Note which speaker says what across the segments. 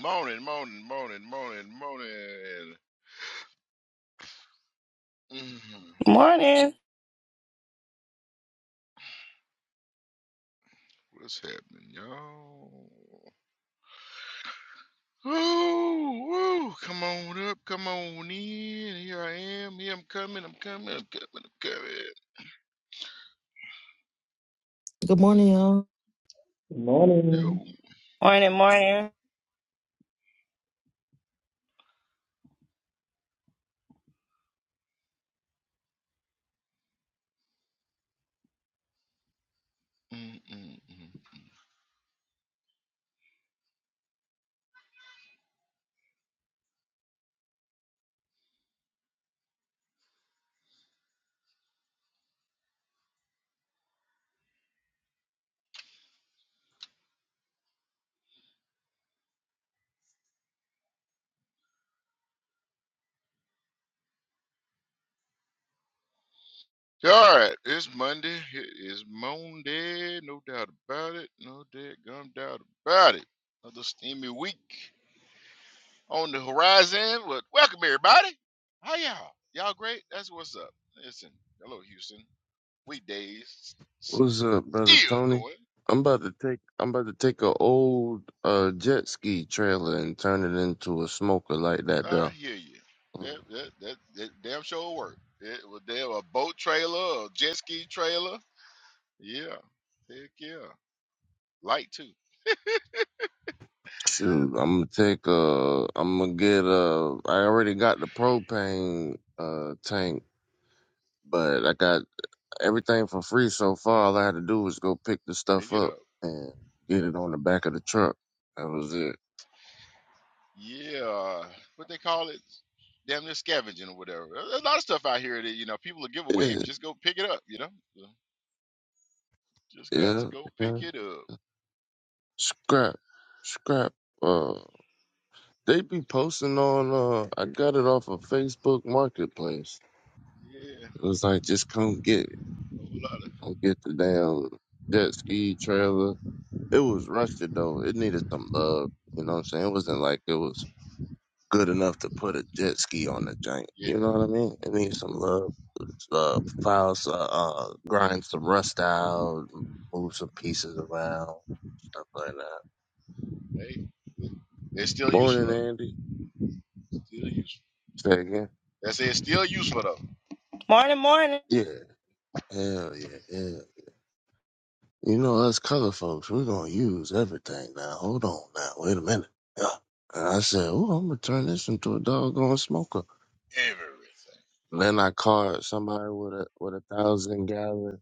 Speaker 1: Morning, morning, morning, morning, morning. Mhm.
Speaker 2: Morning.
Speaker 1: What's happening, y'all? Woo, woo. Come on up, come on in. Here I am. Here I'm coming. I'm coming. I'm coming. I'm coming.
Speaker 3: Good morning, y'all.
Speaker 4: Good morning
Speaker 1: Yo.
Speaker 2: Morning, morning.
Speaker 1: Mm-mm-mm. All right. It's Monday. It is Monday. No doubt about it. No dead gum doubt about it. Another steamy week. on the horizon. Well, welcome everybody. How y'all? Y'all great? That's what's up. Listen, hello Houston. Weekdays s-
Speaker 5: What's up, brother
Speaker 1: still
Speaker 5: Tony?
Speaker 1: going.
Speaker 5: I'm about to take I'm about to take a old uh jet ski trailer and turn it into a smoker like that
Speaker 1: I
Speaker 5: though.
Speaker 1: hear you. That that that, that damn sure work. It was damn a boat trailer, a jet ski trailer. Yeah, heck yeah. Light too.
Speaker 5: Shoot, I'm gonna take uh I'm gonna get uh I already got the propane uh tank, but I got everything for free so far. All I had to do was go pick the
Speaker 1: Pick
Speaker 5: stuff
Speaker 1: it
Speaker 5: up
Speaker 1: up.
Speaker 5: and get it on the back of the truck. That was it.
Speaker 1: Yeah, what they call it? Damn near scavenging or whatever. There's a lot of stuff out here that you know people will give away
Speaker 5: Yeah,
Speaker 1: if you just go pick it up. You know, So, just got to
Speaker 5: yeah,
Speaker 1: go pick
Speaker 5: yeah.
Speaker 1: it up.
Speaker 5: Scrap, scrap. uh, They be posting on. Uh, I got it off of Facebook Marketplace.
Speaker 1: Yeah.
Speaker 5: It was like, just come get it.
Speaker 1: A whole lot of
Speaker 5: Come get the damn jet ski trailer. It was rusted though. It needed some love. You know what I'm saying? It wasn't like it was good enough to put a jet ski on the joint.
Speaker 1: yeah.
Speaker 5: You know what I mean? It needs some love. It's, Uh, files, uh, uh, grind some rust out, move some pieces around, stuff like that.
Speaker 1: Hey, it's still useful
Speaker 5: Morning,
Speaker 1: though.
Speaker 5: Andy.
Speaker 1: Still useful.
Speaker 5: Say again.
Speaker 1: That's it. It's still useful though.
Speaker 2: Morning, morning.
Speaker 5: Yeah. Hell yeah, yeah. You know, us color folks, we're gonna use everything now. Hold on now, wait a minute. Yeah. And I said, Oh, I'm gonna turn this into a doggone smoker.
Speaker 1: Everything.
Speaker 5: And then I caught somebody with a with a thousand gallon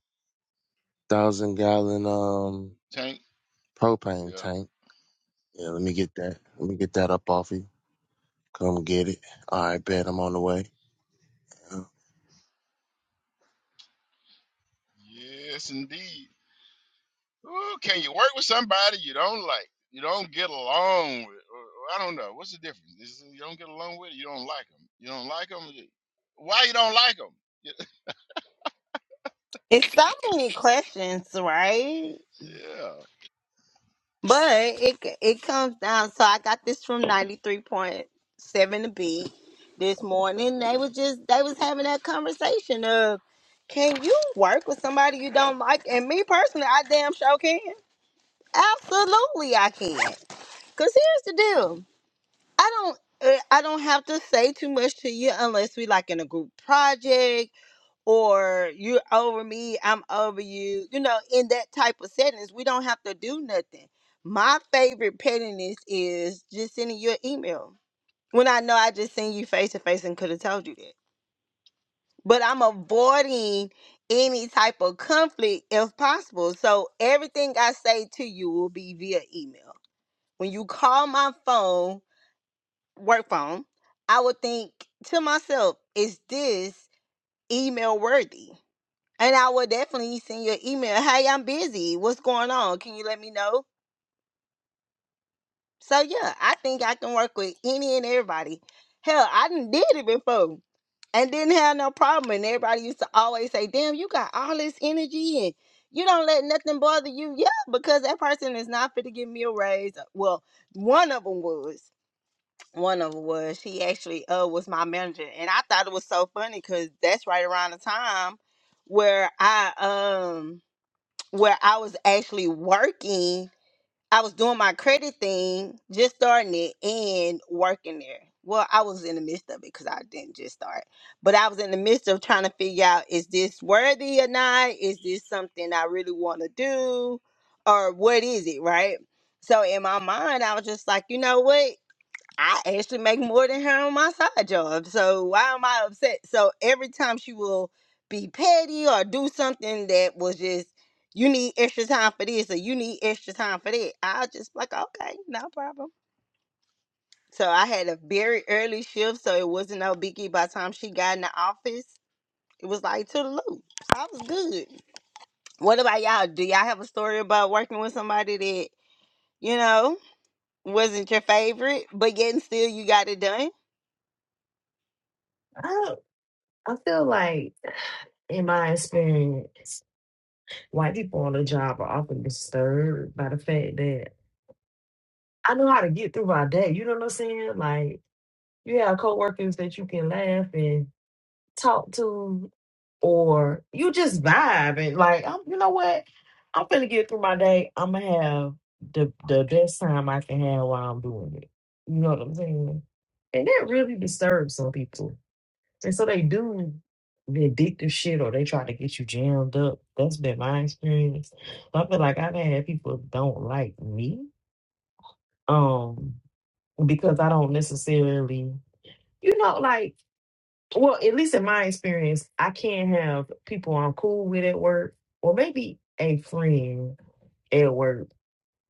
Speaker 5: thousand gallon um
Speaker 1: Tank.
Speaker 5: propane
Speaker 1: Yeah.
Speaker 5: tank. Yeah, let me get that. Let me get that up off you. Come get it. All right, bet I'm on the way.
Speaker 1: Yes, indeed. Ooh, can you work with somebody you don't like? You don't get along with? Or, or I don't know. What's the difference? Is it you don't get along with? It, you don't like them. You don't like them. Why you don't like them?
Speaker 2: It's so many questions, right?
Speaker 1: Yeah.
Speaker 2: But it it comes down. So I got this from 93.7 to B this morning. They was just they was having that conversation of can you work with somebody you don't like? And me personally, I damn sure can. Absolutely I can. Cause here's the deal. I don't uh, I don't have to say too much to you unless we like in a group project or you're over me, I'm over you. You know, in that type of settings, we don't have to do nothing. My favorite pettiness is just sending you an email when I know I just seen you face to face and could have told you that. But I'm avoiding any type of conflict if possible. So everything I say to you will be via email. When you call my phone, work phone, I would think to myself, is this email worthy? And I will definitely send you an email. Hey, I'm busy. What's going on? Can you let me know? So yeah, I think I can work with any and everybody. Hell, I done did it before and didn't have no problem. And everybody used to always say, "Damn, you got all this energy and you don't let nothing bother you." Yeah, because that person is not fit to give me a raise. Well, one of them was. One of them was. She actually uh was my manager, and I thought it was so funny because that's right around the time where I um where I was actually working. I was doing my credit thing, just starting it and working there. Well, I was in the midst of it because I didn't just start, but I was in the midst of trying to figure out is this worthy or not? Is this something I really want to do? Or what is it, right? So in my mind, I was just like, you know what? I actually make more than her on my side job. So why am I upset? So every time she will be petty or do something that was just you need extra time for this or you need extra time for that. I'll just be like, okay, no problem. So I had a very early shift, so it wasn't no biggie by the time she got in the office. It was like to the loop. So I was good. What about y'all? Do y'all have a story about working with somebody that, you know, wasn't your favorite, but yet and still you got it done?
Speaker 3: I, I feel like, in my experience, white people on the job are often disturbed by the fact that I know how to get through my day. You know what I'm saying? Like, you have coworkers that you can laugh and talk to, or you just vibe and like, I'm, you know what? I'm finna get through my day. I'm gonna have the the best time I can have while I'm doing it. You know what I'm saying? And that really disturbs some people. And so they do the addictive shit or they try to get you jammed up. That's been my experience. I feel like I've had people don't like me. Um, because I don't necessarily you know, like well, at least in my experience, I can't have people I'm cool with at work, or maybe a friend at work.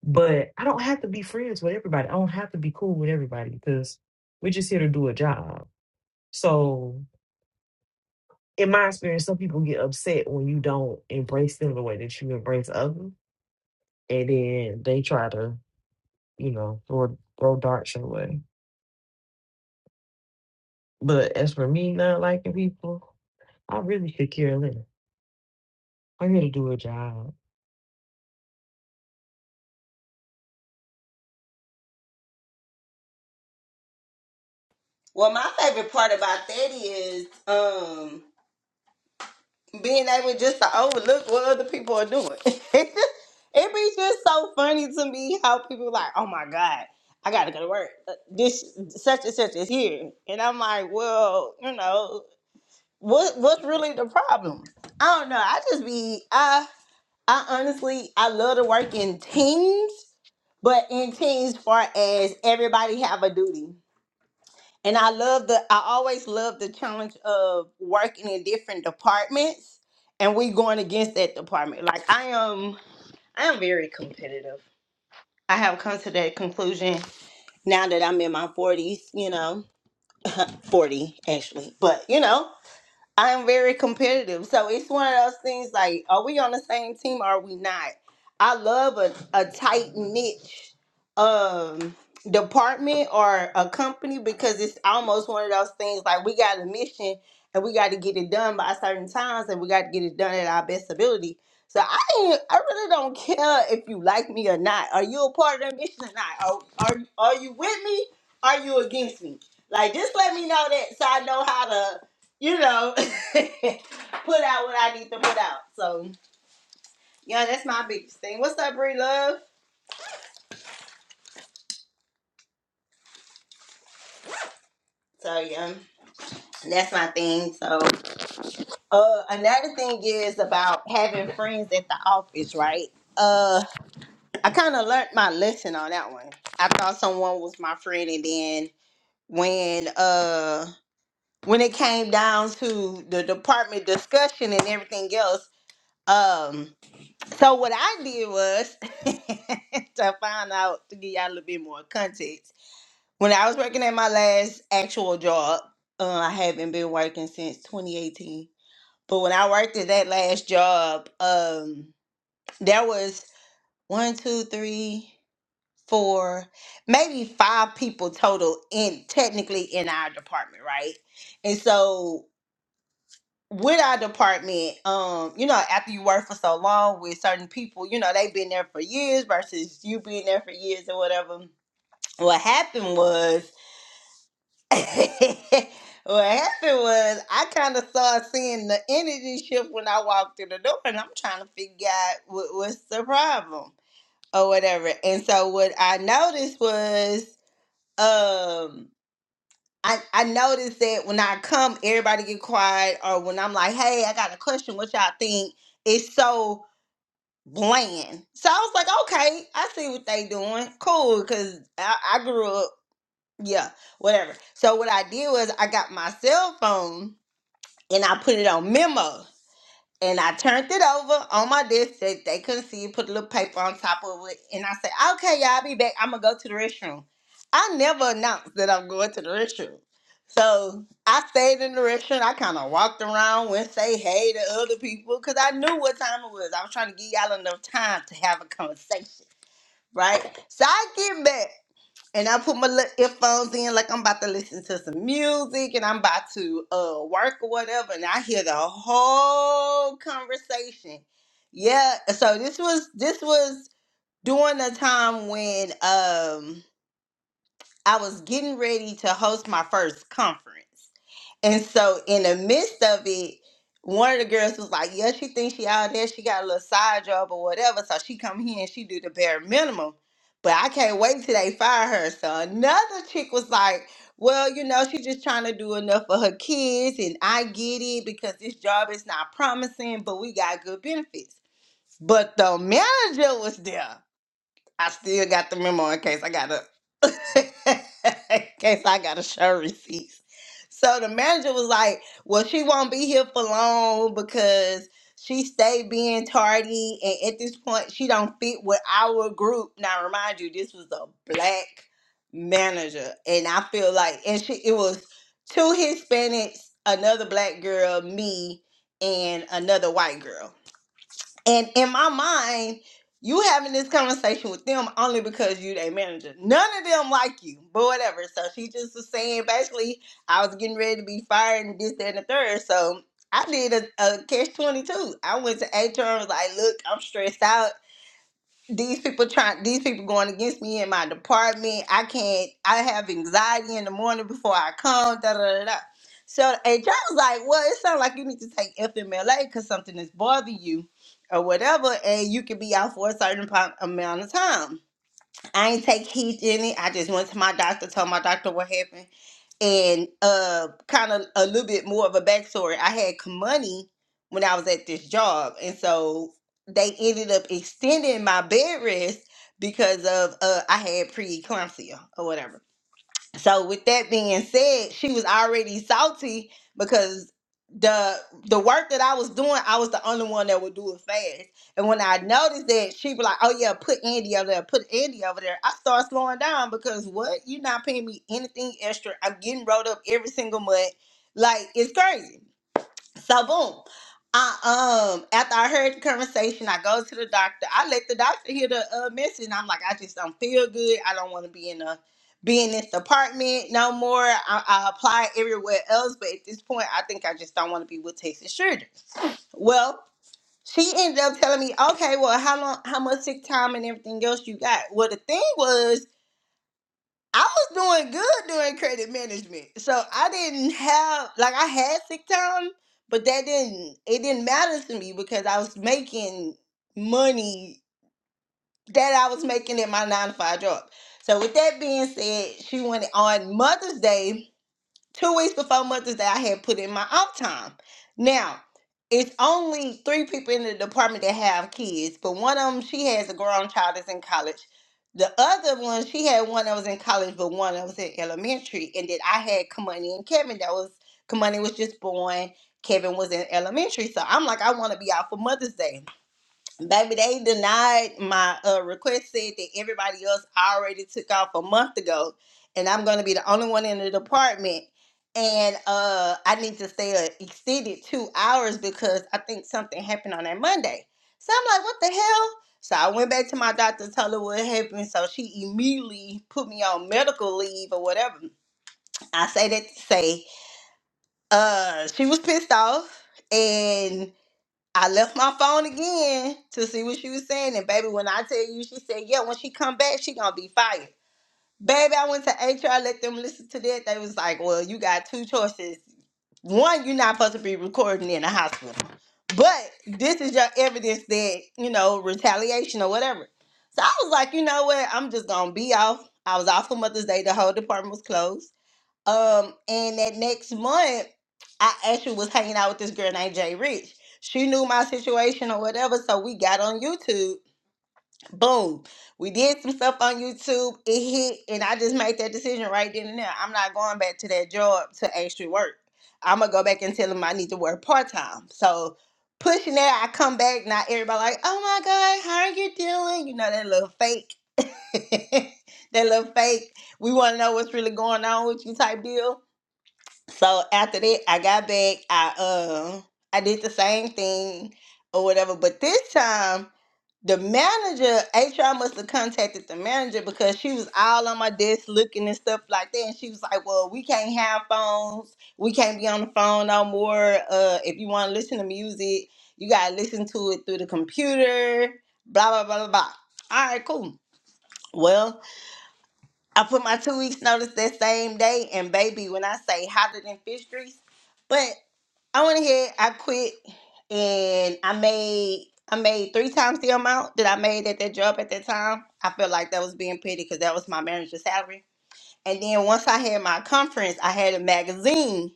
Speaker 3: But I don't have to be friends with everybody. I don't have to be cool with everybody because we're just here to do a job. So in my experience, some people get upset when you don't embrace them the way that you embrace others, and then they try to, you know, throw throw darts your way. But as for me not liking people, I really could care less. I'm here to do a job.
Speaker 2: Well, my favorite part about that is um being able just to overlook what other people are doing. it be just so funny to me how people like, oh my god, I gotta go to work. Uh, This such and such is here, and I'm like, well, you know, what what's really the problem? I don't know. I just be I I honestly I love to work in teams, but in teams far as everybody have a duty. And I love the I always love the challenge of working in different departments and we going against that department. Like I am I am very competitive. I have come to that conclusion now that I'm in my 40s, you know, 40 actually. But, you know, I'm very competitive. So it's one of those things like, are we on the same team or are we not? I love a, a tight niche um department or a company because it's almost one of those things like we got a mission and we got to get it done by certain times and we got to get it done at our best ability. So I ain't, I really don't care if you like me or not. Are you a part of that mission or not? Are, are, are you with me? Are you against me? Like just let me know that so I know how to you know, put out what I need to put out. So yeah, that's my biggest thing. What's up, Bree Love? So yeah, that's my thing. So uh, another thing is about having friends at the office, right? Uh, I kind of learned my lesson on that one. I thought someone was my friend, and then when uh when it came down to the department discussion and everything else Um, so what I did was to find out to give y'all a little bit more context. When I was working at my last actual job, uh, I haven't been working since 2018. But when I worked at that last job, um, there was one, two, three, four, maybe five people total in technically in our department, right? And so with our department, um, you know, after you work for so long with certain people, you know, they've been there for years versus you being there for years or whatever. What happened was, what happened was, I kind of started seeing the energy shift when I walked through the door, and I'm trying to figure out what was the problem or whatever. And so what I noticed was, um. I, I noticed that when I come, everybody get quiet, or when I'm like, hey, I got a question, what y'all think? It's so bland. So I was like, okay, I see what they doing. Cool, because I, I grew up, yeah, whatever. So what I did was I got my cell phone and I put it on memo. And I turned it over on my desk so that they couldn't see it, put a little paper on top of it. And I said, okay, y'all, I'll be back. I'm going to go to the restroom. I never announced that I'm going to the restroom. So I stayed in the restroom. I kind of walked around went say hey to other people because I knew what time it was. I was trying to give y'all enough time to have a conversation, right? So I get back and I put my little earphones in, like I'm about to listen to some music and I'm about to uh work or whatever, and I hear the whole conversation. Yeah, so this was this was during the time when um I was getting ready to host my first conference. And so in the midst of it, one of the girls was like, Yeah, she thinks she out there, she got a little side job or whatever. So she come here and she do the bare minimum. But I can't wait till they fire her. So another chick was like, Well, you know, she just trying to do enough for her kids, and I get it because this job is not promising, but we got good benefits. But the manager was there. I still got the memo in case I got to in case I got to show receipts. So the manager was like, "Well, she won't be here for long because she stayed being tardy, and at this point, she don't fit with our group." Now, remind you, this was a black manager, and I feel like, and she it was two Hispanics, another black girl, me, and another white girl. And in my mind, you having this conversation with them only because you their manager. None of them like you, but whatever. So she just was saying basically, I was getting ready to be fired and this, that, and the third. So I did a, a catch 22. I went to HR and was like, look, I'm stressed out these people trying these people going against me in my department i can't i have anxiety in the morning before i come da da da da so and John was like well it sounds like you need to take fmla because something is bothering you or whatever and you can be out for a certain po- amount of time i ain't take heed to any i just went to my doctor told my doctor what happened and uh kind of a little bit more of a backstory i had money when i was at this job and so they ended up extending my bed rest because of uh i had preeclampsia or whatever so with that being said, she was already salty because the the work that I was doing, I was the only one that would do it fast. And when I noticed that, she was like, "Oh yeah, put Andy over there, put Andy over there." I started slowing down because what? You're not paying me anything extra. I'm getting rolled up every single month. Like it's crazy. So boom. I um after I heard the conversation, I go to the doctor. I let the doctor hear the uh, message. And I'm like, I just don't feel good. I don't want to be in a be in this apartment no more. I, I apply everywhere else, but at this point, I think I just don't want to be with Texas Children. Well, she ended up telling me, okay, well, how long, how much sick time and everything else you got? Well, the thing was, I was doing good during credit management. So I didn't have like I had sick time, but that didn't it didn't matter to me because I was making money that I was making in my nine to five job. So with that being said, she wanted on Mother's Day two weeks before Mother's Day, I had put in my off time. Now, it's only three people in the department that have kids, but one of them, she has a grown child that's in college. The other one, she had one that was in college, but one that was in elementary. And then I had Kamani and Kevin that was, Kamani was just born, Kevin was in elementary. So I'm like, I want to be out for Mother's Day. Baby, they denied my uh, request, said that everybody else already took off a month ago, and I'm going to be the only one in the department. And uh, I need to stay an extended two hours because I think something happened on that Monday. So I'm like, what the hell? So I went back to my doctor, told her what happened. So she immediately put me on medical leave or whatever. I say that to say uh, she was pissed off, and. I left my phone again to see what she was saying. And baby, when I tell you, she said, yeah, when she come back, she gonna be fired. Baby, I went to HR, let them listen to that. They was like, well, you got two choices. One, you're not supposed to be recording in a hospital. But this is your evidence that, you know, retaliation or whatever. So I was like, you know what? I'm just gonna be off. I was off for Mother's Day. The whole department was closed. Um, and that next month, I actually was hanging out with this girl named Jay Rich. She knew my situation or whatever, so we got on YouTube. Boom. We did some stuff on YouTube. It hit, and I just made that decision right then and there. I'm not going back to that job to actually work. I'm gonna go back and tell them I need to work part time. So pushing that, I come back. Not everybody like, oh my god, how are you doing? You know that little fake, that little fake. We want to know what's really going on with you type deal so after that, I got back. I um I did the same thing or whatever, but this time the manager HR must have contacted the manager because she was all on my desk looking and stuff like that, and she was like, "Well, we can't have phones. We can't be on the phone no more. Uh, if you want to listen to music, you gotta listen to it through the computer." Blah blah blah blah blah. All right, cool. Well, I put my two weeks notice that same day, and baby, when I say hotter than fish grease. But I went ahead, I quit, and I made I made three times the amount that I made at that job at that time. I felt like that was being petty because that was my manager's salary. And then once I had my conference, I had a magazine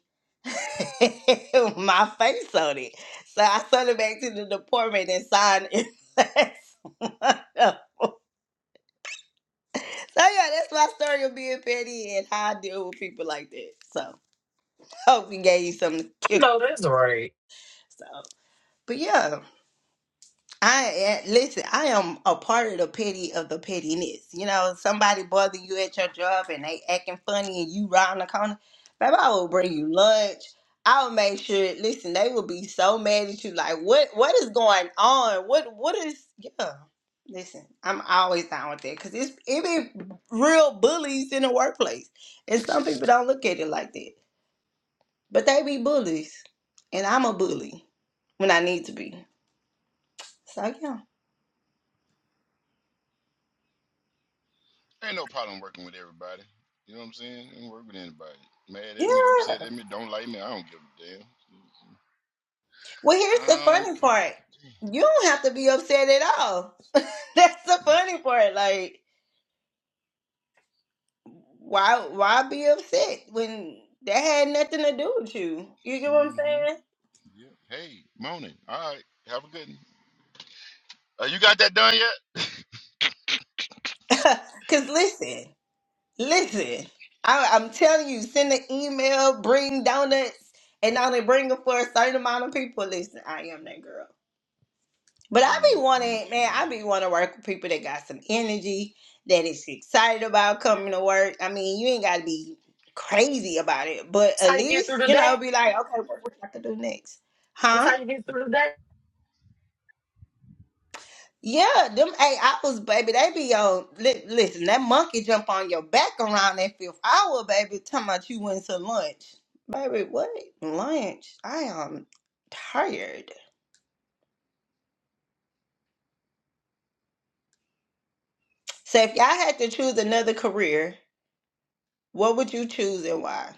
Speaker 2: with my face on it. So I sent it back to the department and signed it. so yeah, that's my story of being petty and how I deal with people like that. So hope we gave you something to
Speaker 3: I
Speaker 2: kick.
Speaker 3: know that's right.
Speaker 2: So, but yeah. I eh, listen. I am a part of the petty of the pettiness. You know, somebody bothering you at your job and they acting funny, and you round the corner. Baby, I will bring you lunch. I will make sure. Listen, they will be so mad at you. Like, what? What is going on? What? What is? Yeah. Listen, I'm always down with that because it's it be real bullies in the workplace, and some people don't look at it like that. But they be bullies, and I'm a bully when I need to be. So
Speaker 1: Ain't no problem working with everybody. You know what I'm saying? Ain't work with anybody. Mad at
Speaker 2: yeah.
Speaker 1: me, upset at me, don't like me. I don't give a damn.
Speaker 2: Well, here's the
Speaker 1: I don't
Speaker 2: funny
Speaker 1: give.
Speaker 2: part. You don't have to be upset at all. That's the
Speaker 1: a
Speaker 2: funny part. Like, why why be upset when that had nothing to do with you? You get what I'm
Speaker 1: Mm-hmm.
Speaker 2: saying?
Speaker 1: Yeah. Hey, morning. All right. Have a good one. Uh, you got that done yet?
Speaker 2: Cause listen, listen. I, I'm telling you, send an email, bring donuts, and now they bring them for a certain amount of people. Listen, I am that girl. But I be wanting, man,
Speaker 1: Mm-mm-mm.
Speaker 2: I be want to work with people that got some energy, that is excited about coming to work. I mean, you ain't got to be crazy about it, but
Speaker 3: That's
Speaker 2: at
Speaker 3: how you get through
Speaker 2: least,
Speaker 3: the
Speaker 2: you know,
Speaker 3: day.
Speaker 2: be like, okay, what we got to do next?
Speaker 3: That's
Speaker 2: Huh?
Speaker 3: how you get through the day.
Speaker 2: Yeah, them eight hours, baby, they be on. Li- listen, that monkey jump on your back around that fifth hour, baby, talking about you went to lunch. Baby, what? Lunch? I am tired. So if y'all had to choose another career, what would you choose and why?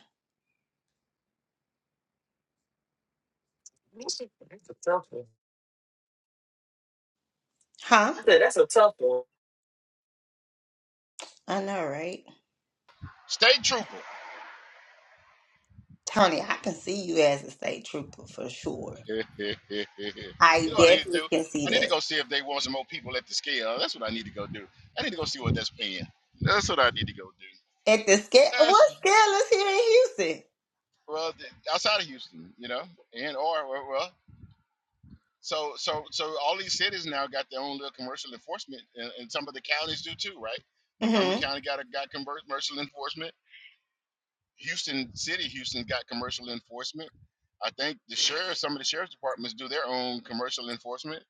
Speaker 3: That's a that's a tough one.
Speaker 2: Huh?
Speaker 3: I said that's a tough one.
Speaker 2: I know, right?
Speaker 1: State trooper.
Speaker 2: Tony, I can see you as a state trooper for sure.
Speaker 1: you
Speaker 2: I
Speaker 1: know what I need to
Speaker 2: definitely
Speaker 1: do?
Speaker 2: can
Speaker 1: I
Speaker 2: see
Speaker 1: need to
Speaker 2: that.
Speaker 1: go see if they want some more people at the scale. That's what I need to go do. I need to go see what that's paying. That's what I need to go do.
Speaker 2: At the scale, what
Speaker 1: That's
Speaker 2: scale is here in Houston?
Speaker 1: well th- outside of Houston, you know, and or well, well, so so so all these cities now got their own little commercial enforcement, and, and some of the counties do too, right?
Speaker 2: hmm
Speaker 1: Montgomery County got a, got convert- commercial enforcement. Houston City, Houston got commercial enforcement. I think the sheriff, some of the sheriff's departments do their own commercial enforcement.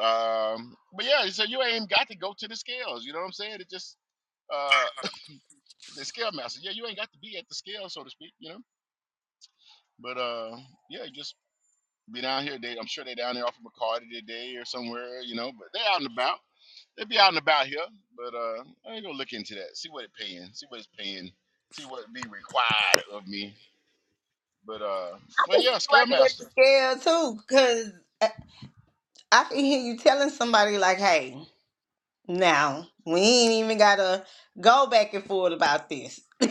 Speaker 1: Um, but yeah, so you ain't got to go to the scales. You know what I'm saying? It just uh, the scale master. Yeah, you ain't got to be at the scale, so to speak. You know. But uh, yeah, just be down here. They, I'm sure they are down there off of McCarty today or somewhere. You know, but they are out and about. They be out and about here. But uh, I ain't gonna look into that. See what it paying. See what it's paying. See what be required of me But uh,
Speaker 2: I
Speaker 1: but
Speaker 2: can
Speaker 1: yeah,
Speaker 2: see you working at the
Speaker 1: Scaremaster.
Speaker 2: scale too, because I can hear you telling somebody, like, hey, now, we ain't even got to go back and forth about this. like,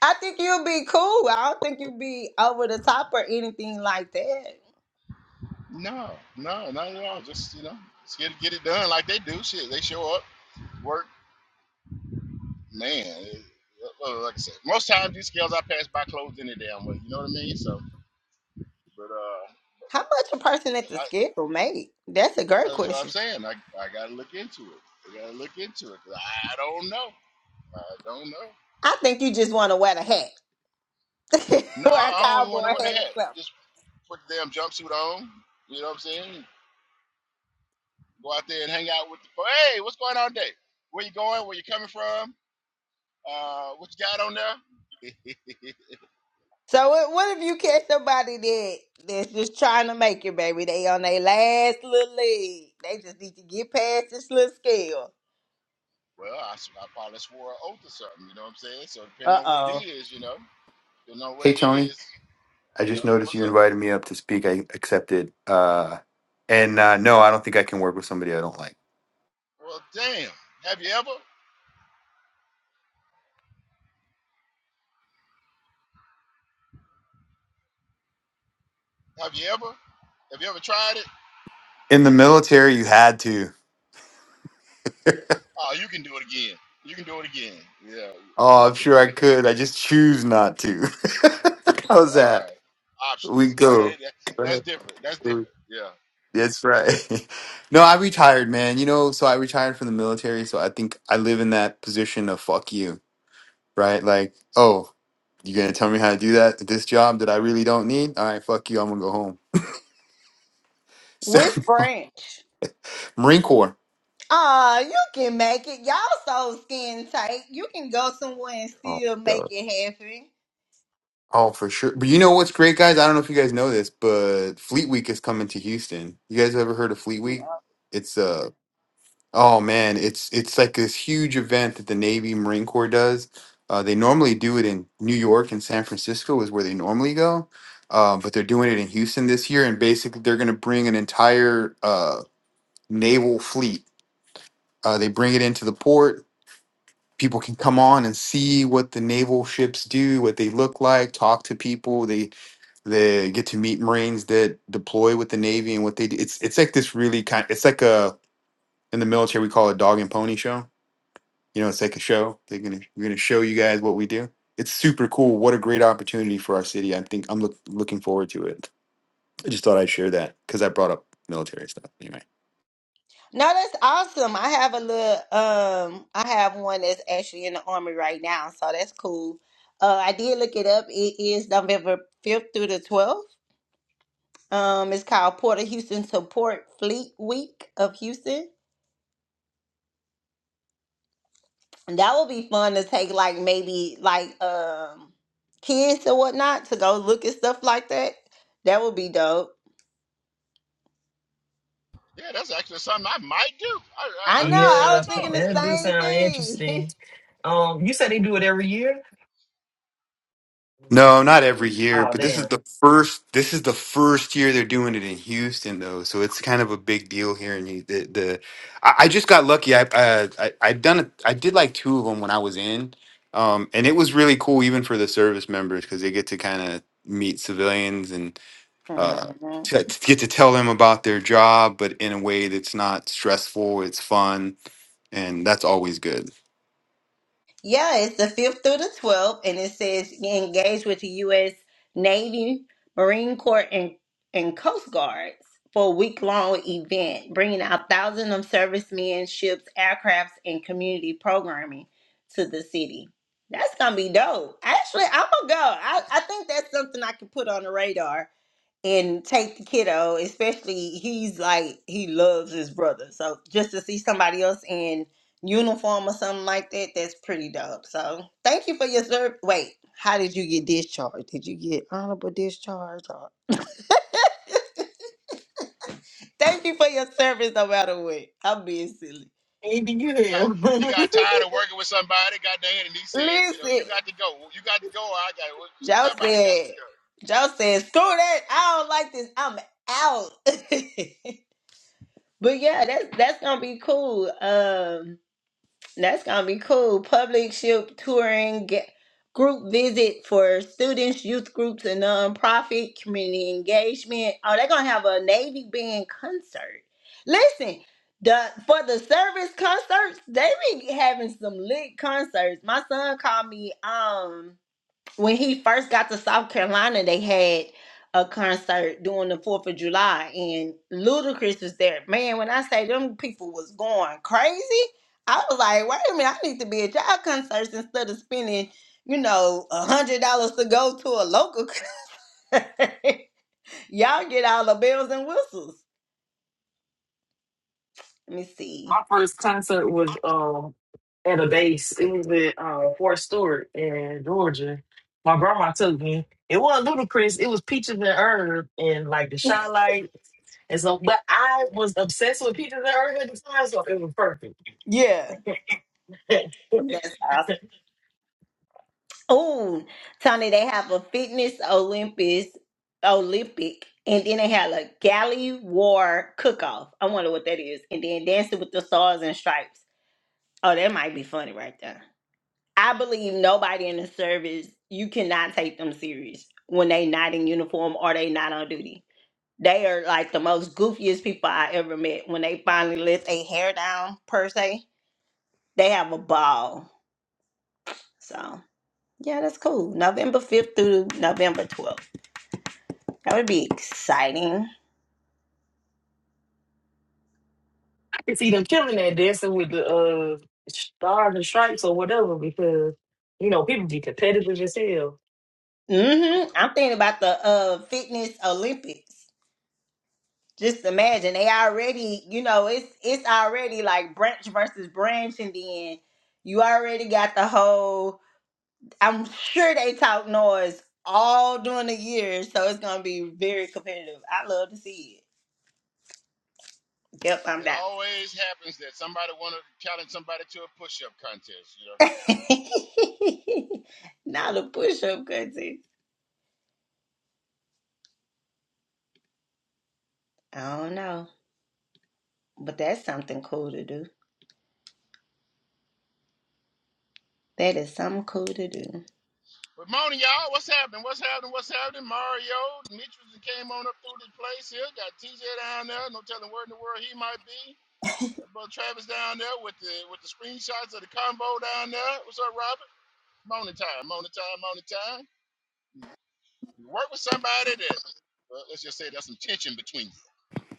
Speaker 2: I think you'll be cool. I don't think you'll be over the top or anything like that.
Speaker 1: No, no, not at all. Just you know, just get get it done like they do. Shit, they show up, work, man. it- uh, like I said, most times these scales I pass by closed any damn way. You know what I mean? So, but uh,
Speaker 2: How much a person at the
Speaker 1: I,
Speaker 2: scale make? That's a great
Speaker 1: I, that's what
Speaker 2: question.
Speaker 1: I'm saying. I I gotta look into it. I gotta look into it. 'cause I don't know. I don't know.
Speaker 2: I think you just want to wear a hat
Speaker 1: No,
Speaker 2: or a
Speaker 1: I only want
Speaker 2: cowboy
Speaker 1: to wear the
Speaker 2: hat or
Speaker 1: hat.
Speaker 2: something.
Speaker 1: Just put the damn jumpsuit on. You know what I'm saying? Go out there and hang out with the. Hey, what's going on today? Where you going? Where you coming from? Uh, what you got on there?
Speaker 2: So what, what if you catch somebody that that's just trying to make it, baby? They on their last little leg. They just need to get past this little scale.
Speaker 1: well, I, s- I probably swore an oath or something, you know what I'm saying? So depending
Speaker 2: Uh
Speaker 1: on what it
Speaker 2: oh.
Speaker 1: is, you know, depending on what
Speaker 6: Hey
Speaker 1: it
Speaker 6: Tony,
Speaker 1: is,
Speaker 6: I
Speaker 1: you
Speaker 6: just
Speaker 1: know,
Speaker 6: noticed
Speaker 1: what's
Speaker 6: you
Speaker 1: up?
Speaker 6: invited me up to speak. I accepted. Uh, and uh, no, I don't think I can work with somebody I don't like.
Speaker 1: Well, damn. Have you ever? Have you ever? Have you ever tried it?
Speaker 6: In the military, you had to.
Speaker 1: Oh, you can do it again. You can do it again. Yeah.
Speaker 6: Oh, I'm sure I could. I just choose not to. How's
Speaker 1: All
Speaker 6: that?
Speaker 1: right.
Speaker 6: We
Speaker 1: Options.
Speaker 6: go.
Speaker 1: Okay, that-
Speaker 6: Go
Speaker 1: that's
Speaker 6: ahead.
Speaker 1: different. That's different. Yeah.
Speaker 6: That's right. No, I retired, man. You know, so I retired from the military. So I think I live in that position of fuck you, right? Like, oh, you gonna tell me how to do that? This job that I really don't need? All right, fuck you. I'm gonna go home. So,
Speaker 2: Which branch?
Speaker 6: Marine Corps.
Speaker 2: Ah, you can make it. Y'all so skin tight. You can go somewhere and
Speaker 6: Oh,
Speaker 2: still make
Speaker 6: duh.
Speaker 2: it happen.
Speaker 6: Oh, for sure. But you know what's great, guys? I don't know if you guys know this, but Fleet Week is coming to Houston. You guys ever heard of Fleet Week? It's uh oh man, it's it's like this huge event that the Navy Marine Corps does. Uh, they normally do it in New York and San Francisco is where they normally go, uh, but they're doing it in Houston this year, and basically they're going to bring an entire uh, naval fleet. Uh, they bring it into the port. People can come on and see what the naval ships do, what they look like, talk to people. They They get to meet Marines that deploy with the Navy and what they do. It's it's like this really kind. It's like a in the military we call it a dog and pony show. You know, it's like a show. They're gonna we're gonna show you guys what we do. It's super cool. What a great opportunity for our city. I think I'm look, looking forward to it. I just thought I'd share that because I brought up military stuff. Anyway.
Speaker 2: No, that's awesome. I have a little um I have one that's actually in the army right now, so that's cool. Uh I did look it up. It is November 5th through the 12th. Um it's called Port of Houston Support Fleet Week of Houston. And that will be fun to take like maybe like um kids or whatnot to go look at stuff like that. That would be dope.
Speaker 1: Yeah, that's actually something I might do. I I,
Speaker 2: I
Speaker 1: I
Speaker 2: know,
Speaker 1: consider
Speaker 2: I
Speaker 3: Yeah,
Speaker 2: was thinking
Speaker 1: doing. You
Speaker 3: that
Speaker 1: know.
Speaker 3: do sound
Speaker 2: the same
Speaker 3: interesting. Um, you said they do it every year.
Speaker 6: No, not every year,
Speaker 3: Oh
Speaker 6: but this is
Speaker 3: damn!
Speaker 6: the first. This is the first year they're doing it in Houston, though, so it's kind of a big deal here. And you- the the I, I just got lucky. I uh, I I done it. I did like two of them when I was in, um, and it was really cool, even for the service members, because they get to kind of meet civilians and
Speaker 2: thing.
Speaker 6: uh, to, to get to tell them about their job, but in a way that's not stressful. It's fun, and that's always good.
Speaker 2: Yeah, it's the 5th through the 12th, and it says engage with the U.S. Navy, Marine Corps, and, and Coast Guards for a week long event, bringing out thousands of servicemen, ships, aircrafts, and community programming to the city. That's gonna be dope. Actually, I'm gonna go. I, I think that's something I can put on the radar and take the kiddo, especially he's like he loves his brother. So just to see somebody else in uniform or something like that, that's pretty dope. So thank you for your service. Wait, how did you get discharged? Did you get honorable discharge? Or thank you for your service no matter what. I'm being silly.
Speaker 3: Maybe you
Speaker 1: He got
Speaker 3: have.
Speaker 1: he got tired of working with somebody, goddamn, and he said, you know,
Speaker 2: Listen,
Speaker 1: you got to go. Well, you got to go. Or I got
Speaker 2: Joe
Speaker 1: somebody got
Speaker 2: said,
Speaker 1: to go.
Speaker 2: Joe said, screw that. I don't like this. I'm out. but yeah, that's that's gonna be cool. Um That's gonna be cool. Public ship touring, ga- group visit for students, youth groups, and nonprofit community engagement. Oh, they're gonna have a Navy band concert. Listen, the for the service concerts, they be having some lit concerts. My son called me. Um when he first got to South Carolina, they had a concert during the Fourth of July, and Ludacris was there. Man, when I say them people was going crazy, I was like, wait a minute, I need to be at y'all concerts instead of spending, you know, a hundred dollars to go to a local. concert." y'all get all the bells and whistles. Let me
Speaker 3: My
Speaker 2: see.
Speaker 3: first concert was um at a base. It was at uh, Fort Stewart in Georgia. My grandma took me. It wasn't Ludacris. It was Peaches and Herb and like the Shy Lights. And so, but I was obsessed with Peaches and Herb at the time, so it was perfect.
Speaker 2: Yeah.
Speaker 3: I
Speaker 2: That's Oh, Tony, they have a fitness Olympics, Olympic, and then they have a galley war cook off. I wonder what that is. And then dancing with the stars and stripes. Oh, that might be funny right there. I believe nobody in the service, you cannot take them serious when they not in uniform or they not on duty. They are like the most goofiest people I ever met. When they finally let their hair down, per se, they have a ball. So, yeah, that's cool. November 5th through November 12th. That would be exciting.
Speaker 3: could see them killing that dancing with the uh, stars and stripes or whatever because, you know, people be competitive as hell.
Speaker 2: hmm I'm thinking about the uh fitness Olympics. Just imagine they already, you know, it's it's already like branch versus branch, and then you already got the whole. I'm sure they talk noise all during the year, so it's gonna be very competitive. I love to see it. Yep, I'm
Speaker 1: It
Speaker 2: down.
Speaker 1: always happens that somebody want to challenge somebody to a push-up contest, you know.
Speaker 2: Not a push up contest. I don't know, but that's something cool to do. That is something cool to do.
Speaker 1: But morning, y'all. What's happening? What's happening? What's happening? Mario, Mitchell came on up through this place here. Got TJ down there. No telling where in the world he might be. Got brother Travis down there with the with the screenshots of the combo down there. What's up, Robert? Morning time. Morning time. Morning time. You work with somebody that, well, let's just say there's some tension between you.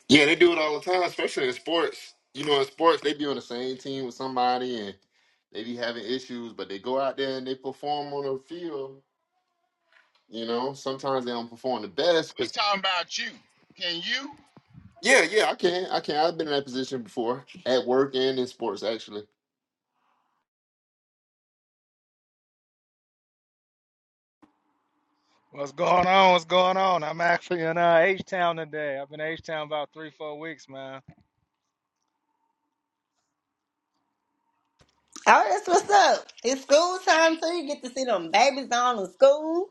Speaker 7: Yeah, they do it all the time, especially in sports. You know, in sports, they be on the same team with somebody and they be having issues, but they go out there and they perform on the field. You know, sometimes they don't perform the best.
Speaker 1: We're
Speaker 7: But
Speaker 1: talking about you. Can you
Speaker 7: yeah, yeah, I can. I can. I've been in that position before at work and in sports, actually.
Speaker 8: What's going on? What's going on? I'm actually in uh, H-Town today. I've been H-Town about three, four weeks, man.
Speaker 2: Oh, that's what's up. It's school time too. You get to see them babies on in school.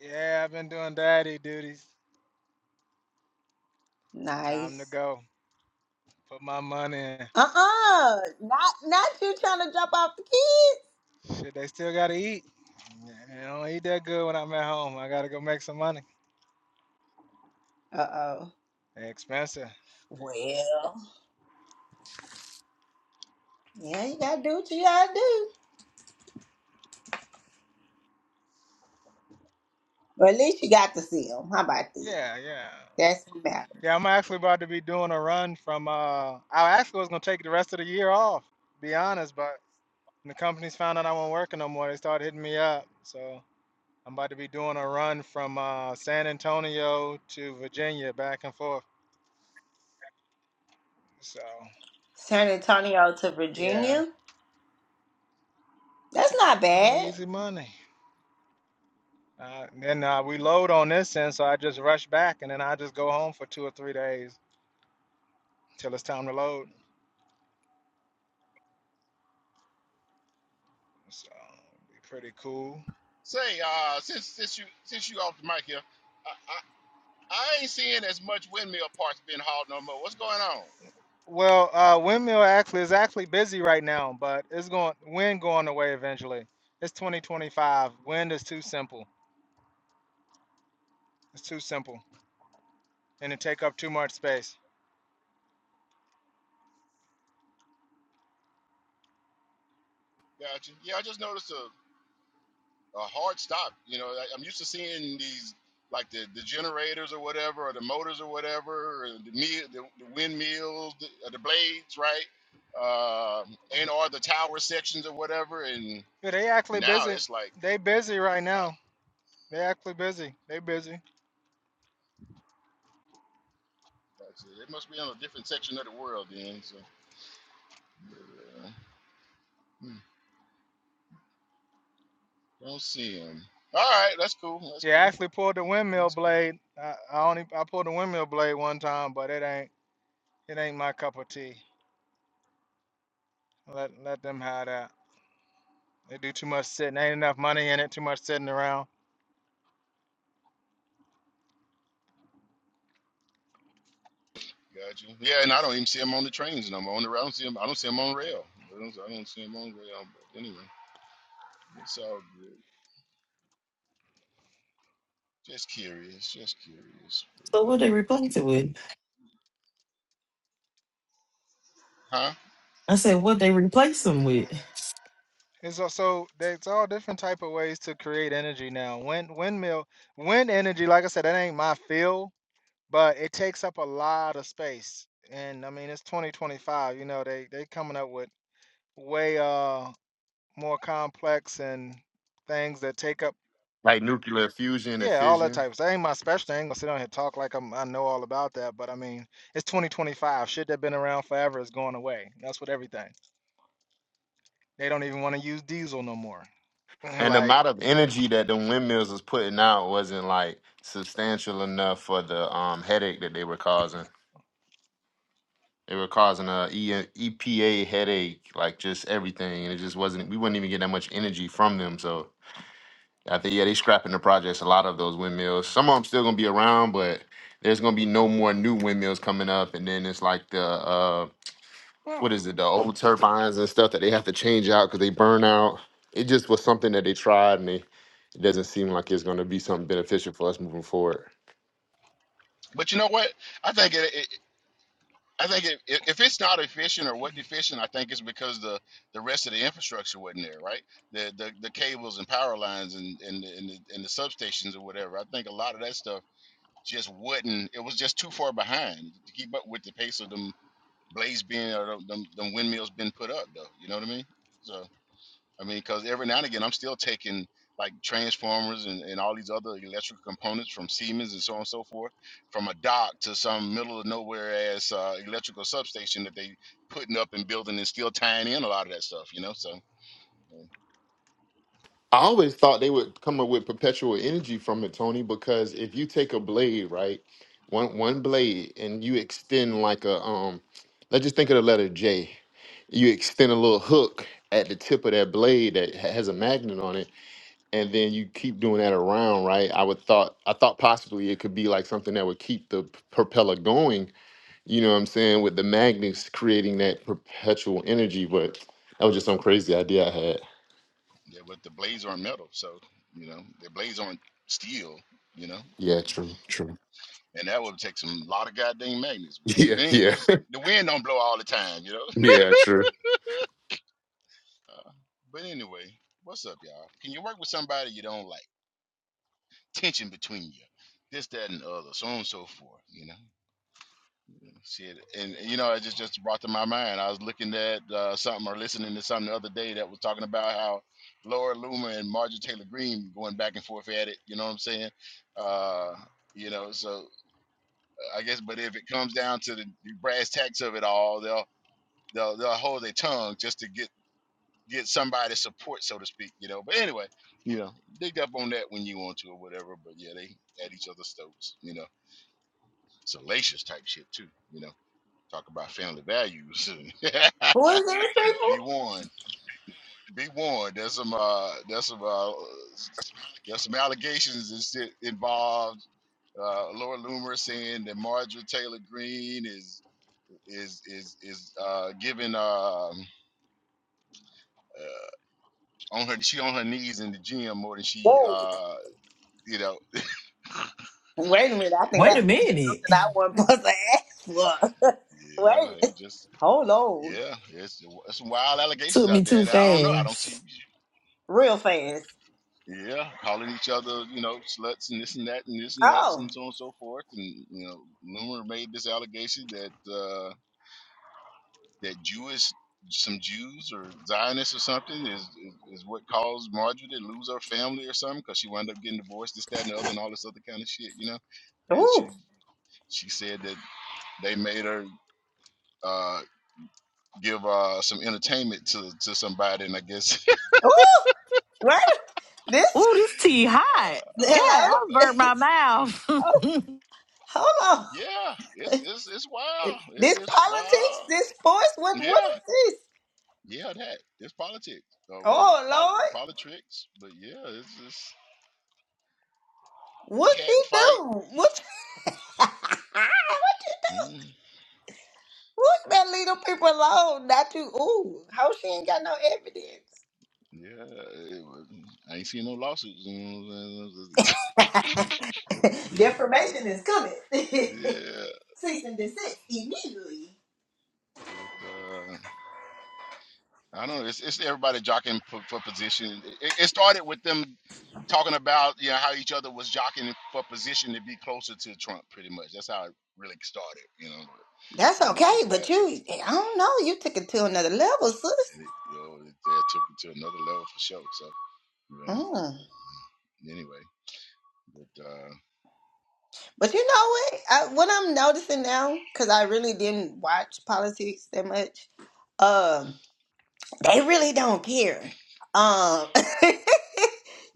Speaker 8: Yeah, I've been doing daddy duties. Time to
Speaker 2: Nice.
Speaker 8: go. Put my money in.
Speaker 2: Uh uh Not not you trying to drop off the kids.
Speaker 8: Shit, they still gotta eat. They don't eat that good when I'm at home. I gotta go make some money.
Speaker 2: Uh oh.
Speaker 8: They expensive.
Speaker 2: Well, yeah, you gotta do what you gotta do. But at least you got to see them. How about that?
Speaker 8: Yeah, yeah.
Speaker 2: That's what matters.
Speaker 8: Yeah, I'm actually about to be doing a run from, uh, I actually was gonna take the rest of the year off, be honest, but the companies found out I wasn't working no more. They started hitting me up, so. I'm about to be doing a run from uh, San Antonio to Virginia, back and forth. So
Speaker 2: San Antonio to
Speaker 8: yeah,
Speaker 2: Virginia. That's not
Speaker 8: yeah
Speaker 2: bad.
Speaker 8: easy money. Uh, then uh, we load on this end, so I just rush back, and then I just go home for two or three days till it's time to load. So be pretty cool.
Speaker 1: say, uh, since since you since you off the mic here, I, I, I ain't seeing as much windmill parts being hauled no more. What's going on?
Speaker 8: Well, uh, windmill actually is actually busy right now, but it's going wind going away eventually. It's 2025. Wind is too simple. It's too simple, and it take up too much space.
Speaker 1: Gotcha. Yeah, I just noticed a, a hard stop. You know, I, I'm used to seeing these like the, the generators or whatever, or the motors or whatever, or the mill, the, the windmills, the, uh, the blades, right? uh and or the tower sections or whatever. And
Speaker 8: Yeah, they actually
Speaker 1: now
Speaker 8: busy.
Speaker 1: it's like.
Speaker 8: They busy right
Speaker 1: I,
Speaker 8: now. They actually busy. They busy.
Speaker 1: Gotcha. It must be on a different section of the world then. So but, uh, hmm, don't see him. All right, that's cool. That's
Speaker 8: Yeah, I
Speaker 1: cool.
Speaker 8: actually pulled the windmill
Speaker 1: That's cool.
Speaker 8: blade. I, I only I pulled the windmill blade one time, but it ain't it ain't my cup of tea. Let let them have that. They do too much sitting. Ain't enough money in it. Too much sitting around.
Speaker 1: Gotcha. Yeah, and I don't even see him on the trains no more. On the I don't see him. I don't see him on rail. I don't, I don't see him on rail. But anyway, it's all good. Just curious. Just curious.
Speaker 3: So
Speaker 1: But,
Speaker 3: what they
Speaker 1: uh,
Speaker 3: replace it with?
Speaker 1: huh?
Speaker 3: I said, what they replace them with?
Speaker 8: It's also there's all different type of ways to create energy now. Wind windmill wind energy. Like I said, that ain't my field, but it takes up a lot of space. And I mean, it's 2025. You know, they they coming up with way uh more complex and things that take up
Speaker 7: Like nuclear fusion and
Speaker 8: Yeah, all that
Speaker 7: fission.
Speaker 8: type of stuff. Ain't my specialty. I ain't gonna sit down here and talk like I'm, I know all about that. But I mean, it's 2025. Shit that been around forever is going away. That's what everything. They don't even want to use diesel no more.
Speaker 7: And the
Speaker 8: like
Speaker 7: amount of energy that the windmills was putting out wasn't like substantial enough for the um, headache that they were causing. They were causing a E- EPA headache, like just everything, and it just wasn't. We wouldn't even get that much energy from them. So I think yeah, they scrapping the projects. A lot of those windmills. Some of them still gonna be around, but there's gonna be no more new windmills coming up. And then it's like the uh, what is it? The old turbines and stuff that they have to change out because they burn out. It just was something that they tried, and they, it doesn't seem like it's gonna be something beneficial for us moving forward.
Speaker 1: But you know what? I think it, it. I think if, if if it's not efficient or wasn't efficient, I think it's because the, the rest of the infrastructure wasn't there, right? The the, the cables and power lines and and the, and, the, and the substations or whatever. I think a lot of that stuff just wasn't. It was just too far behind to keep up with the pace of them blades being or them, them, them windmills being put up, though. You know what I mean? So. I mean, because every now and again, I'm still taking like transformers and, and all these other electrical components from Siemens and so on and so forth from a dock to some middle of nowhere ass uh, electrical substation that they putting up and building and still tying in a lot of that stuff, you know? So, uh,
Speaker 7: I always thought they would come up with perpetual energy from it, Tony, because if you take a blade, right, one one blade, and you extend like a um, let's just think of the letter J. You extend a little hook at the tip of that blade that ha- has a magnet on it, and then you keep doing that around, right? I would thought I thought possibly it could be like something that would keep the p- propeller going. You know what I'm saying? With the magnets creating that perpetual energy, but that was just some crazy idea I had.
Speaker 1: yeah, but the blades aren't metal. So, you know, the blades aren't steel, you know?
Speaker 7: Yeah, true, true.
Speaker 1: And that would take some lot of goddamn magnets. But,
Speaker 7: Yeah,
Speaker 1: but anyway,
Speaker 7: yeah.
Speaker 1: the wind don't blow all the time, you know?
Speaker 7: Yeah, true.
Speaker 1: Uh, but anyway, what's up, y'all? Can you work with somebody you don't like? tension between you, this, that, and the other, so on and so forth. You know, shit. And you know, it just just brought to my mind. I was looking at uh, something or listening to something the other day that was talking about how Laura Loomer and Marjorie Taylor Greene going back and forth at it. You know what I'm saying? Uh, you know, so uh, I guess, but if it comes down to the the brass tacks of it all, they'll they'll they'll hold their tongue just to get get somebody's support, so to speak. You know. But anyway, you know, dig up on that when you want to or whatever. But yeah, they at each other's throats. You know salacious type shit too. You know, talk about family values. and
Speaker 2: Who is this people?
Speaker 1: be warned. Be warned. There's some. Uh, there's some. Uh, there's some allegations and shit involved. Uh, Laura Loomer saying that Marjorie Taylor Greene is is is is uh, giving um, uh, on her she on her knees in the gym more than she
Speaker 2: Whoa.
Speaker 1: uh, you know
Speaker 2: Wait a minute. I think I
Speaker 3: Wait a
Speaker 2: asked something
Speaker 3: minute.
Speaker 2: I wasn't supposed to ask for.
Speaker 1: yeah
Speaker 2: Wait.
Speaker 1: they just
Speaker 2: Hold on.
Speaker 1: yeah it's it's some wild allegations
Speaker 3: Took me
Speaker 1: out there
Speaker 3: too
Speaker 1: and I don't know I don't see
Speaker 3: fast.
Speaker 2: Real fast.
Speaker 1: Yeah, calling each other, you know, sluts and this and that and this and that
Speaker 2: Oh,
Speaker 1: and so on and so forth. And you know, Loomer made this allegation that uh, that Jewish some Jews or Zionists or something is is, is what caused Marjorie to lose her family or something because she wound up getting divorced, this, that, and the other, and all this other kind of shit, you know. And
Speaker 2: ooh,
Speaker 1: she she said that they made her uh, give uh, some entertainment to to somebody, and I guess.
Speaker 2: ooh, right. This
Speaker 3: Ooh, this tea hot. God,
Speaker 2: hello.
Speaker 3: I
Speaker 1: oh man.
Speaker 3: burnt my mouth.
Speaker 2: oh, hold on.
Speaker 1: Yeah, it's it's it's wild. It,
Speaker 2: This
Speaker 1: it's
Speaker 2: politics,
Speaker 1: wild.
Speaker 2: this sports. What what is
Speaker 1: Yeah,
Speaker 2: this?
Speaker 1: yeah, that it's politics or what
Speaker 2: Oh
Speaker 1: poli-
Speaker 2: Lord,
Speaker 1: politics, but yeah, it's just
Speaker 2: what she
Speaker 1: cat fight.
Speaker 2: do? What? what you
Speaker 1: Mm,
Speaker 2: What that little people alone? Not you. Ooh, how she ain't got no evidence.
Speaker 1: yeah, it was, I ain't seen no lawsuits. You know what I'm
Speaker 2: Defamation is coming. Cease
Speaker 1: saying? yeah,
Speaker 2: and desist immediately.
Speaker 1: but uh, I don't know. It's it's everybody jockeying for, for position. It, it started with them talking about you know how each other was jockeying for position to be closer to Trump. Pretty much that's how it really started. You know,
Speaker 2: That's
Speaker 1: and it
Speaker 2: okay,
Speaker 1: just got
Speaker 2: but
Speaker 1: and
Speaker 2: you, I don't know. You took it to another level, sis.
Speaker 1: it, you know it, it took it to another level for sure. So you know,
Speaker 2: Mm.
Speaker 1: anyway. But, uh,
Speaker 2: But you know what? I, what I'm noticing now, because I really didn't watch politics that much, um, they really don't care. Um,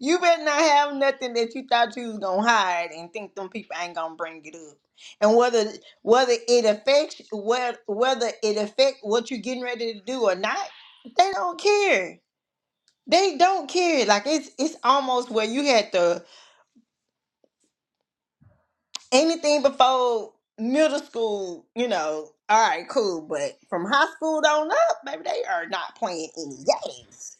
Speaker 2: you better not have nothing that you thought you was gonna hide and think them people ain't gonna bring it up. And whether whether it affects whether whether it affect what you're getting ready to do or not, they don't care. They don't care. Like it's it's almost where you had to anything before middle school, you know, all right, cool. But from high school on up, baby, they are not playing any games.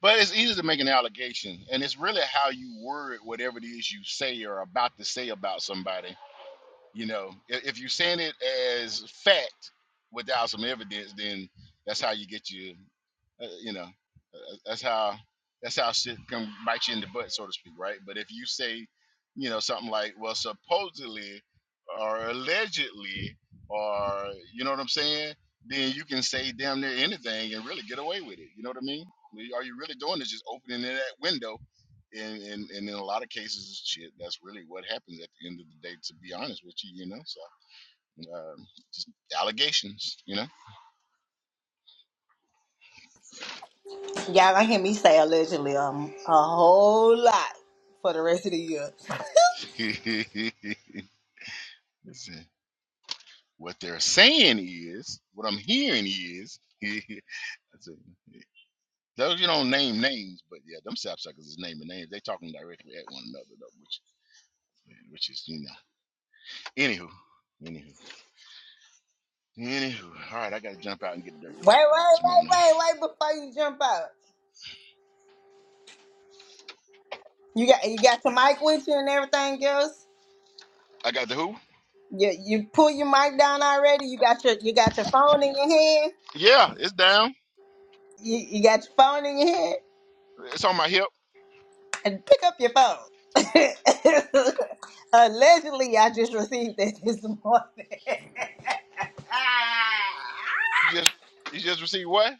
Speaker 1: but it's easy to make an allegation, and it's really how you word whatever it is you say or about to say about somebody. You know, if, if you're saying it as fact without some evidence, then that's how you get your, uh, you know, uh, that's how that's how shit can bite you in the butt, so to speak, right? But if you say, you know, something like, well, supposedly or allegedly, or you know what I'm saying, then you can say damn near anything and really get away with it. You know what I mean? All you're really doing is just opening that window and, and and in a lot of cases, shit, that's really what happens at the end of the day. To be honest with you, you know, so um, just allegations, you know.
Speaker 2: Y'all gonna hear me say allegedly um a whole lot for the rest of the year.
Speaker 1: Listen, what they're saying is, what I'm hearing is, that's it. Those you don't name names, but yeah, them sapsuckers is naming names. They talking directly at one another though, which which is you know. Anywho, anywho, anywho. All right, I gotta jump out and get dirty
Speaker 2: Wait, wait,
Speaker 1: right quick this
Speaker 2: wait,
Speaker 1: morning.
Speaker 2: wait, wait before you jump out. You got you got your mic with you and everything else.
Speaker 1: I got the who?
Speaker 2: You you pull your mic down already. You got your you got your phone in your hand.
Speaker 1: Yeah, it's down.
Speaker 2: You, you got your phone in your hand.
Speaker 1: It's on my hip.
Speaker 2: and pick up your phone. Allegedly, I just received it this morning.
Speaker 1: You just you just received what?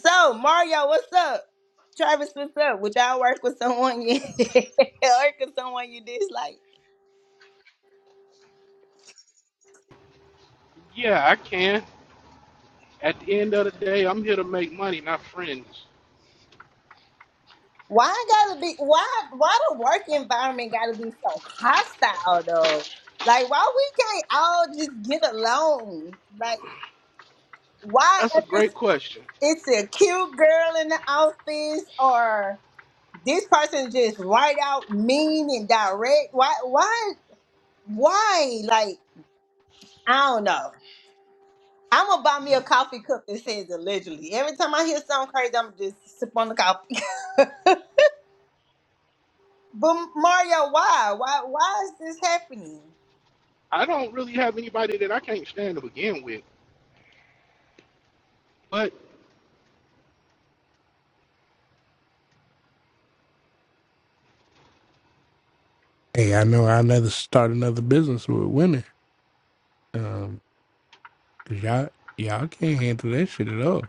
Speaker 2: so, Mario, what's up? Travis, what's up? Would y'all work with someone you work with someone you dislike?
Speaker 9: Yeah, I can. At the end of the day, I'm here to make money, not friends.
Speaker 2: Why it gotta be why why the work environment gotta be so hostile though? Like why we can't all just get along? Like why
Speaker 9: That's a
Speaker 2: if
Speaker 9: great
Speaker 2: it's
Speaker 9: question.
Speaker 2: it's a cute girl in the office or This person just right out mean and direct. Why? Why? Why? Like I don't know. I'm gonna buy me a coffee cup that says allegedly. Every time I hear something crazy, I'm just sip on the coffee. but Mario, why? Why? Why is this happening?
Speaker 9: I don't really have anybody that I can't stand to begin with, but
Speaker 10: Hey, I know I'll never start another business with women. Um, you y'all, y'all can't handle that shit at all.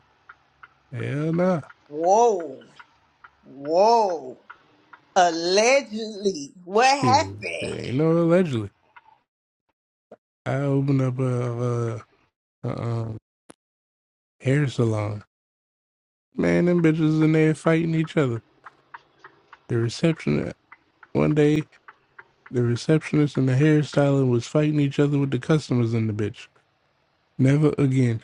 Speaker 10: Hell nah.
Speaker 2: Whoa! Whoa! Allegedly, what
Speaker 10: Shit,
Speaker 2: happened?
Speaker 10: ain't no allegedly. I opened up a, a, a um, hair salon. Man, them bitches in there fighting each other. The reception one day, the receptionist and the hairstylist was fighting each other with the customers in the bitch. Never again.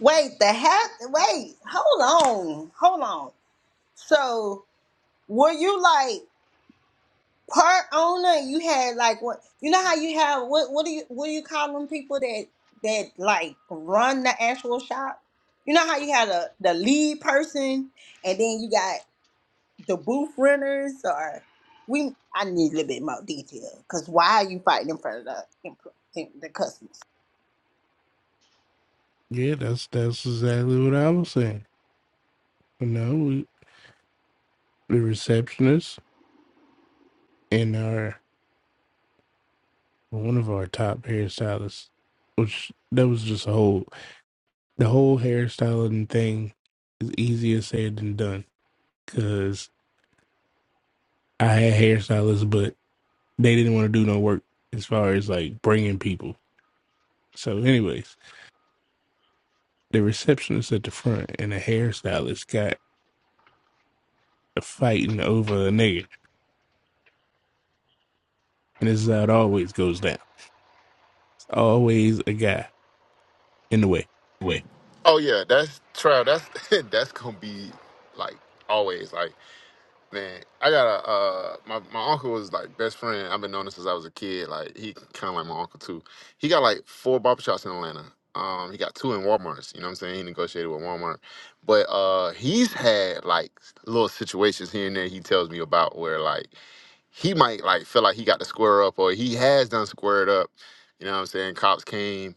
Speaker 2: Wait, the hat. Wait, hold on, hold on. So, were you like? per owner you had like what you know how you have what what do you what do you call them people that that like run the actual shop you know how you had a the lead person and then you got the booth renters or we i need a little bit more detail because why are you fighting in front of the empl- in- the customers
Speaker 10: Yeah, that's that's exactly what I was saying. You know, we, the receptionist and our one of our top hairstylists, which that was just a whole the whole hairstyling thing is easier said than done because I had hairstylists, but they didn't want to do no work as far as like bringing people. So, anyways, the receptionist at the front and the hairstylist got a fighting over a nigga, and this is how it always goes down. It's always a guy in the way.
Speaker 7: Oh yeah, that's Trav. That's that's gonna be like always. Like man, I got a uh, my my uncle was like best friend. I've been knowing him since I was a kid. Like he kind of like my uncle too. He got like four barbershops in Atlanta. Um, he got two in Walmart's. You know what I'm saying? He negotiated with Walmart, but uh, he's had like little situations here and there. He tells me about where like he might like feel like he got to square up or he has done squared up. You know what I'm saying? Cops came,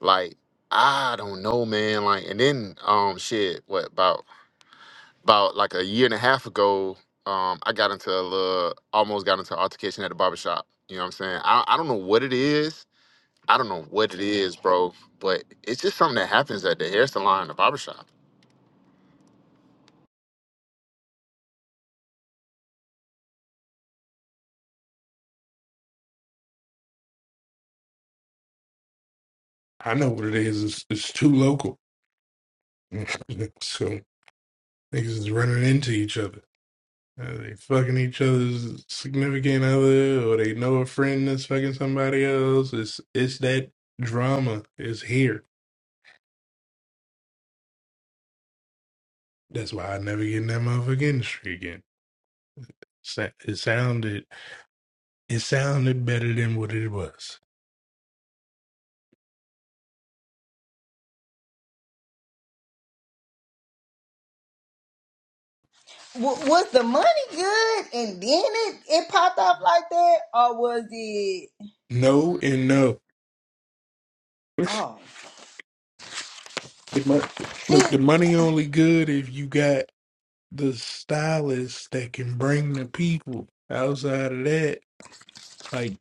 Speaker 7: like, I don't know, man. Like, and then um shit, what about about like a year and a half ago, um, I got into a little almost got into an altercation at the barbershop. You know what I'm saying? I, I don't know what it is. I don't know what it is, bro, but it's just something that happens at the hair salon and the barbershop.
Speaker 10: I know what it is. It's, it's too local, so niggas is running into each other. Are they fucking each other's significant other, or they know a friend that's fucking somebody else? It's it's that drama is here. That's why I never get in that motherfucking industry again. Sa- It sounded it sounded better than what it was.
Speaker 2: W- was the money good and then it it popped up like that or was it
Speaker 10: No and no.
Speaker 2: oh
Speaker 10: The mon- Look, the money only good if you got the stylist that can bring the people. Outside of that, like.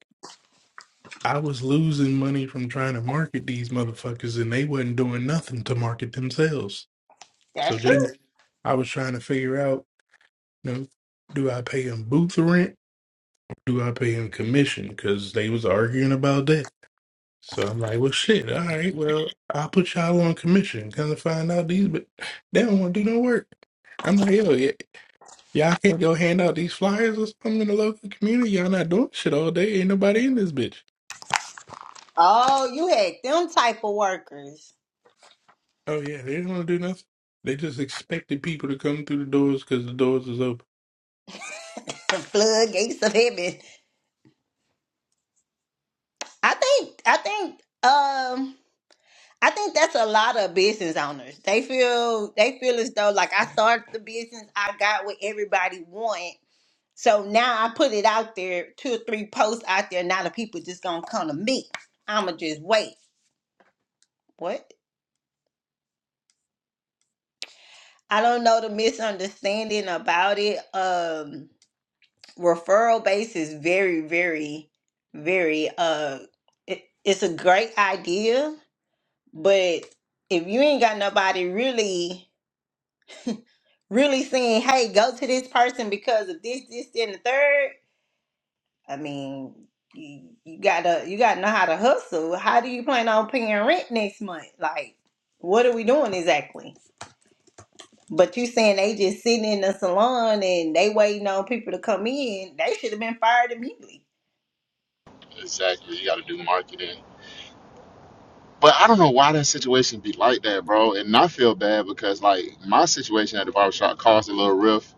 Speaker 10: I was losing money from trying to market these motherfuckers and they wasn't doing nothing to market themselves. So
Speaker 2: that's true
Speaker 10: then I was trying to figure out, you know, do I pay them booth rent? Do I pay them commission? Because they was arguing about that. So I'm like, well, shit, all right, well, I'll put y'all on commission. Come to find out these, but they don't want to do no work. I'm like, yo, y- y'all can't go hand out these flyers or something in the local community. Y'all not doing shit all day. Ain't nobody in this bitch.
Speaker 2: oh you had them type of workers
Speaker 10: Oh yeah, they didn't want to do nothing. They just expected people to come through the doors because the doors is open.
Speaker 2: the floodgates of heaven. I think I think um I think that's a lot of business owners. They feel they feel as though like I started the business, I got what everybody want. So now I put it out there, two or three posts out there, now the people just gonna come to me. I'ma just wait. What? I don't know the misunderstanding about it. Um referral base is very, very, very uh it, it's a great idea But if you ain't got nobody really, really saying, hey, go to this person because of this, this, that, and the third, I mean, you, you gotta you gotta know how to hustle. How do you plan on paying rent next month? Like, what are we doing exactly? But you saying they just sitting in the salon and they waiting on people to come in, they should have been fired immediately.
Speaker 7: Exactly. You got to do marketing. But I don't know why that situation be like that, bro. And I feel bad because like my situation at the barbershop caused a little rift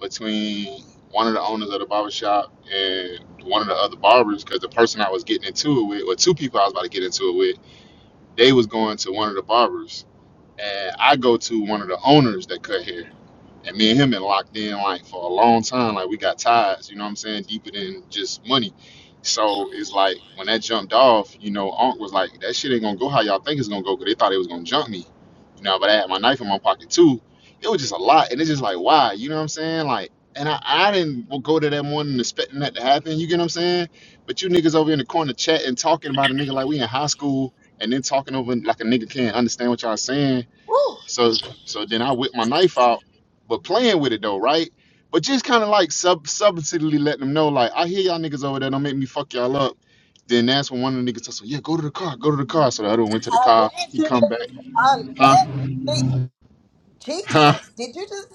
Speaker 7: between one of the owners of the barbershop and one of the other barbers because the person I was getting into it with, or two people I was about to get into it with, they was going to one of the barbers. And I go to one of the owners that cut hair. And me and him been locked in like for a long time. Like we got ties, you know what I'm saying? Deeper than just money. So it's like when that jumped off, you know, Unc was like, that shit ain't gonna go how y'all think it's gonna go, 'cause they thought it was gonna jump me. You know, but I had my knife in my pocket too. It was just a lot. And it's just like, why? You know what I'm saying? Like, and I, I didn't go to that morning expecting that to happen. You get what I'm saying? But you niggas over in the corner chatting, talking about a nigga like we in high school, and then talking over like a nigga can't understand what y'all saying so so then I whip my knife out, but playing with it though, right? But just kind of like sub subtly letting them know, like, I hear y'all niggas over there, don't make me fuck y'all up. Then that's when one of the niggas said, Yeah, go to the car, go to the car. So the other one went to the car, he
Speaker 2: Allegedly.
Speaker 7: come back, huh?
Speaker 2: Allegedly.
Speaker 7: Huh?
Speaker 2: Jesus, did you just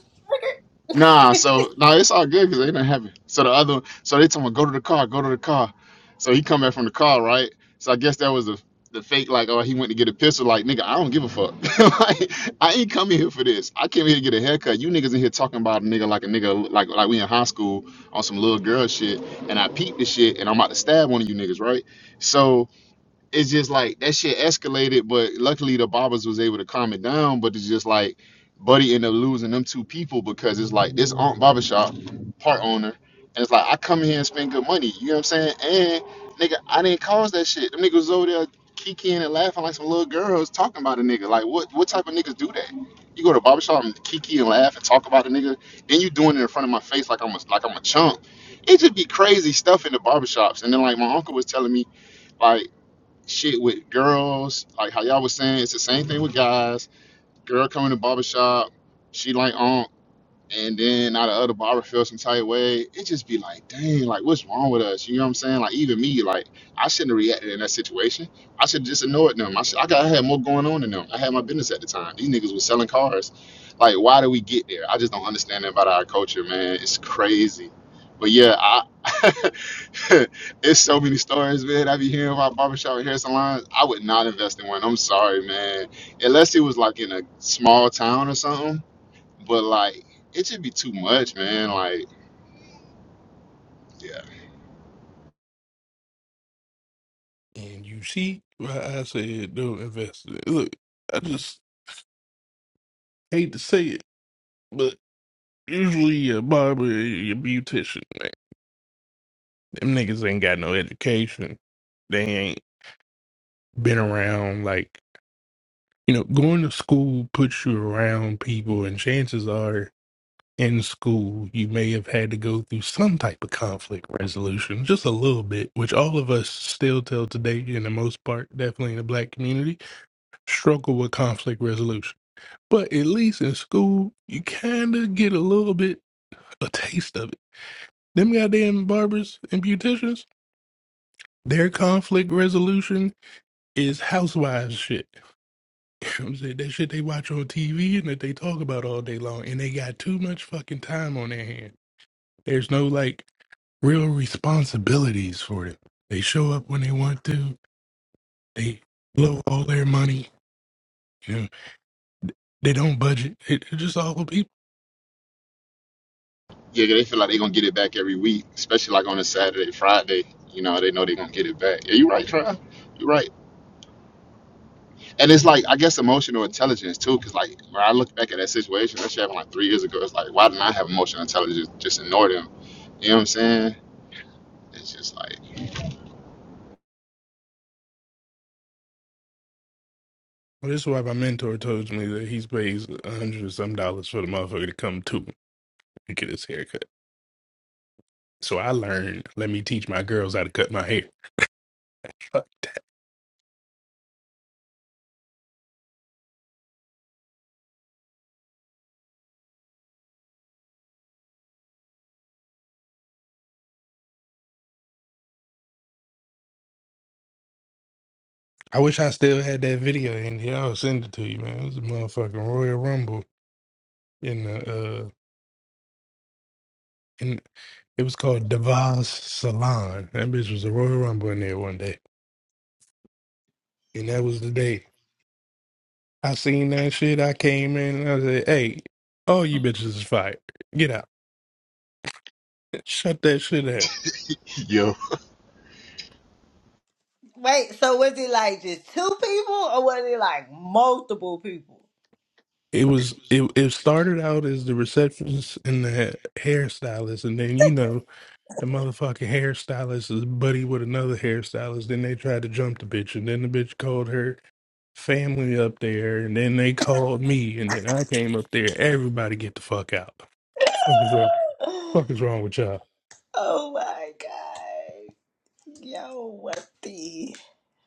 Speaker 7: Nah, so no, it's all good because it didn't happen. So the other, so they told me go to the car, go to the car. So he come back from the car, right? So I guess that was the the fake, like, oh, he went to get a pistol. Like, nigga, I don't give a fuck. like, I ain't coming here for this. I came here to get a haircut. You niggas in here talking about a nigga like a nigga, like like we in high school on some little girl shit, and I peeped the shit, and I'm about to stab one of you niggas, right? So it's just like that shit escalated, but luckily the Bobbers was able to calm it down. But it's just like Buddy ended up losing them two people because it's like this Aunt barbershop part owner, and it's like I come here and spend good money. You know what I'm saying? And nigga, I didn't cause that shit. Them niggas was over there kikiing and laughing like some little girls talking about a nigga. Like what what type of niggas do that? You go to a barber and kiki and laugh and talk about a nigga, then you doing it in front of my face like I'm a like I'm a chump. It just be crazy stuff in the barbershops. And then like my uncle was telling me, like shit with girls, like how y'all was saying, it's the same thing with guys. Girl coming to barbershop, she like on and then out of other barber feel some type way, it just be like, dang, like what's wrong with us? You know what I'm saying? Like even me, like I shouldn't have reacted in that situation. I should have just ignored them. I should, I got I had more going on than them. I had my business at the time. These niggas was selling cars. Like why do we get there? I just don't understand that about our culture, man. It's crazy. But yeah, I it's so many stories, man. I be hearing about barbershop and hair salons. I would not invest in one. I'm sorry, man. Unless it was like in a small town or something but like, it should be too much, man. Like, yeah,
Speaker 10: And you see why I said don't invest. in it. Look, I just hate to say it, but usually your barber, your beautician, man, them niggas ain't got no education. They ain't been around like you know going to school puts you around people, and chances are in school, you may have had to go through some type of conflict resolution, just a little bit, which all of us still till today, in the most part, definitely in the black community, struggle with conflict resolution. But at least in school, you kind of get a little bit a taste of it. Them goddamn barbers and beauticians, their conflict resolution is housewives shit. You know what I'm saying? That shit they watch on TV and that they talk about all day long, and they got too much fucking time on their hands. There's no like real responsibilities for it. They show up when they want to. They blow all their money. You know, they don't budget. It, it's just awful people.
Speaker 7: yeah, they feel like they gonna get it back every week, especially like on a Saturday, Friday. You know, they know they gonna get it back. Yeah, you right, Trav. You right. And it's like I guess emotional intelligence too, because like when I look back at that situation, that shit happened like three years ago. It's like why didn't I have emotional intelligence? Just ignore them. You know what I'm saying? It's just like,
Speaker 10: Well, this is why my mentor told me that he pays a hundred and some dollars for the motherfucker to come to him and get his haircut. So I learned. Let me teach my girls how to cut my hair. Fuck. I wish I still had that video in here. I'll send it to you, man. It was a motherfucking Royal Rumble in the uh in it was called Devon's Salon. That bitch was a Royal Rumble in there one day. And that was the day I seen that shit. I came in and I said, "Hey, all you bitches is fired. Get out. Shut that shit down."
Speaker 7: yo,
Speaker 2: Wait, so was it like just two people or was it like multiple people?
Speaker 10: It was it. It started out as the receptionist and the hairstylist, and then you know the motherfucking hairstylist is buddy with another hairstylist. Then they tried to jump the bitch, and then the bitch called her family up there, and then they called me, and then I came up there. Everybody get the fuck out. Fuck is wrong. Fuck is wrong with y'all.
Speaker 2: Oh my god. Yo, what the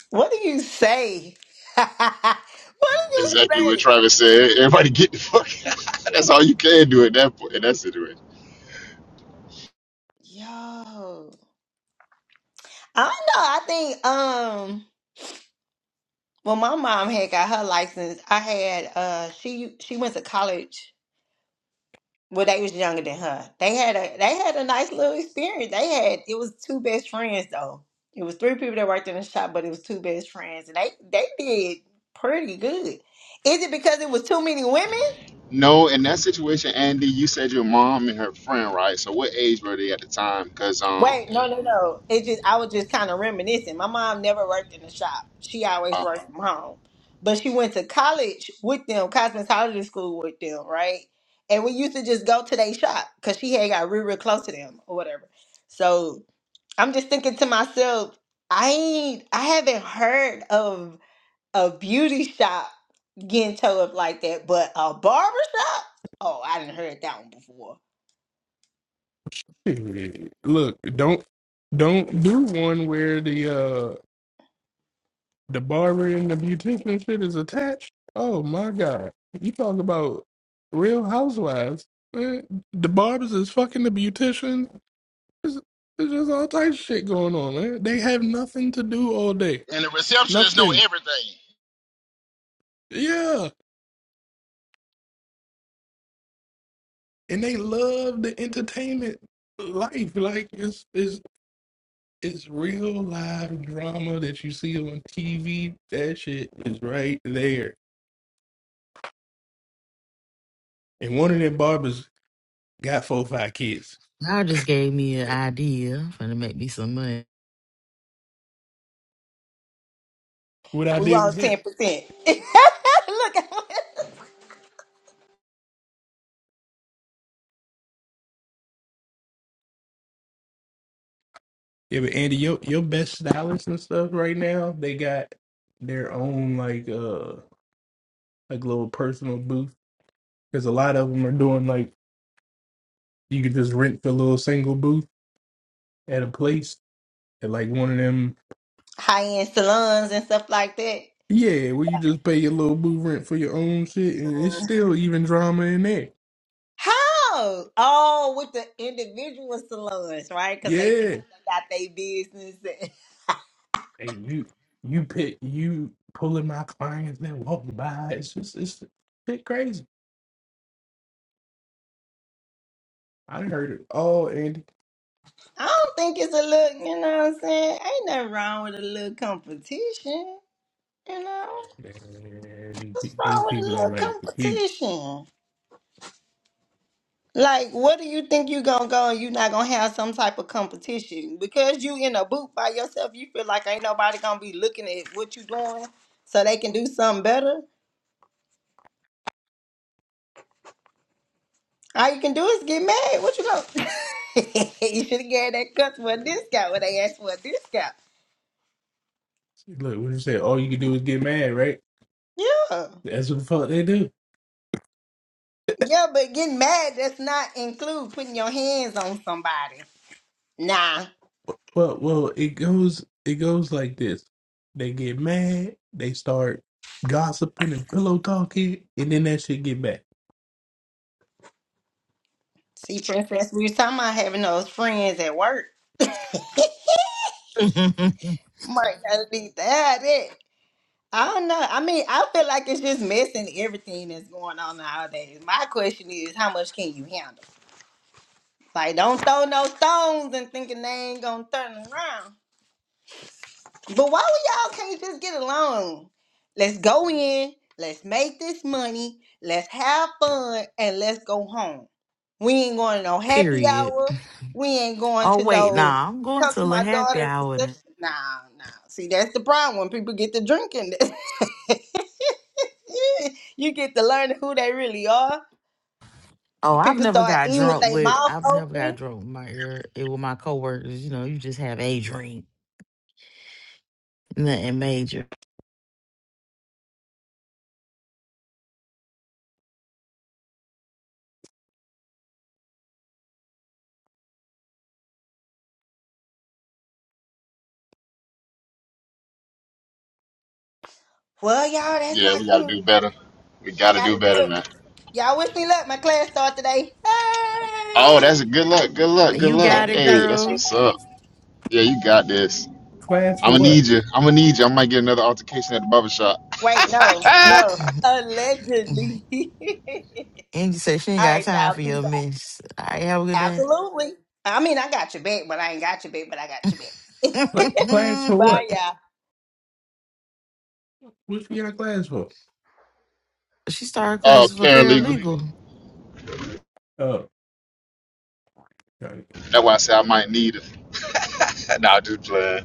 Speaker 2: what do you say? what do you
Speaker 7: exactly what
Speaker 2: say?
Speaker 7: Travis said. Everybody get the fuck. out. That's all you can do at that point in that situation.
Speaker 2: Yo. I don't know. I think um when my mom had got her license, I had uh she she went to college Well, they was younger than her. They had a they had a nice little experience. They had it was two best friends though. It was three people that worked in the shop, but it was two best friends, and they they did pretty good. Is it because it was too many women?
Speaker 7: No, in that situation, Andy, you said your mom and her friend, right? So what age were they at the time? Because um,
Speaker 2: Wait, no, no, no. It just I was just kind of reminiscing. My mom never worked in the shop. She always
Speaker 7: uh,
Speaker 2: worked from home, but she went to college with them, cosmetology school with them, right? And we used to just go to their shop because she had got real, real close to them or whatever. So. I'm just thinking to myself, I ain't, I haven't heard of a beauty shop getting towed up like that, but a barber shop? Oh, I didn't heard that one before.
Speaker 10: Look, don't don't do one where the uh the barber and the beautician shit is attached. Oh my god. You talk about real housewives. Man, the barbers is fucking the beautician. There's, there's just all types of shit going on, man. They have nothing to do all day.
Speaker 1: And the receptionist know
Speaker 10: Nothing.
Speaker 1: everything.
Speaker 10: Yeah. And they love the entertainment life. Like it's it's It's real live drama that you see on TV. That shit is right there. And one of them barbers got four or five kids.
Speaker 3: Y'all just gave me an idea. I'm finna make me some money.
Speaker 10: What I
Speaker 2: We
Speaker 10: did was
Speaker 2: lost
Speaker 10: that.
Speaker 2: ten percent. Look,
Speaker 10: Yeah, but Andy, your your best stylists and stuff right now, they got their own like uh like little personal booth. Because a lot of them are doing like you can just rent the little single booth at a place at like one of them.
Speaker 2: high end salons and stuff like that.
Speaker 10: Yeah, where you just pay your little booth rent for your own shit, and it's still even drama in there.
Speaker 2: How? Oh, with the individual salons, right? Because they feel
Speaker 10: Yeah.
Speaker 2: like they got their business. And-
Speaker 10: and you you pick you pulling my clients that walking by. It's just it's shit crazy. I done heard it all, Andy.
Speaker 2: I don't think it's a look. You know what I'm saying? Ain't nothing wrong with a little competition. You know.
Speaker 10: And
Speaker 2: What's
Speaker 10: these
Speaker 2: wrong with a
Speaker 10: people
Speaker 2: little
Speaker 10: don't like the people.
Speaker 2: competition? Like, what do you think you gonna go and you not gonna have some type of competition? Because you in a booth by yourself, you feel like ain't nobody gonna be looking at what you doing so they can do something better. All you can do is get mad. What you gonna You should have gave that customer a discount when they asked for a discount.
Speaker 10: Look, what you say? All you can do is get mad, right?
Speaker 2: Yeah.
Speaker 10: That's what the fuck they do.
Speaker 2: Yeah, but getting mad does not include putting your hands on somebody. Nah.
Speaker 10: Well, well, it goes it goes like this. They get mad. They start gossiping and pillow talking, and then that shit get back.
Speaker 2: See, Princess, we were talking about having those friends at work. Mark gotta leave that it. I don't know. I mean, I feel like it's just missing everything that's going on nowadays. My question is, how much can you handle? Like, don't throw no stones and thinking they ain't gonna turn around. But why we y'all can't just get along? Let's go in, let's make this money, let's have fun, and let's go home. We ain't going to no happy
Speaker 3: Period.
Speaker 2: hour. We ain't going
Speaker 3: Oh
Speaker 2: to
Speaker 3: wait,
Speaker 2: no
Speaker 3: nah, I'm going
Speaker 2: come
Speaker 3: to
Speaker 2: to
Speaker 3: a
Speaker 2: my
Speaker 3: happy
Speaker 2: daughter's
Speaker 3: hour. now.
Speaker 2: reception. Nah, nah. See, that's the problem when people get to drinking. you get to learn who they really are.
Speaker 3: Oh, I've
Speaker 2: People
Speaker 3: never
Speaker 2: start
Speaker 3: got
Speaker 2: eating with
Speaker 3: drunk
Speaker 2: their
Speaker 3: with
Speaker 2: mouth
Speaker 3: I've never got
Speaker 2: open.
Speaker 3: drunk with my ear eh, with my coworkers. You know, you just have a drink, nothing major.
Speaker 2: Well, y'all, that's
Speaker 7: yeah,
Speaker 2: my
Speaker 7: we gotta
Speaker 2: cute.
Speaker 7: do better. We
Speaker 2: I
Speaker 7: gotta do
Speaker 2: gotta do
Speaker 7: better,
Speaker 2: it.
Speaker 7: man.
Speaker 2: Y'all wish me luck. My class start today.
Speaker 7: Oh,
Speaker 2: Hey!
Speaker 7: that's a good luck. Good luck. Good
Speaker 3: You
Speaker 7: luck.
Speaker 2: Thank
Speaker 3: got it,
Speaker 2: you, thank
Speaker 7: Hey,
Speaker 2: you,
Speaker 7: that's
Speaker 2: thank
Speaker 3: girl.
Speaker 7: what's
Speaker 2: you.
Speaker 7: up. Yeah, you got this.
Speaker 10: Class
Speaker 7: I'm
Speaker 10: for
Speaker 7: gonna
Speaker 10: what?
Speaker 7: need you. I'm gonna need you. I might get another altercation at the barber shop.
Speaker 2: Wait, no, no. Allegedly. All
Speaker 3: Angie said she ain't got
Speaker 2: right,
Speaker 3: time
Speaker 2: y'all.
Speaker 3: for
Speaker 2: Peace
Speaker 3: your
Speaker 2: out.
Speaker 3: mess. All right, have a good
Speaker 2: Absolutely. I mean, I got your back, but I ain't got your back, but I
Speaker 3: day.
Speaker 2: got your back.
Speaker 10: Cla- Class for what?
Speaker 2: Bye, y'all.
Speaker 10: What's your class for?
Speaker 3: she started
Speaker 7: uh,
Speaker 3: classes for
Speaker 7: paralegal.
Speaker 1: Paralegal.
Speaker 3: paralegal.
Speaker 10: Oh.
Speaker 7: That's why I say I might need her. nah, just playing.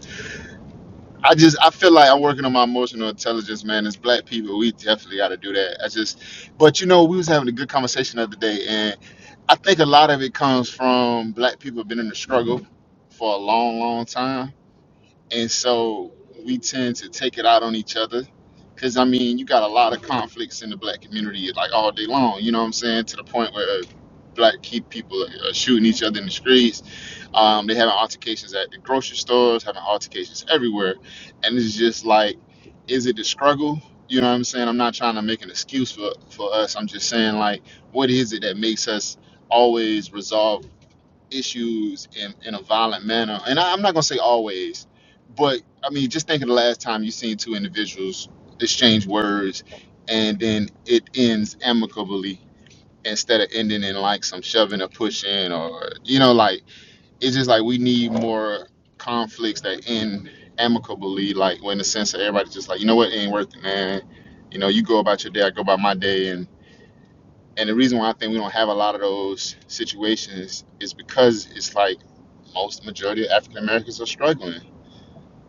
Speaker 7: I just I feel like I'm working on my emotional intelligence, man. As black people, we definitely got to do that. I just, but you know, we was having a good conversation the other day, and I think a lot of it comes from black people been in the struggle for a long, long time, and so we tend to take it out on each other. Cause I mean, you got a lot of conflicts in the black community, like all day long. You know what I'm saying? To the point where uh, black keep people are shooting each other in the streets um, they having altercations at the grocery stores, having altercations everywhere, and it's just like, is it the struggle? You know what I'm saying? I'm not trying to make an excuse for for us. I'm just saying like, what is it that makes us always resolve issues in in a violent manner? And I, I'm not gonna say always, but I mean, just think of the last time you seen two individuals exchange words, and then it ends amicably instead of ending in like some shoving or pushing or you know like it's just like we need more conflicts that end amicably, like when in the sense that everybody's just like, you know what, it ain't worth it, man. You know, you go about your day, I go about my day, and and the reason why I think we don't have a lot of those situations is because it's like most majority of African Americans are struggling.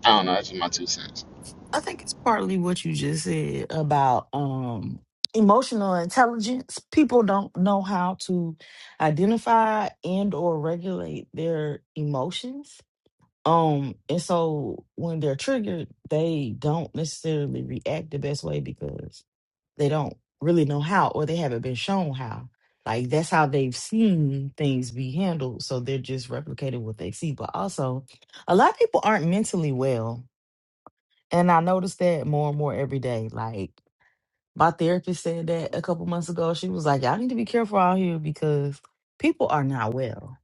Speaker 7: I don't know, that's just my two cents.
Speaker 3: I think it's partly what you just said about um emotional intelligence. People don't know how to identify and or regulate their emotions. Um and so when they're triggered, they don't necessarily react the best way because they don't really know how or they haven't been shown how like that's how they've seen things be handled so they're just replicating what they see but also a lot of people aren't mentally well and i notice that more and more every day like my therapist said that a couple months ago she was like y'all need to be careful out here because people are not well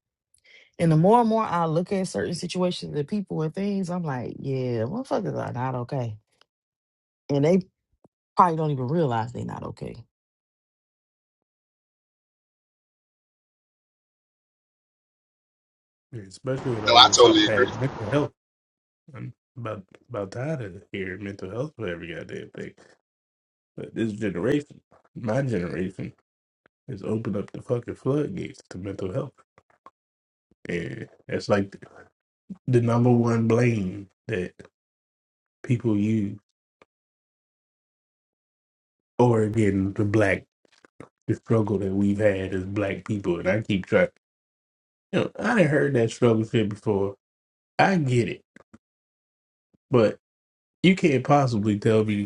Speaker 3: and the more and more i look at certain situations and people and things i'm like yeah motherfuckers are not okay and they probably don't even realize they're not okay
Speaker 10: Yeah, especially with
Speaker 7: No,
Speaker 10: all
Speaker 7: I
Speaker 10: this stuff
Speaker 7: totally agree.
Speaker 10: bad mental health. I'm about about tired of hearing mental health for every goddamn thing. But this generation, my generation, has opened up the fucking floodgates to mental health, and that's like the number one blame that people use. Or again, the black the struggle that we've had as black people, and I keep trying. You know, I done heard that struggle shit before. I get it, but you can't possibly tell me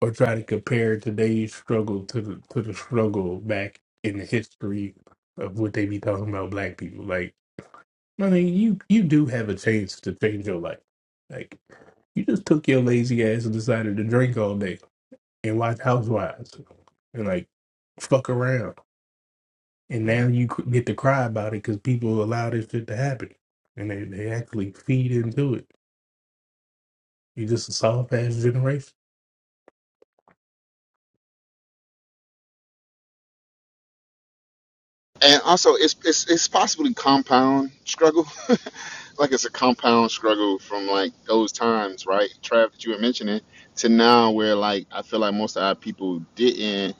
Speaker 10: or try to compare today's struggle to the to the struggle back in the history of what they be talking about black people. Like, I mean, you you do have a chance to change your life. Like, you just took your lazy ass and decided to drink all day and watch Housewives and like fuck around, and now you c- get to cry about it because people allow this shit to happen and they they actually feed into it. You just a solid pass generation.
Speaker 7: and also it's it's it's possibly compound struggle, like it's a compound struggle from like those times, right, Trav, that you were mentioning, to now where like I feel like most of our people didn't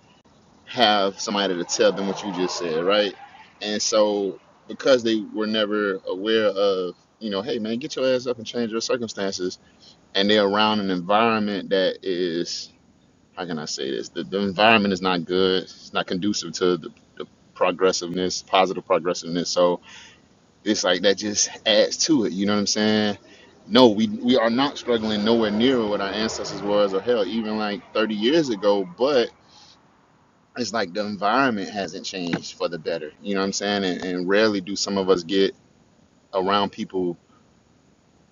Speaker 7: have somebody to tell them what you just said, right, and so because they were never aware of you know, hey man, get your ass up and change your circumstances, and they're around an environment that is how can I say this? The, the environment is not good. It's not conducive to the, the progressiveness, positive progressiveness. So it's like that just adds to it. You know what I'm saying? No, we we are not struggling nowhere near what our ancestors was or hell, even like 30 years ago. But it's like the environment hasn't changed for the better. You know what I'm saying? And, and rarely do some of us get around people,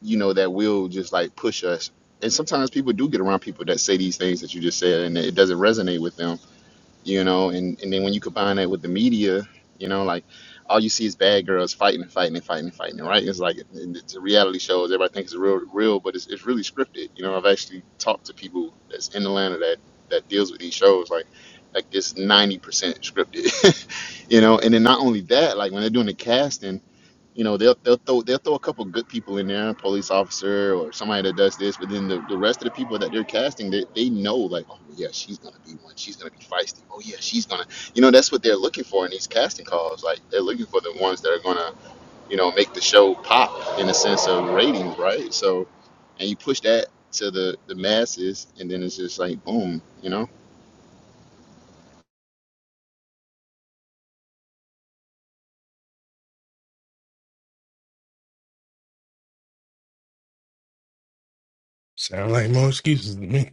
Speaker 7: you know, that will just like push us. And sometimes people do get around people that say these things that you just said, and it doesn't resonate with them you know, and, and then when you combine that with the media, you know, like all you see is bad girls fighting and fighting and fighting and fighting, right? It's like it- it's a reality show. Everybody thinks it's real, real, but it's, it's really scripted. You know, I've actually talked to people that's in Atlanta that that deals with these shows, like like it's ninety percent scripted, you know. And then not only that, like when they're doing the casting. You know, they'll they'll throw they'll throw a couple good people in there, police officer or somebody that does this, but then the, the rest of the people that they're casting, they, they know like, oh yeah, she's gonna be one, she's gonna be feisty. Oh yeah, she's gonna you know, that's what they're looking for in these casting calls. Like they're looking for the ones that are gonna, you know, make the show pop in a sense of ratings, right? So and you push that to the, the masses and then it's just like boom, you know.
Speaker 10: Sound like more excuses to me.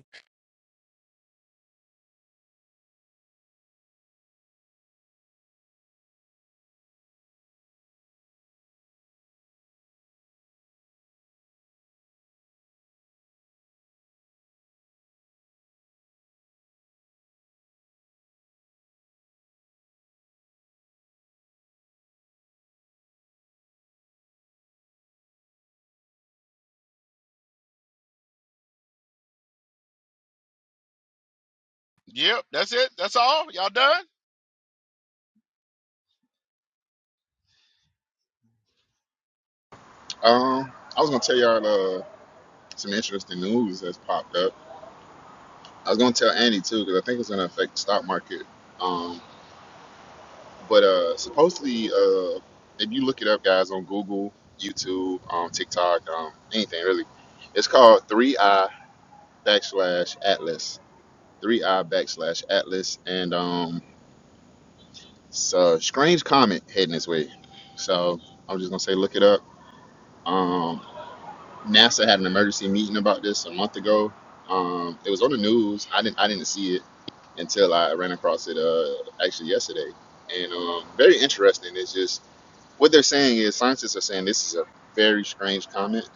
Speaker 1: Yep, that's it. That's all. Y'all done?
Speaker 7: Um I was gonna tell y'all uh, some interesting news that's popped up. I was gonna tell Andy too because I think it's gonna affect the stock market. Um, but uh, supposedly, uh, if you look it up, guys, on Google, YouTube, um, TikTok, um, anything really, it's called Three I backslash Atlas. Three I backslash Atlas, and um, it's a strange comment heading this way. So I'm just gonna say, look it up. Um, NASA had an emergency meeting about this a month ago. Um, it was on the news. I didn't I didn't see it until I ran across it uh, actually yesterday. And um, very interesting. It's just what they're saying is scientists are saying this is a very strange comet.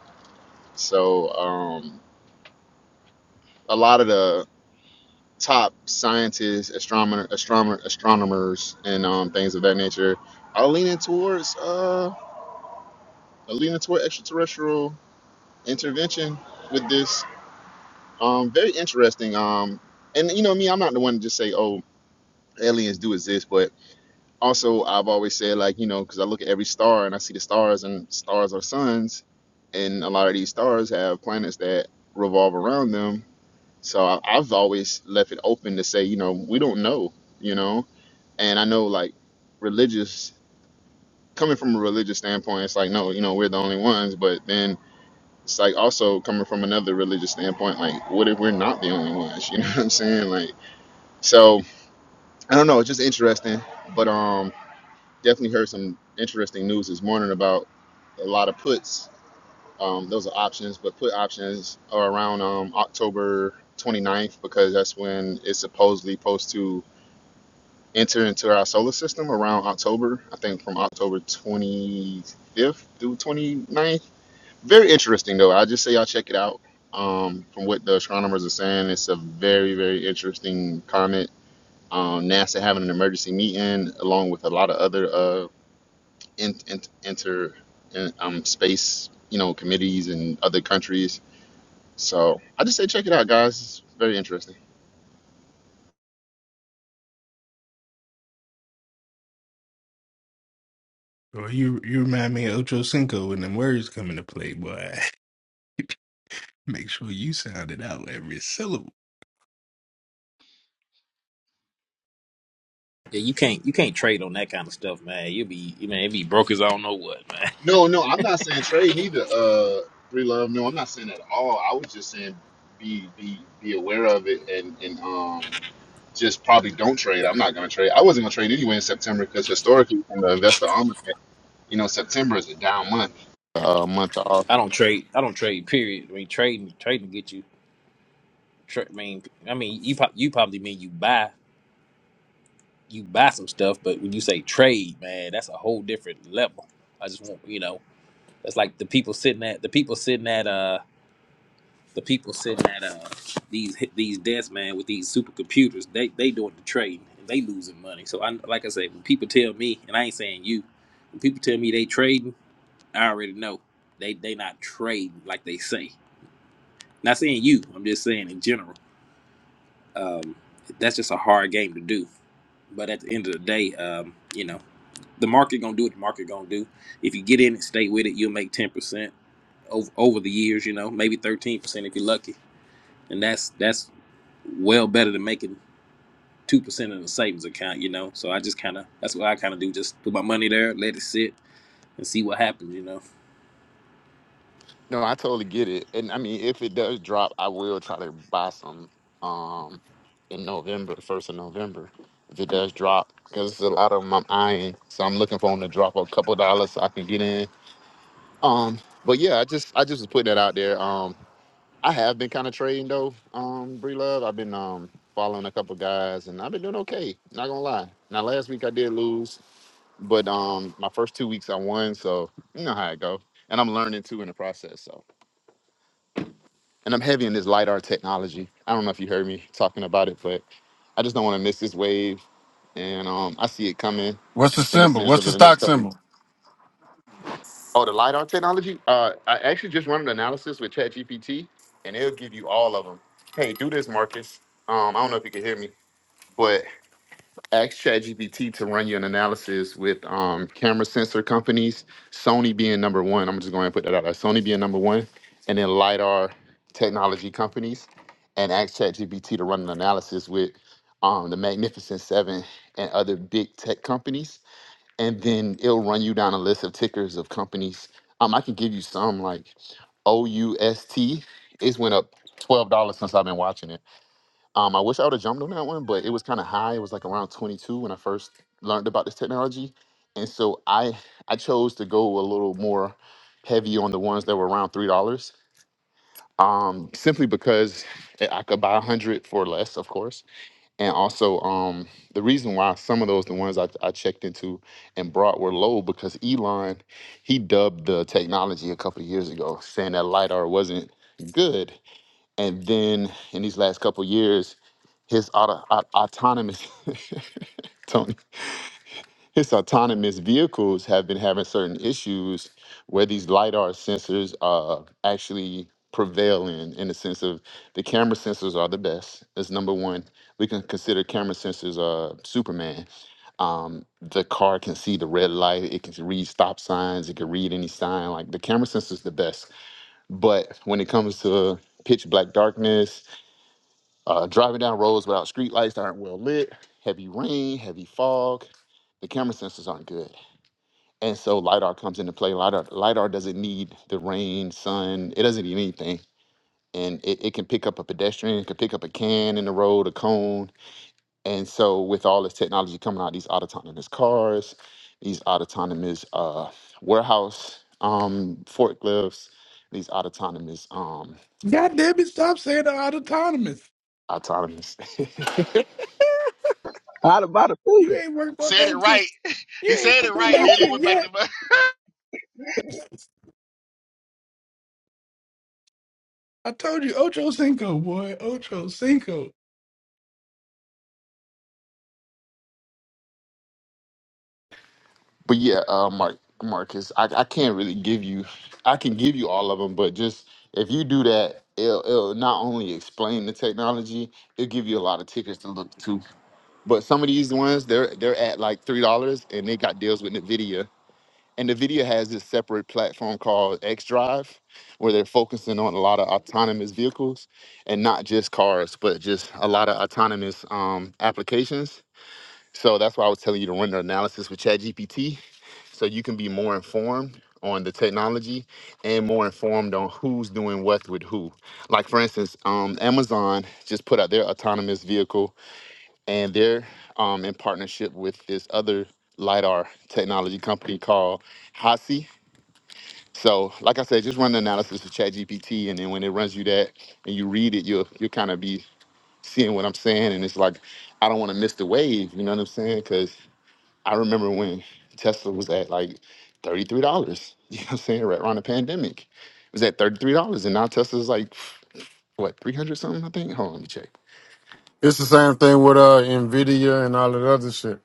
Speaker 7: So um, a lot of the top scientists, astronomer, astronomer, astronomers, and um, things of that nature are leaning towards uh, are leaning toward extraterrestrial intervention with this Um, very interesting. Um, and you know me, I'm not the one to just say, "Oh, aliens do exist," but also I've always said, like, you know, because I look at every star and I see the stars, and stars are suns, and a lot of these stars have planets that revolve around them. So I, I've always left it open to say, you know, we don't know, you know. And I know, like, religious coming from a religious standpoint, it's like, no, you know, we're the only ones. But then it's like also coming from another religious standpoint, like, what if we're not the only ones? You know what I'm saying? Like So I don't know. It's just interesting, but um, definitely heard some interesting news this morning about a lot of puts. Um, those are options, but put options are around um, October ninth because that's when it's supposedly supposed to enter into our solar system around October. I think from October 25th through twenty ninth. Very interesting though. I just say y'all check it out. Um, from what the astronomers are saying, it's a very very interesting comet Um, NASA having an emergency meeting along with a lot of other uh, in, in, inter in, um, space, you know, committees and other countries. So I just say check it out, guys. It's very interesting.
Speaker 10: Well, you you remind me of Ocho Cinco when them words come into play, boy. Make sure you sound it out every syllable.
Speaker 11: Yeah, you can't you can't trade on that kind of stuff, man. You'll be you man, it be broke as I don't know what, man.
Speaker 7: No, no, I'm not saying trade neither. Uh, three love. No, I'm not saying that at all. I was just saying be be be aware of it and and um just probably don't trade. I'm not gonna trade. I wasn't gonna trade anyway in September because historically, in the investor almanac, you know, September is a down month, uh, month off.
Speaker 11: I don't trade. I don't trade. Period. I mean, trading trading get you. Tra- I mean, I mean you prob- you probably mean you buy you buy some stuff, but when you say trade, man, that's a whole different level. I just want you know that's like the people sitting at the people sitting at uh the people sitting at uh these these desks, man, with these supercomputers. They they doing the trading and they losing money. So I like I say, when people tell me, and I ain't saying you, when people tell me they trading. I already know they they not trading like they say. Not saying you, I'm just saying in general. Um, that's just a hard game to do. But at the end of the day, um, you know, the market gonna do what the market gonna do. If you get in and stay with it, you'll make ten percent over over the years. You know, maybe thirteen percent if you're lucky, and that's that's well better than making two percent in a savings account. You know, so I just kind of that's what I kind of do. Just put my money there, let it sit, and see what happens. You know,
Speaker 7: No, I totally get it. And I mean, if it does drop, I will try to buy some um in November, first of November, if it does drop, because a lot of them I'm eyeing. So I'm looking for them to drop a couple dollars so I can get in. Um, but yeah, I just I just was putting that out there. Um, I have been kind of trading though, um, Bree Love. I've been um following a couple guys, and I've been doing okay. Not gonna lie. Now last week I did lose, but um my first two weeks I won, so you know how it go. And I'm learning too in the process. so. and I'm heavy in this lidar technology. I don't know if you heard me talking about it, but I just don't want to miss this wave, and um, I see it coming
Speaker 12: What's the
Speaker 7: in the
Speaker 12: symbol?
Speaker 7: sense
Speaker 12: What's
Speaker 7: of
Speaker 12: the
Speaker 7: in the
Speaker 12: stock
Speaker 7: next couple. of
Speaker 12: symbol?
Speaker 7: Oh, the lidar technology. Uh, I actually just run an analysis with ChatGPT, and it'll give you all of them. Hey, do this, Marcus. Um, I don't know if you can hear me, but ask ChatGPT to run you an analysis with um, camera sensor companies, Sony being number one. I'm just going to put that out there. Sony being number one, and then LiDAR technology companies, and ask ChatGPT to run an analysis with um, the Magnificent Seven and other big tech companies. And then it'll run you down a list of tickers of companies. Um, I can give you some like OUST. It's went up $12 since I've been watching it um, I wish I would have jumped on that one, but it was kind of high. It was like around 22 when I first learned about this technology, and so I I chose to go a little more heavy on the ones that were around three dollars, um, simply because I I could buy a hundred for less, of course, and also um, the reason why some of those the ones I, I checked into and brought were low because Elon he dubbed the technology a couple of years ago, saying that lidar wasn't good, and then in these last couple years his auto, aut- autonomous Tony, his autonomous vehicles have been having certain issues where these lidar sensors uh, actually prevail in in the sense of the camera sensors are the best That's number one we can consider camera sensors uh superman um the car can see the red light it can read stop signs it can read any sign like the camera sensors the best but when it comes to pitch black darkness uh, driving down roads without street lights that aren't well lit, heavy rain, heavy fog, the camera sensors aren't good. And so LiDAR comes into play. LiDAR, LiDAR doesn't need the rain, sun, it doesn't need anything. And it, it can pick up a pedestrian, it can pick up a can in the road, a cone. And so, with all this technology coming out, these autonomous cars, these autonomous uh, warehouse um, forklifts, these autonomous, um,
Speaker 10: God damn it, stop saying the odd autonomous.
Speaker 7: autonomous
Speaker 13: I'd about to pay
Speaker 10: You
Speaker 13: you.
Speaker 10: ain't worked on
Speaker 1: Said it
Speaker 10: that shit.
Speaker 1: right.
Speaker 10: You
Speaker 1: he
Speaker 10: ain't
Speaker 1: said it
Speaker 10: worked on
Speaker 1: right.
Speaker 10: that
Speaker 1: Then he
Speaker 10: shit
Speaker 1: went back to
Speaker 10: yet. I told you Ocho Cinco, boy. Ocho Cinco.
Speaker 7: But yeah, uh, Mark, Marcus, I, I can't really give you. I can give you all of them, but just if you do that, it'll, it'll not only explain the technology, it'll give you a lot of tickets to look to. But some of these ones, they're they're at like three dollars, and they got deals with Nvidia. And Nvidia has this separate platform called X Drive, where they're focusing on a lot of autonomous vehicles, and not just cars, but just a lot of autonomous um, applications. So that's why I was telling you to run the analysis with ChatGPT so you can be more informed on the technology and more informed on who's doing what with who. Like for instance, um, Amazon just put out their autonomous vehicle, and they're um, in partnership with this other lidar technology company called Hasi. So, like I said, just run the analysis of ChatGPT, and then when it runs you that and you read it, you'll you'll kind of be seeing what I'm saying, and it's like I don't want to miss the wave. You know what I'm saying? Because I remember when Tesla was at like $33. You know what I'm saying? Right around the pandemic. It was at $33 and now Tesla's like what, 300 something, I think? Hold on, let me check.
Speaker 12: It's the same thing with uh Nvidia and all that other shit.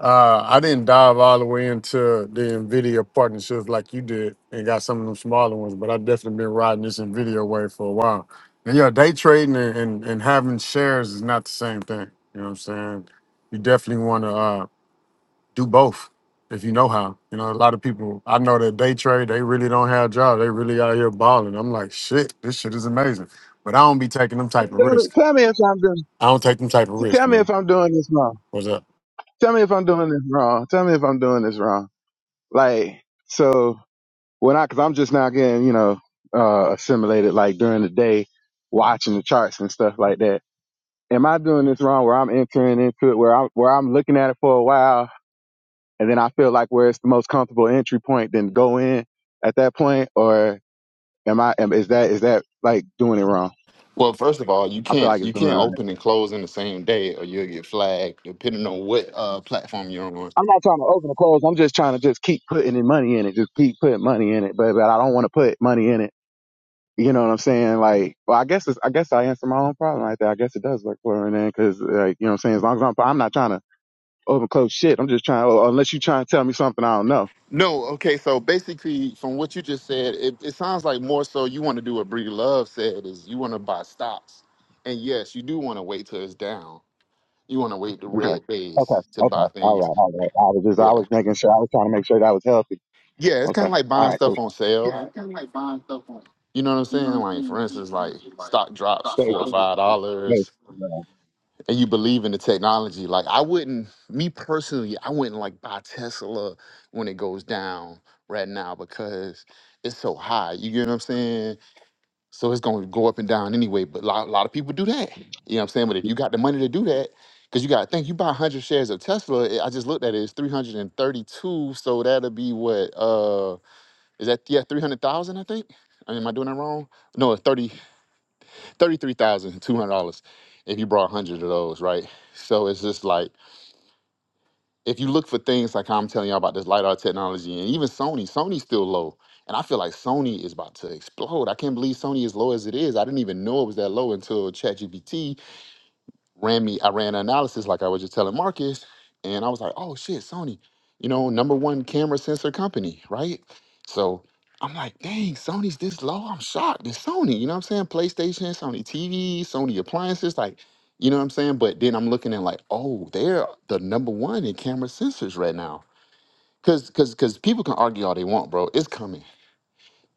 Speaker 12: Uh, I didn't dive all the way into the Nvidia partnerships like you did, and got some of them smaller ones. But I've definitely been riding this Nvidia wave for a while. And yeah, day trading and, and, and having shares is not the same thing. You know what I'm saying? You definitely want to uh, do both if you know how. You know, a lot of people I know that day trade, they really don't have jobs. They really out here balling. I'm like, shit, this shit is amazing. But I don't be taking them type of risk.
Speaker 13: Tell me tell me if I'm doing.
Speaker 12: I don't take them type of risk,
Speaker 13: Tell me
Speaker 12: man.
Speaker 13: if I'm doing this wrong.
Speaker 12: What's up?
Speaker 13: Tell me if I'm doing this wrong. Tell me if I'm doing this wrong. Like so when I, because I'm just now getting you know uh assimilated like during the day, watching the charts and stuff like that. Am I doing this wrong? Where I'm entering into it, where I'm where I'm looking at it for a while, and then I feel like where it's the most comfortable entry point, then go in at that point, or am I? Am, is that is that like doing it wrong?
Speaker 7: Well, first of all, you
Speaker 13: I feel
Speaker 7: can't
Speaker 13: like
Speaker 7: you
Speaker 13: it's doing it
Speaker 7: can't
Speaker 13: wrong.
Speaker 7: open and close in the same day or you'll get flagged depending on what uh platform you're on.
Speaker 13: I'm not trying to open or close. I'm just trying to just keep putting in money in it. Just keep putting money in it. But but I don't want to put money in it. You know what I'm saying? Like, well, I guess it's, I guess I answer my own problem right there. I guess it does work for her then, because like you know what I'm saying. As long as I'm I'm not trying to open close shit. I'm just trying. oh, Unless you trying to tell me something I don't know.
Speaker 7: No, okay, so basically from what you just said, it, it sounds like more so you want to do what Bree Love said is you want to buy stocks. And yes, you do want to wait till it's down. You want to wait the
Speaker 13: Okay. Okay.
Speaker 7: red
Speaker 13: Okay.
Speaker 7: days to
Speaker 13: All
Speaker 7: buy
Speaker 13: right.
Speaker 7: things.
Speaker 13: All right. I was just
Speaker 7: Yeah.
Speaker 13: I was making sure I was trying to make sure that I was healthy.
Speaker 7: Yeah, it's kind of
Speaker 13: Okay.
Speaker 7: like buying
Speaker 13: All right. Cool.
Speaker 7: stuff on sale. You know what I'm saying? Like, for instance, like stock drops
Speaker 13: Thank
Speaker 7: four or
Speaker 13: you.
Speaker 7: five
Speaker 13: Thank
Speaker 7: dollars,
Speaker 13: you.
Speaker 7: and you believe in the technology. Like, I wouldn't, me personally, I wouldn't like buy Tesla when it goes down right now because it's so high. You get what I'm saying? So it's going to go up and down anyway. But a lot, a lot of people do that. You know what I'm saying? But if you got the money to do that, because you got to think, you buy 100 shares of Tesla. I just looked at it, it's 332. So that'll be what? Uh, Is that yeah, three hundred thousand? I think. I mean, am I doing that wrong? No, thirty thirty three thousand two hundred dollars if you brought hundred of those, right? So it's just like if you look for things like I'm telling y'all about this LiDAR technology and even Sony, Sony's still low. And I feel like Sony is about to explode. I can't believe Sony is low as it is. I didn't even know it was that low until ChatGPT ran me, I ran an analysis like I was just telling Marcus, and I was like, oh shit, Sony, you know, number one camera sensor company, right? So I'm like, dang, Sony's this low. I'm shocked. It's Sony, you know what I'm saying? PlayStation, Sony TV, Sony appliances, like, you know what I'm saying? But then I'm looking at like, oh, they're the number one in camera sensors right now. Cause cause cause people can argue all they want, bro. It's coming.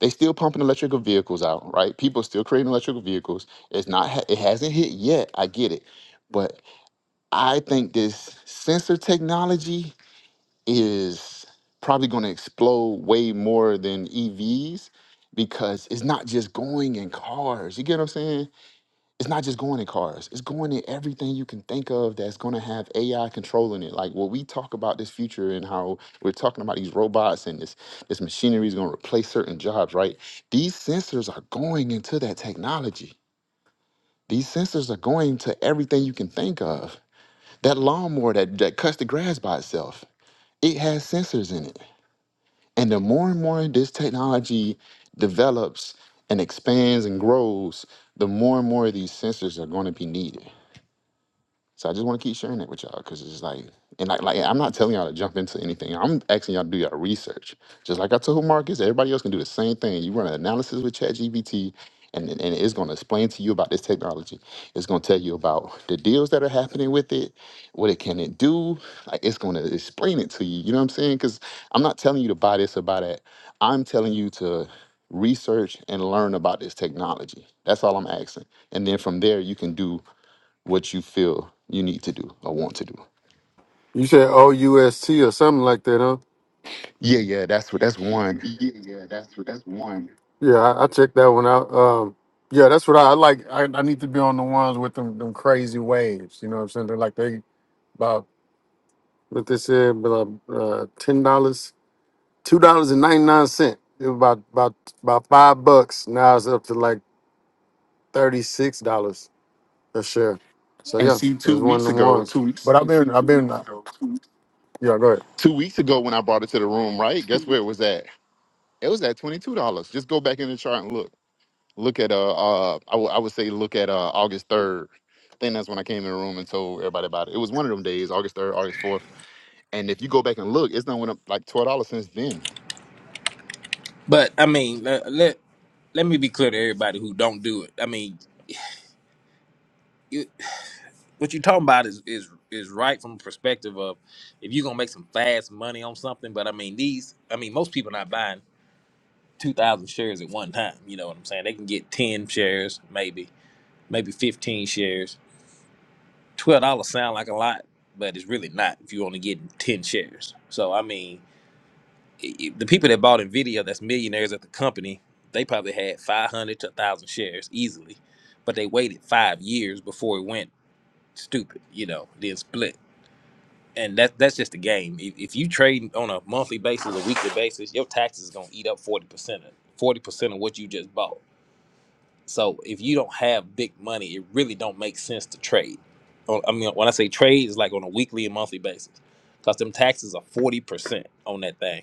Speaker 7: They still pumping electrical vehicles out, right? People still creating electrical vehicles. It's not ha- it hasn't hit yet. I get it. But I think this sensor technology is probably going to explode way more than EVs because it's not just going in cars. You get what I'm saying? It's not just going in cars. It's going in everything you can think of that's going to have AI controlling it. Like when we talk about this future and how we're talking about these robots and this this machinery is going to replace certain jobs, right? These sensors are going into that technology. These sensors are going to everything you can think of. That lawnmower that, that cuts the grass by itself, it has sensors in it. And the more and more this technology develops and expands and grows, the more and more of these sensors are going to be needed. So I just want to keep sharing it with y'all because it's just like, and like, like I'm not telling y'all to jump into anything. I'm asking y'all to do your research. Just like I told Marcus, everybody else can do the same thing. You run an analysis with ChatGPT, and and it's going to explain to you about this technology. It's going to tell you about the deals that are happening with it, what it can it do. Like it's going to explain it to you. You know what I'm saying? Because I'm not telling you to buy this or buy that. I'm telling you to research and learn about this technology. That's all I'm asking. And then from there, you can do what you feel you need to do or want to do.
Speaker 12: You said OUST or something like that, huh?
Speaker 7: Yeah, yeah, that's what that's one.
Speaker 12: Yeah, I, I checked that one out. Um, yeah, that's what I, I like. I, I need to be on the ones with them, them crazy waves. You know what I'm saying? They're like they about what they said, about uh, ten dollars, two dollars and ninety nine cent. It was about about about five bucks. Now it's up to like thirty six dollars a share. So
Speaker 7: And
Speaker 12: yeah,
Speaker 7: see, two
Speaker 12: there's one of
Speaker 7: weeks
Speaker 12: them
Speaker 7: ago,
Speaker 12: ones.
Speaker 7: two weeks,
Speaker 12: But I've been I've been yeah. Go ahead.
Speaker 7: two weeks ago when I brought it to the room, right? Guess where it was at? It was at twenty two dollars. Just go back in the chart and look. Look at uh, uh I would I would say look at uh August third. I think that's when I came in the room and told everybody about it. It was one of them days, August third, August fourth. And if you go back and look, it's done went up like twelve dollars since then.
Speaker 11: but I mean, let, let let me be clear to everybody who don't do it. I mean, you, what you're talking about is is is right from the perspective of if you're gonna make some fast money on something. But I mean, these, I mean, most people not buying two thousand shares at one time. You know what I'm saying? They can get ten shares, maybe maybe fifteen shares. Twelve dollars sound like a lot, but it's really not if you're only getting ten shares. So I mean, i i- the people that bought Nvidia, that's millionaires at the company, they probably had five hundred to thousand shares easily but they waited five years before it went stupid. You know, then split, and that that's just the game. If, if you trade on a monthly basis, a weekly basis, your taxes is gonna eat up forty percent, of forty percent of what you just bought. So if you don't have big money, it really don't make sense to trade. On- I mean, when I say trade, it's like on a weekly and monthly basis, because them taxes are forty percent on that thing.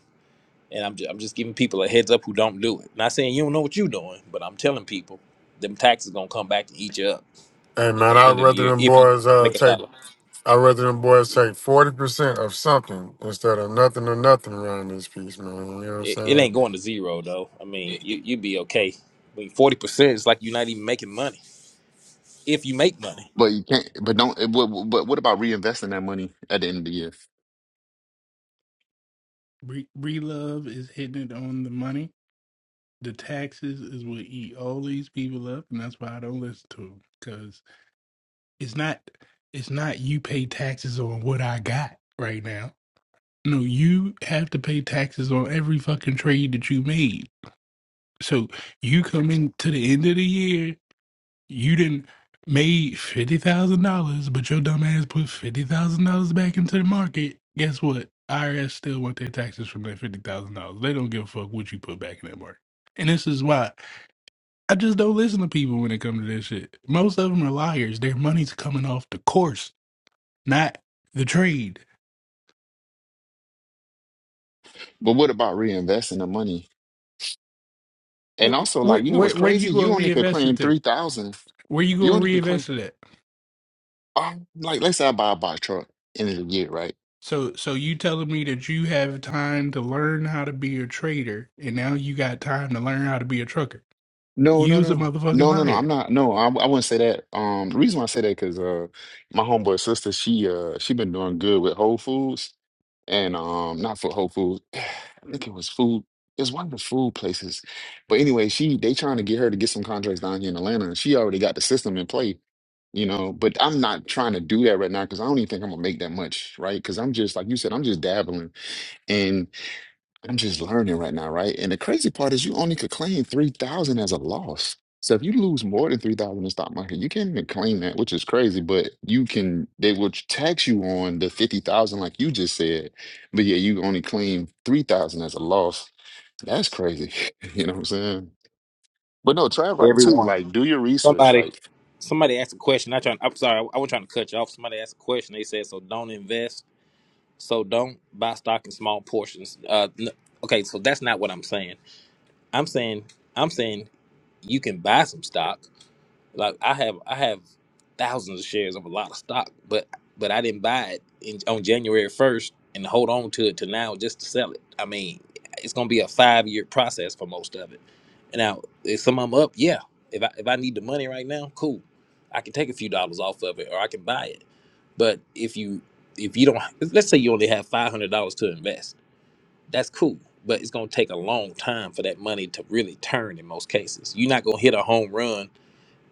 Speaker 11: And I'm just, I'm just giving people a heads up who don't do it. Not saying you don't know what you're doing, but I'm telling people them taxes gonna come back and eat you up
Speaker 12: Hey man,
Speaker 11: at the
Speaker 12: I'd
Speaker 11: end of the
Speaker 12: rather
Speaker 11: year
Speaker 12: them
Speaker 11: if you
Speaker 12: boys uh,
Speaker 11: make a
Speaker 12: take
Speaker 11: dollar.
Speaker 12: I'd rather them boys take 40% of something instead of nothing or nothing around this piece, man. You know what I'm
Speaker 11: It, it
Speaker 12: saying?
Speaker 11: ain't going to zero though. I mean, you you'd be okay. I mean, forty percent is like you're not even making money if you make money.
Speaker 7: But you can't. But don't. But, but what about reinvesting that money at the end of the year?
Speaker 10: Re- Relove is hitting it on the money. The taxes is what eat all these people up, and that's why I don't listen to them. Cause it's not, it's not you pay taxes on what I got right now. No, you have to pay taxes on every fucking trade that you made. So you come into the end of the year You didn't made fifty thousand dollars, but your dumb ass put fifty thousand dollars back into the market. Guess what? IRS still want their taxes from that fifty thousand dollars. They don't give a fuck what you put back in that market. And this is why I just don't listen to people when it comes to this shit. Most of them are liars. Their money's coming off the course, not the trade.
Speaker 7: But what about reinvesting the money And
Speaker 10: Where
Speaker 7: also,
Speaker 10: where
Speaker 7: like, you know
Speaker 10: where,
Speaker 7: what's
Speaker 10: where you
Speaker 7: crazy?
Speaker 10: gonna
Speaker 7: You only could
Speaker 10: reinvest it
Speaker 7: claim
Speaker 10: to?
Speaker 7: 3,000.
Speaker 10: Where you
Speaker 7: You
Speaker 10: gonna
Speaker 7: only could claim,
Speaker 10: reinvest it at?
Speaker 7: um, like, let's say I buy buy a truck end of the year, right?
Speaker 10: So so you telling me that you have time to learn how to be a trader and now you got time to learn how to be a trucker.
Speaker 7: No,
Speaker 10: You
Speaker 7: no,
Speaker 10: was a
Speaker 7: no,
Speaker 10: motherfucking
Speaker 7: no, no, no.
Speaker 10: liar.
Speaker 7: I'm not. No, I, I wouldn't say that. Um, the reason why I say that because uh, my homeboy sister, she uh, she been doing good with Whole Foods and um, not for Whole Foods. I think it was food. It's one of the food places. But anyway, she they trying to get her to get some contracts down here in Atlanta, and she already got the system in play. You know, but I'm not trying to do that right now because I don't even think I'm gonna make that much, right? Because I'm just like you said, I'm just dabbling, I'm just learning right now, right? And the crazy part is you only could claim 3,000 as a loss. So if you lose more than 3,000 in the stock market, you can't even claim that, which is crazy, but you can, they will tax you on the 50,000 like you just said. But yeah, you only claim 3,000 as a loss. That's crazy. You know what I'm saying? But no, Trav, right too. Like, do your research.
Speaker 11: Somebody
Speaker 7: Like,
Speaker 11: somebody asked a question. I trying. I'm sorry. I, wasn't trying to cut you off. Somebody asked a question. They said, "So don't invest. So don't buy stock in small portions." Uh, n- okay, so that's not what I'm saying. I'm saying I'm saying you can buy some stock. Like I have I have thousands of shares of a lot of stock, but but I didn't buy it in, on January first and hold on to it to now just to sell it. I mean, it's gonna be a five year process for most of it. Now, if some of them up, yeah. If I if I need the money right now, cool. I can take a few dollars off of it, or I can buy it. But if you if you don't, let's say you only have five hundred dollars to invest, that's cool. But it's gonna take a long time for that money to really turn in most cases. You're not gonna hit a home run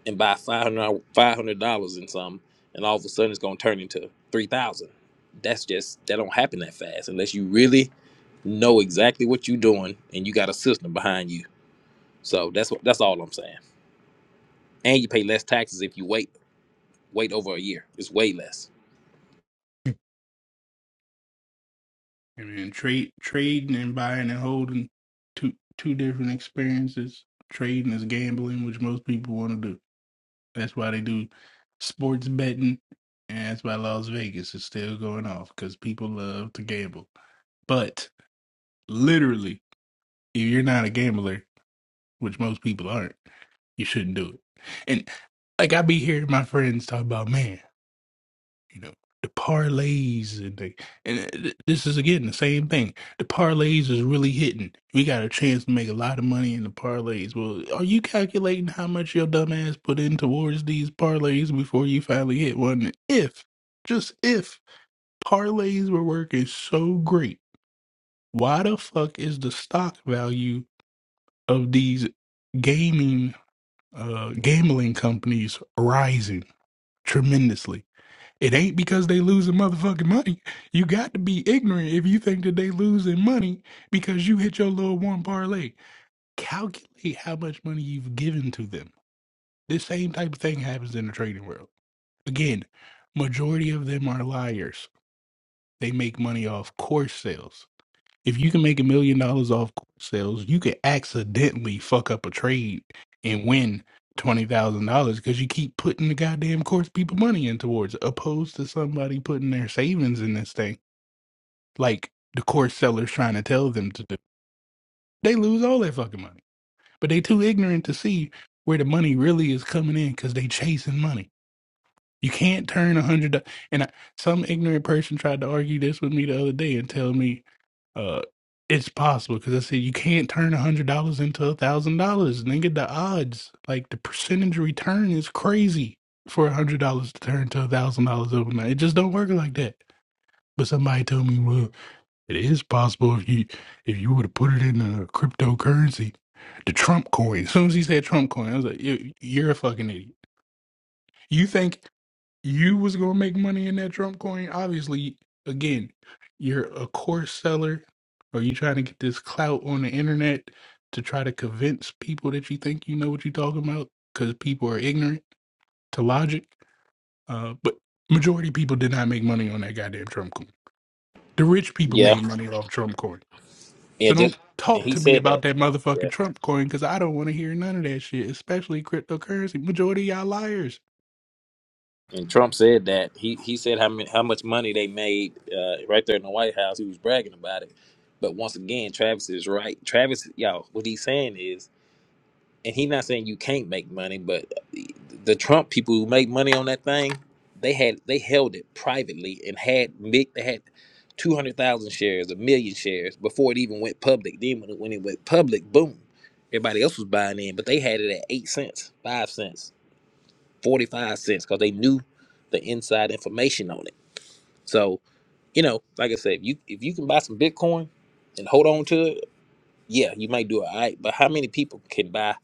Speaker 11: and buy five hundred five hundred dollars in something, and all of a sudden it's gonna turn into three thousand. That's just that don't happen that fast unless you really know exactly what you're doing and you got a system behind you. So that's what that's all I'm saying. And you pay less taxes if you wait wait over a year. It's way less.
Speaker 10: I mean trade trading and buying and holding two two different experiences. Trading is gambling, which most people want to do. That's why they do sports betting and that's why Las Vegas is still going off because people love to gamble. But literally, if you're not a gambler, which most people aren't, you shouldn't do it. And like I be hearing my friends talk about, man, you know, the parlays and the, and uh, th- this is again the same thing. The parlays is really hitting. We got a chance to make a lot of money in the parlays. Well, are you calculating how much your dumb ass put in towards these parlays before you finally hit one? If just if parlays were working so great, why the fuck is the stock value of these gaming? uh, gambling companies rising tremendously. It ain't because they losing motherfucking money. You got to be ignorant if you think that they losing money because you hit your little one parlay. Calculate how much money you've given to them. This same type of thing happens in the trading world. Again, majority of them are liars. They make money off course sales if you can make a million dollars off course sales, you could accidentally fuck up a trade and win twenty thousand dollars because you keep putting the goddamn course people money in towards, opposed to somebody putting their savings in this thing, like the course sellers trying to tell them to do. They lose all their fucking money, but they too ignorant to see where the money really is coming in because they chasing money. You can't turn a hundred. do- And I, some ignorant person tried to argue this with me the other day and tell me uh, it's possible because I said you can't turn a hundred dollars into a thousand dollars, nigga. The odds, like the percentage return, is crazy for a hundred dollars to turn to a thousand dollars overnight. It just don't work like that. But somebody told me, well, it is possible if you if you would have put it in a cryptocurrency, the Trump coin. As soon as he said Trump coin, I was like, you, you're a fucking idiot. You think you was gonna make money in that Trump coin. Obviously, again, you're a course seller, or you trying to get this clout on the internet to try to convince people that you think you know what you're talking about, because people are ignorant to logic. Uh, but majority of people did not make money on that goddamn Trump coin. The rich people
Speaker 11: Yeah,
Speaker 10: made money off Trump coin.
Speaker 11: yeah.
Speaker 10: So don't
Speaker 11: Just and
Speaker 10: talk
Speaker 11: he
Speaker 10: to me
Speaker 11: said
Speaker 10: about
Speaker 11: that.
Speaker 10: that motherfucking
Speaker 11: Yeah.
Speaker 10: Trump coin, because I don't want to hear none of that shit, especially cryptocurrency. Majority of y'all liars.
Speaker 11: And Trump said that he he said how many, how much money they made uh, right there in the White House. He was bragging about it. But once again, Travis is right. Travis, y'all, what he's saying is and he's not saying you can't make money, but the the Trump people who make money on that thing, they had they held it privately and had mi- they had two hundred thousand shares, a million shares before it even went public. Then when it, when it went public, boom, everybody else was buying in, but they had it at eight cents, five cents, forty five cents, because they knew the inside information on it. So you know, like I said, if you if you can buy some Bitcoin and hold on to it, yeah, you might do it. All right, but how many people can buy?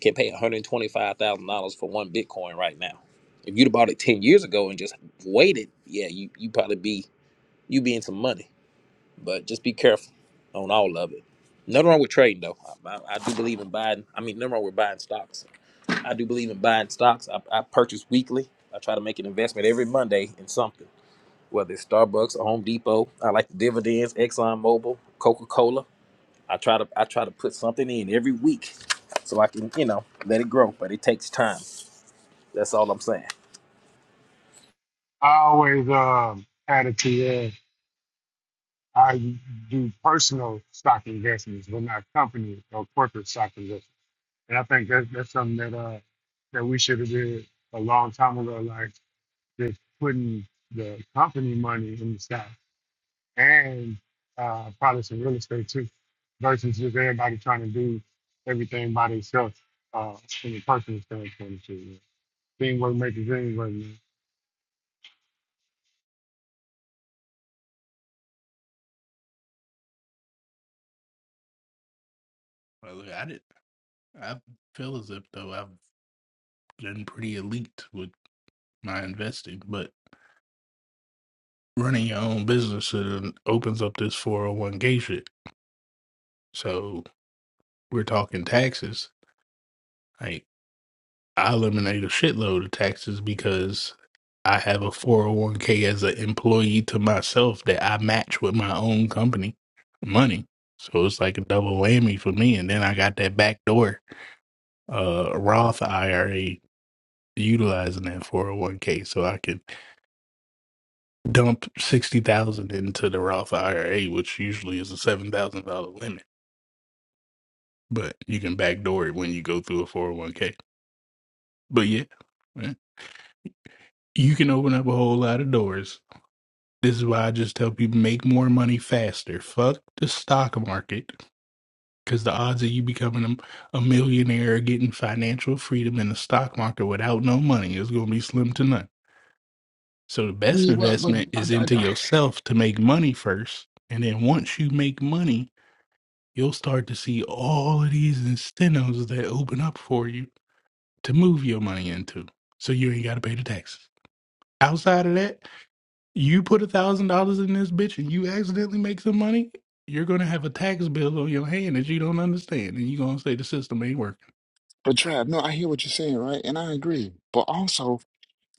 Speaker 11: can pay $125,000 for one Bitcoin right now. If you'd have bought it 10 years ago and just waited, yeah, you you probably be you be in some money. But just be careful on all of it. Nothing wrong with trading though. I, I, I do believe in buying. I mean, nothing wrong with buying stocks. I do believe in buying stocks. I, I purchase weekly. I try to make an investment every Monday in something, whether it's Starbucks or Home Depot. I like the dividends, Exxon Mobil, Coca Cola. I try to I try to put something in every week so I can, you know, let it grow, but it takes time. That's all I'm saying.
Speaker 12: I always um, had it to where I do personal stock investments, but not company or corporate stock investments. And I think that, that's something that uh, that we should have did a long time ago, like just putting the company money in the stock. and uh, probably some real estate too, versus just everybody trying to do everything by themselves uh, from a personal standpoint. Too. man. Teamwork makes the dream work, man.
Speaker 10: Well, look, I did. I feel as if though I've been pretty elite with my investing, but running your own business uh, opens up this 401k shit. So we're talking taxes. Like I eliminate a shitload of taxes because I have a 401k as an employee to myself that I match with my own company money. So it's like a double whammy for me. And then I got that backdoor uh, Roth IRA utilizing that 401k so I can dump sixty thousand into the Roth IRA, which usually is a seven thousand dollar limit, but you can backdoor it when you go through a four hundred one k. But yeah, yeah, you can open up a whole lot of doors. This is why I just tell people make more money faster. Fuck the stock market because the odds of you becoming a, a millionaire or getting financial freedom in the stock market without no money is going to be slim to none. So the
Speaker 7: I
Speaker 10: best
Speaker 7: mean, well, but
Speaker 10: investment
Speaker 7: I,
Speaker 10: is
Speaker 7: I,
Speaker 10: into
Speaker 7: I,
Speaker 10: yourself to make money first, and then once you make money you'll start to see all of these incentives that open up for you to move your money into. So you ain't got to pay the taxes. Outside of that, you put a thousand dollars in this bitch and you accidentally make some money, you're gonna have a tax bill on your hand that you don't understand, and you're gonna say the system ain't working.
Speaker 7: but Trav, no, I hear what you're saying, right? And I agree. But also,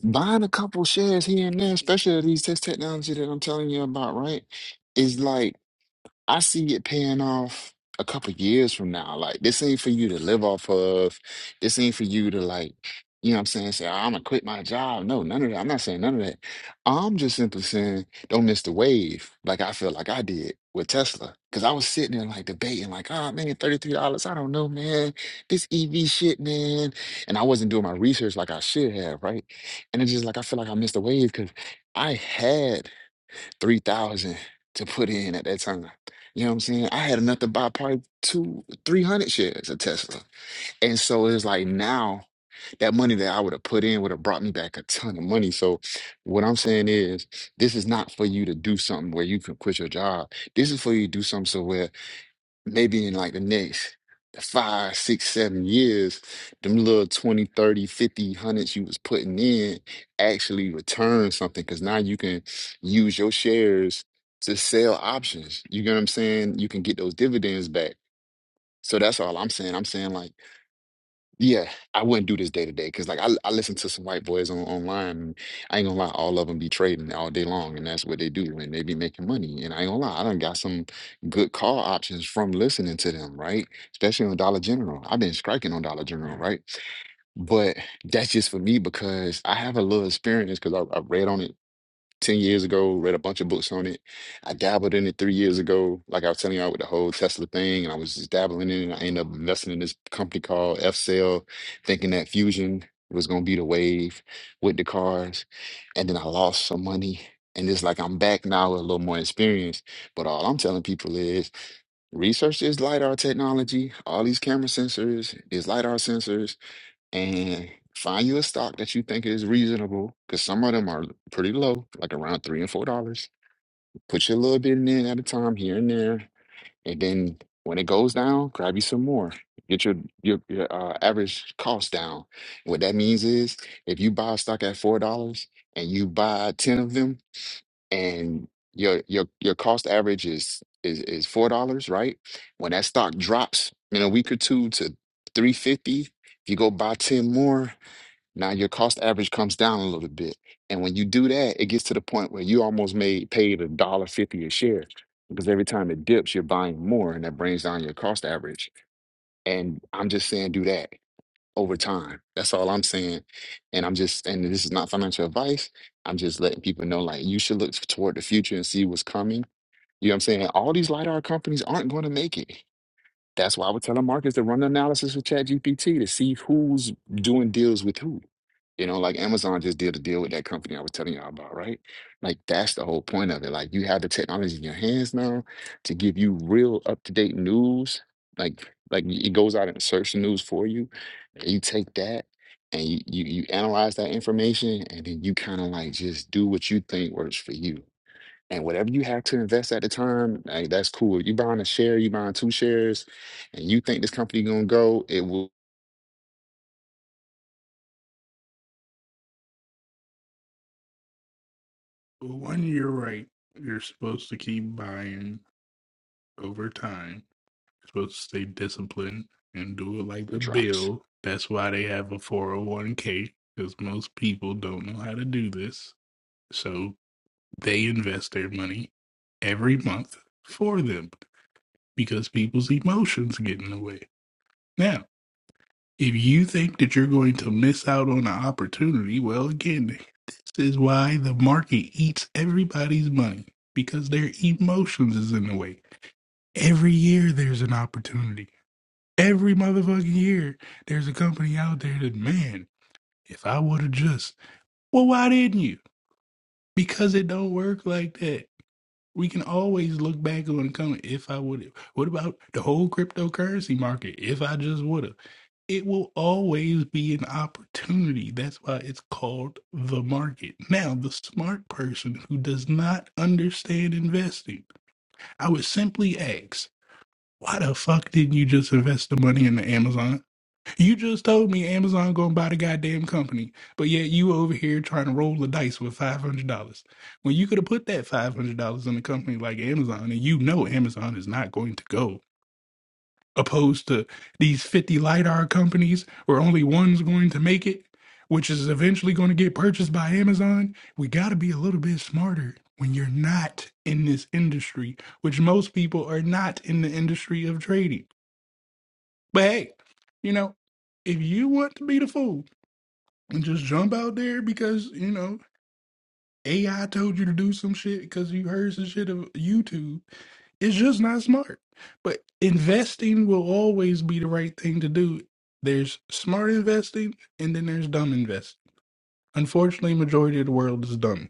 Speaker 7: buying a couple shares here and there, especially of these tech technology that I'm telling you about, right? Is like I see it paying off a couple years from now. Like this ain't for you to live off of. This ain't for you to like, you know what I'm saying? Say, I'm gonna quit my job. No, none of that. I'm not saying none of that. I'm just simply saying don't miss the wave like I feel like I did with Tesla. Cause I was sitting there like debating, like, oh man, $33, I don't know, man. This EV shit, man. And I wasn't doing my research like I should have, right? And it's just like I feel like I missed the wave because I had three thousand to put in at that time. You know what I'm saying? I had enough to buy probably two, three hundred shares of Tesla. And so it's like now that money that I would have put in would have brought me back a ton of money. So what I'm saying is this is not for you to do something where you can quit your job. This is for you to do something so where maybe in like the next five, six, seven years, them little twenty, thirty, fifty, hundreds you was putting in actually return something because now you can use your shares to sell options. You get what I'm saying? You can get those dividends back. So that's all I'm saying. I'm saying like yeah, I wouldn't do this day to day because, like, I, I listen to some white boys on online. And I ain't gonna lie, all of them be trading all day long, and that's what they do, and they be making money. And I ain't gonna lie, I done got some good call options from listening to them, right? Especially on Dollar General. I've been striking on Dollar General, right? But that's just for me because I have a little experience because I, I read on it 10 years ago, read a bunch of books on it. I dabbled in it three years ago, like I was telling y'all with the whole Tesla thing, and I was just dabbling in it. I ended up investing in this company called F Cell, thinking that fusion was gonna be the wave with the cars. And then I lost some money. And it's like I'm back now with a little more experience. But all I'm telling people is research this LiDAR technology, all these camera sensors, these LiDAR sensors and find you a stock that you think is reasonable because some of them are pretty low, like around three and four dollars. Put your little bit in at a time here and there, and then when it goes down, grab you some more. Get your your, your uh, average cost down. What that means is if you buy a stock at four dollars and you buy ten of them, and your your your cost average is is is four dollars, right? When that stock drops in a week or two to three fifty, if you go buy ten more now your cost average comes down a little bit. And when you do that, it gets to the point where you almost made paid a dollar fifty a share. Because every time it dips, you're buying more and that brings down your cost average. And I'm just saying do that over time. That's all I'm saying. And I'm just and this is not financial advice. I'm just letting people know like you should look toward the future and see what's coming. You know what I'm saying? All these LiDAR companies aren't going to make it. That's why I would tell our markets to run an analysis with ChatGPT to see who's doing deals with who. You know, like Amazon just did a deal with that company I was telling y'all about, right? Like that's the whole point of it. Like you have the technology in your hands now to give you real up-to-date news. Like like it goes out and search the news for you. And you take that and you you, you analyze that information and then you kind of like just do what you think works for you and whatever you have to invest at the time, like, that's cool. You buying a share, you buying two shares, and you think this company gonna go, it will
Speaker 10: Well, One When you're right, you're supposed to keep buying over time. You're supposed to stay disciplined and do it like
Speaker 7: it
Speaker 10: the
Speaker 7: drops.
Speaker 10: bill. That's why they have a 401k because most people don't know how to do this So they invest their money every month for them because people's emotions get in the way. Now, if you think that you're going to miss out on an opportunity, well, again, this is why the market eats everybody's money because their emotions is in the way. Every year there's an opportunity. Every motherfucking year there's a company out there that, man, if I would have just, well, why didn't you? Because it don't work like that We can always look back on and come if I would have. What about the whole cryptocurrency market? If I just would have. It will always be an opportunity. That's why it's called the market. Now, the smart person who does not understand investing, I would simply ask, why the fuck didn't you just invest the money in the Amazon? You just told me Amazon gonna buy the goddamn company, but yet you over here trying to roll the dice with five hundred dollars when you could have put that five hundred dollars in a company like Amazon, and you know Amazon is not going to go. Opposed to these fifty lidar companies, where only one's going to make it, which is eventually going to get purchased by Amazon. We got to be a little bit smarter when you're not in this industry, which most people are not in the industry of trading. But hey, you know, if you want to be the fool and just jump out there because you know AI told you to do some shit because you heard some shit of YouTube. It's just not smart. But investing will always be the right thing to do. There's smart investing and then there's dumb investing. Unfortunately, majority of the world is dumb.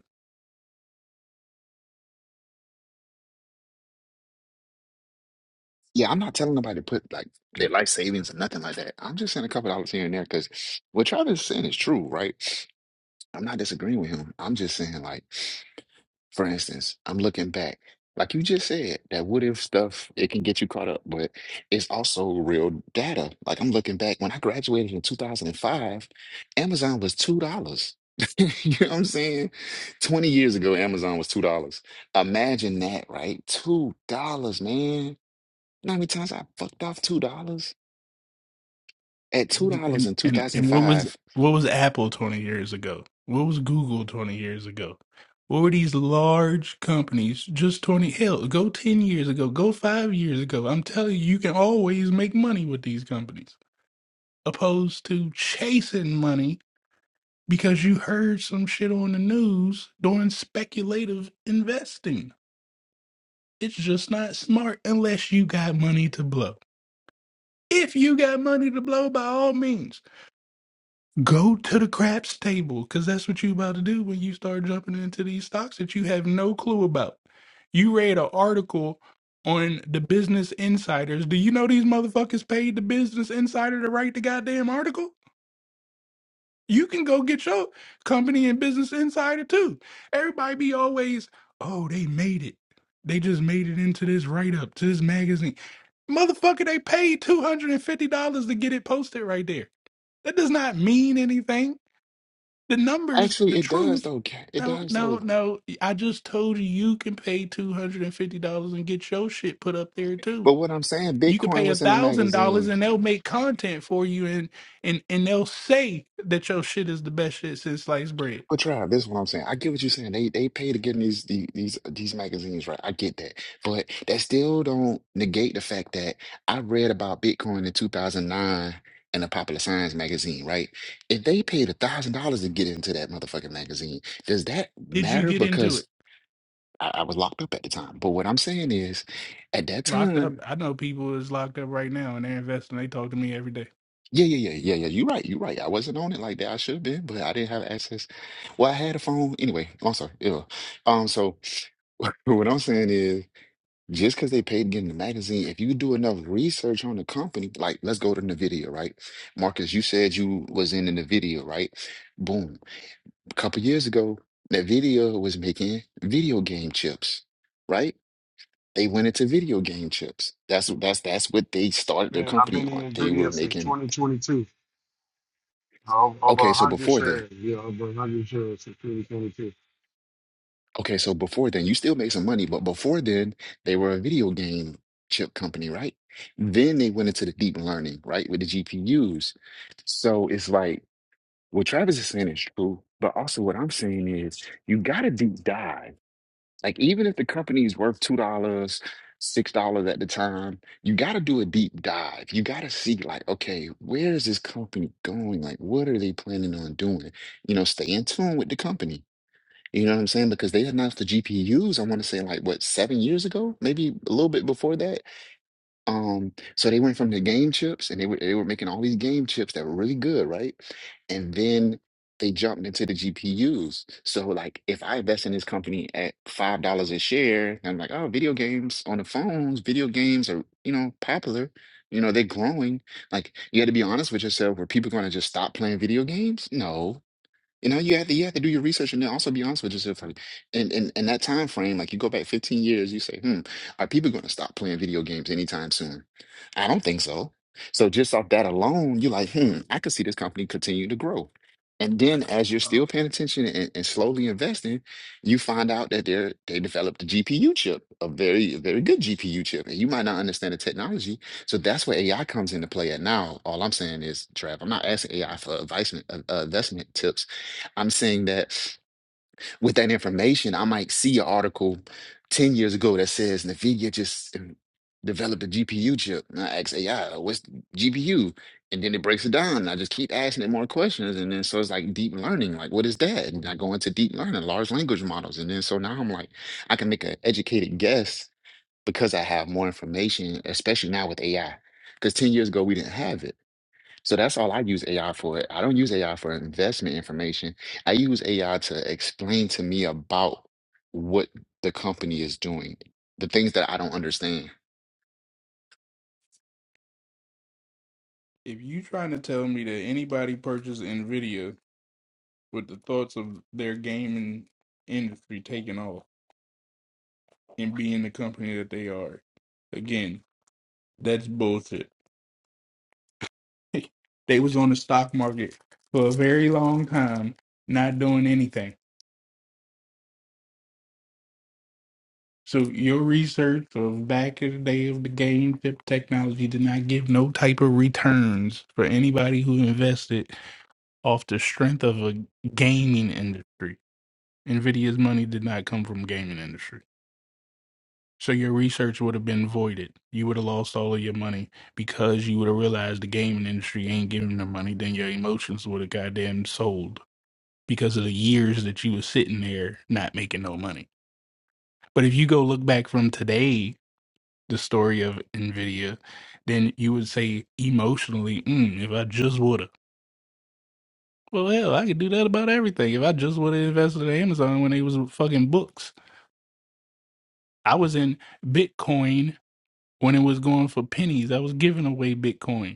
Speaker 7: Yeah, I'm not telling nobody to put like their life savings or nothing like that. I'm just saying a couple dollars here and there because what Travis is saying is true, right? I'm not disagreeing with him. I'm just saying like For instance, I'm looking back, like you just said, that what if stuff, it can get you caught up, but it's also real data. Like I'm looking back, when I graduated in 2005, Amazon was $2. You know what I'm saying? 20 years ago, Amazon was $2. Imagine that, right? $2, man. You know how many times I fucked off $2? At $2
Speaker 10: and
Speaker 7: in
Speaker 10: and and what was
Speaker 7: 2005,
Speaker 10: what was Apple 20 years ago? What was Google 20 years ago? What were these large companies just 20 hell, go 10 years ago, go 5 years ago. I'm telling you you can always make money with these companies opposed to chasing money because you heard some shit on the news doing speculative investing. It's just not smart unless you got money to blow. If you got money to blow by all means, Go to the crap stable because that's what you about to do when you start jumping into these stocks that you have no clue about. You read an article on the Business Insiders. Do you know these motherfuckers paid the Business Insider to write the goddamn article? You can go get your company in Business Insider too. Everybody be always, oh, they made it. They just made it into this write up, to this magazine. Motherfucker, they paid $250 to get it posted right there. That does not mean anything the numbers,
Speaker 7: actually,
Speaker 10: the
Speaker 7: it does
Speaker 10: truth.
Speaker 7: though. Kat, It
Speaker 10: No,
Speaker 7: does
Speaker 10: no,
Speaker 7: though.
Speaker 10: no. I just told you you can pay two hundred and fifty dollars and get your shit put up there too.
Speaker 7: But what I'm saying,
Speaker 10: You can
Speaker 7: Bitcoin
Speaker 10: pay a
Speaker 7: was in a
Speaker 10: thousand dollars
Speaker 7: magazine.
Speaker 10: and they'll make content for you and and and they'll say that your shit is the best shit since sliced bread.
Speaker 7: But try. this is what I'm saying. I get what you're saying. They they pay to get in these the- these these magazines, right? I get that, but that still don't negate the fact that I read about Bitcoin in 2009 in a Popular Science magazine, right? If they paid a thousand dollars to get into that motherfucking magazine, does that
Speaker 10: Did you
Speaker 7: matter?
Speaker 10: get into it?
Speaker 7: Because I, I was locked up at the time. But what I'm saying is, at that
Speaker 10: Locked up.
Speaker 7: time.
Speaker 10: I know people is locked up right now and they're investing. They talk to me every day.
Speaker 7: Yeah, yeah, yeah, yeah, yeah. You're right. You're right. I wasn't on it like that. I should have been, but I didn't have access. Well, I had a phone anyway. I'm sorry. Yeah. Um. So What I'm saying is, just because they paid to get in the magazine, if you do enough research on the company, like let's go to NVIDIA, right? Marcus, you said you was in NVIDIA, right? Boom. A couple years ago, NVIDIA was making video game chips, right? They went into video game chips. That's that's that's what they
Speaker 12: I've
Speaker 7: started their
Speaker 12: been, I've
Speaker 7: company
Speaker 12: been in
Speaker 7: on.
Speaker 12: this
Speaker 7: They were
Speaker 12: video since
Speaker 7: making,
Speaker 12: 2022. Over over
Speaker 7: okay, so
Speaker 12: 100
Speaker 7: before then.
Speaker 12: shares, yeah, over 100 shares since 2022.
Speaker 7: Okay, so before then, you still made some money, but before then, they were a video game chip company, right? Then they went into the deep learning, right, with the GPUs. So it's like what Travis is saying is true, but also what I'm saying is you got to deep dive. Like even if the company is worth two dollars, six dollars at the time, you got to do a deep dive. You got to see like, okay, where is this company going? Like, what are they planning on doing? You know, stay in tune with the company you know what I'm saying? Because they announced the GPUs, I want to say like what, seven years ago, maybe a little bit before that. Um, so they went from the game chips and they were they were making all these game chips that were really good, right? And then they jumped into the GPUs. So like if I invest in this company at five dollars a share, I'm like, oh, video games on the phones, video games are, you know, popular. You know, they're growing. Like you got to be honest with yourself, were people going to just stop playing video games? No you know, you have to you have to do your research and then also be honest with yourself. Like, in, in in that time frame, like you go back 15 years, you say, "Hmm, are people going to stop playing video games anytime soon?" I don't think so. So just off that alone, you're like, "Hmm, I could see this company continue to grow." And then as you're
Speaker 10: Um,
Speaker 7: still paying attention and, and slowly investing, you find out that they're they developed a GPU chip, a very a very good GPU chip, and you might not understand the technology. So that's where AI comes into play. At now, all I'm saying is, Trav, I'm not asking AI for advice, uh, uh, investment tips. I'm saying that with that information, I might see an article 10 years ago that says NVIDIA just um, developed a GPU chip. And I ask AI, what's GPU? And then it breaks it down. And I just keep asking it more questions. And then so it's like deep learning. Like, what is that? And I go into deep learning, large language models. And then so now I'm like, I can make an educated guess because I have more information, especially now with AI. Because 10 years ago, we didn't have it. So that's all I use AI for. I don't use AI for investment information. I use AI to explain to me about what the company is doing, the things that I don't understand.
Speaker 10: if you trying to tell me that anybody purchased Nvidia with the thoughts of their gaming industry taking off and being the company that they are. Again, that's bullshit. they was on the stock market for a very long time, not doing anything. So your research of back in the day of the game chip technology did not give no type of returns for anybody who invested off the strength of a gaming industry. Nvidia's money did not come from gaming industry. So your research would have been voided. You would have lost all of your money because you would have realized the gaming industry ain't giving them money. Then your emotions would have goddamn sold because of the years that you was sitting there not making no money. But if you go look back from today, the story of Nvidia, then you would say emotionally, mm, if I just woulda. Well, hell, I could do that about everything. If I just woulda invested in Amazon when they was fucking books, I was in Bitcoin when it was going for pennies. I was giving away Bitcoin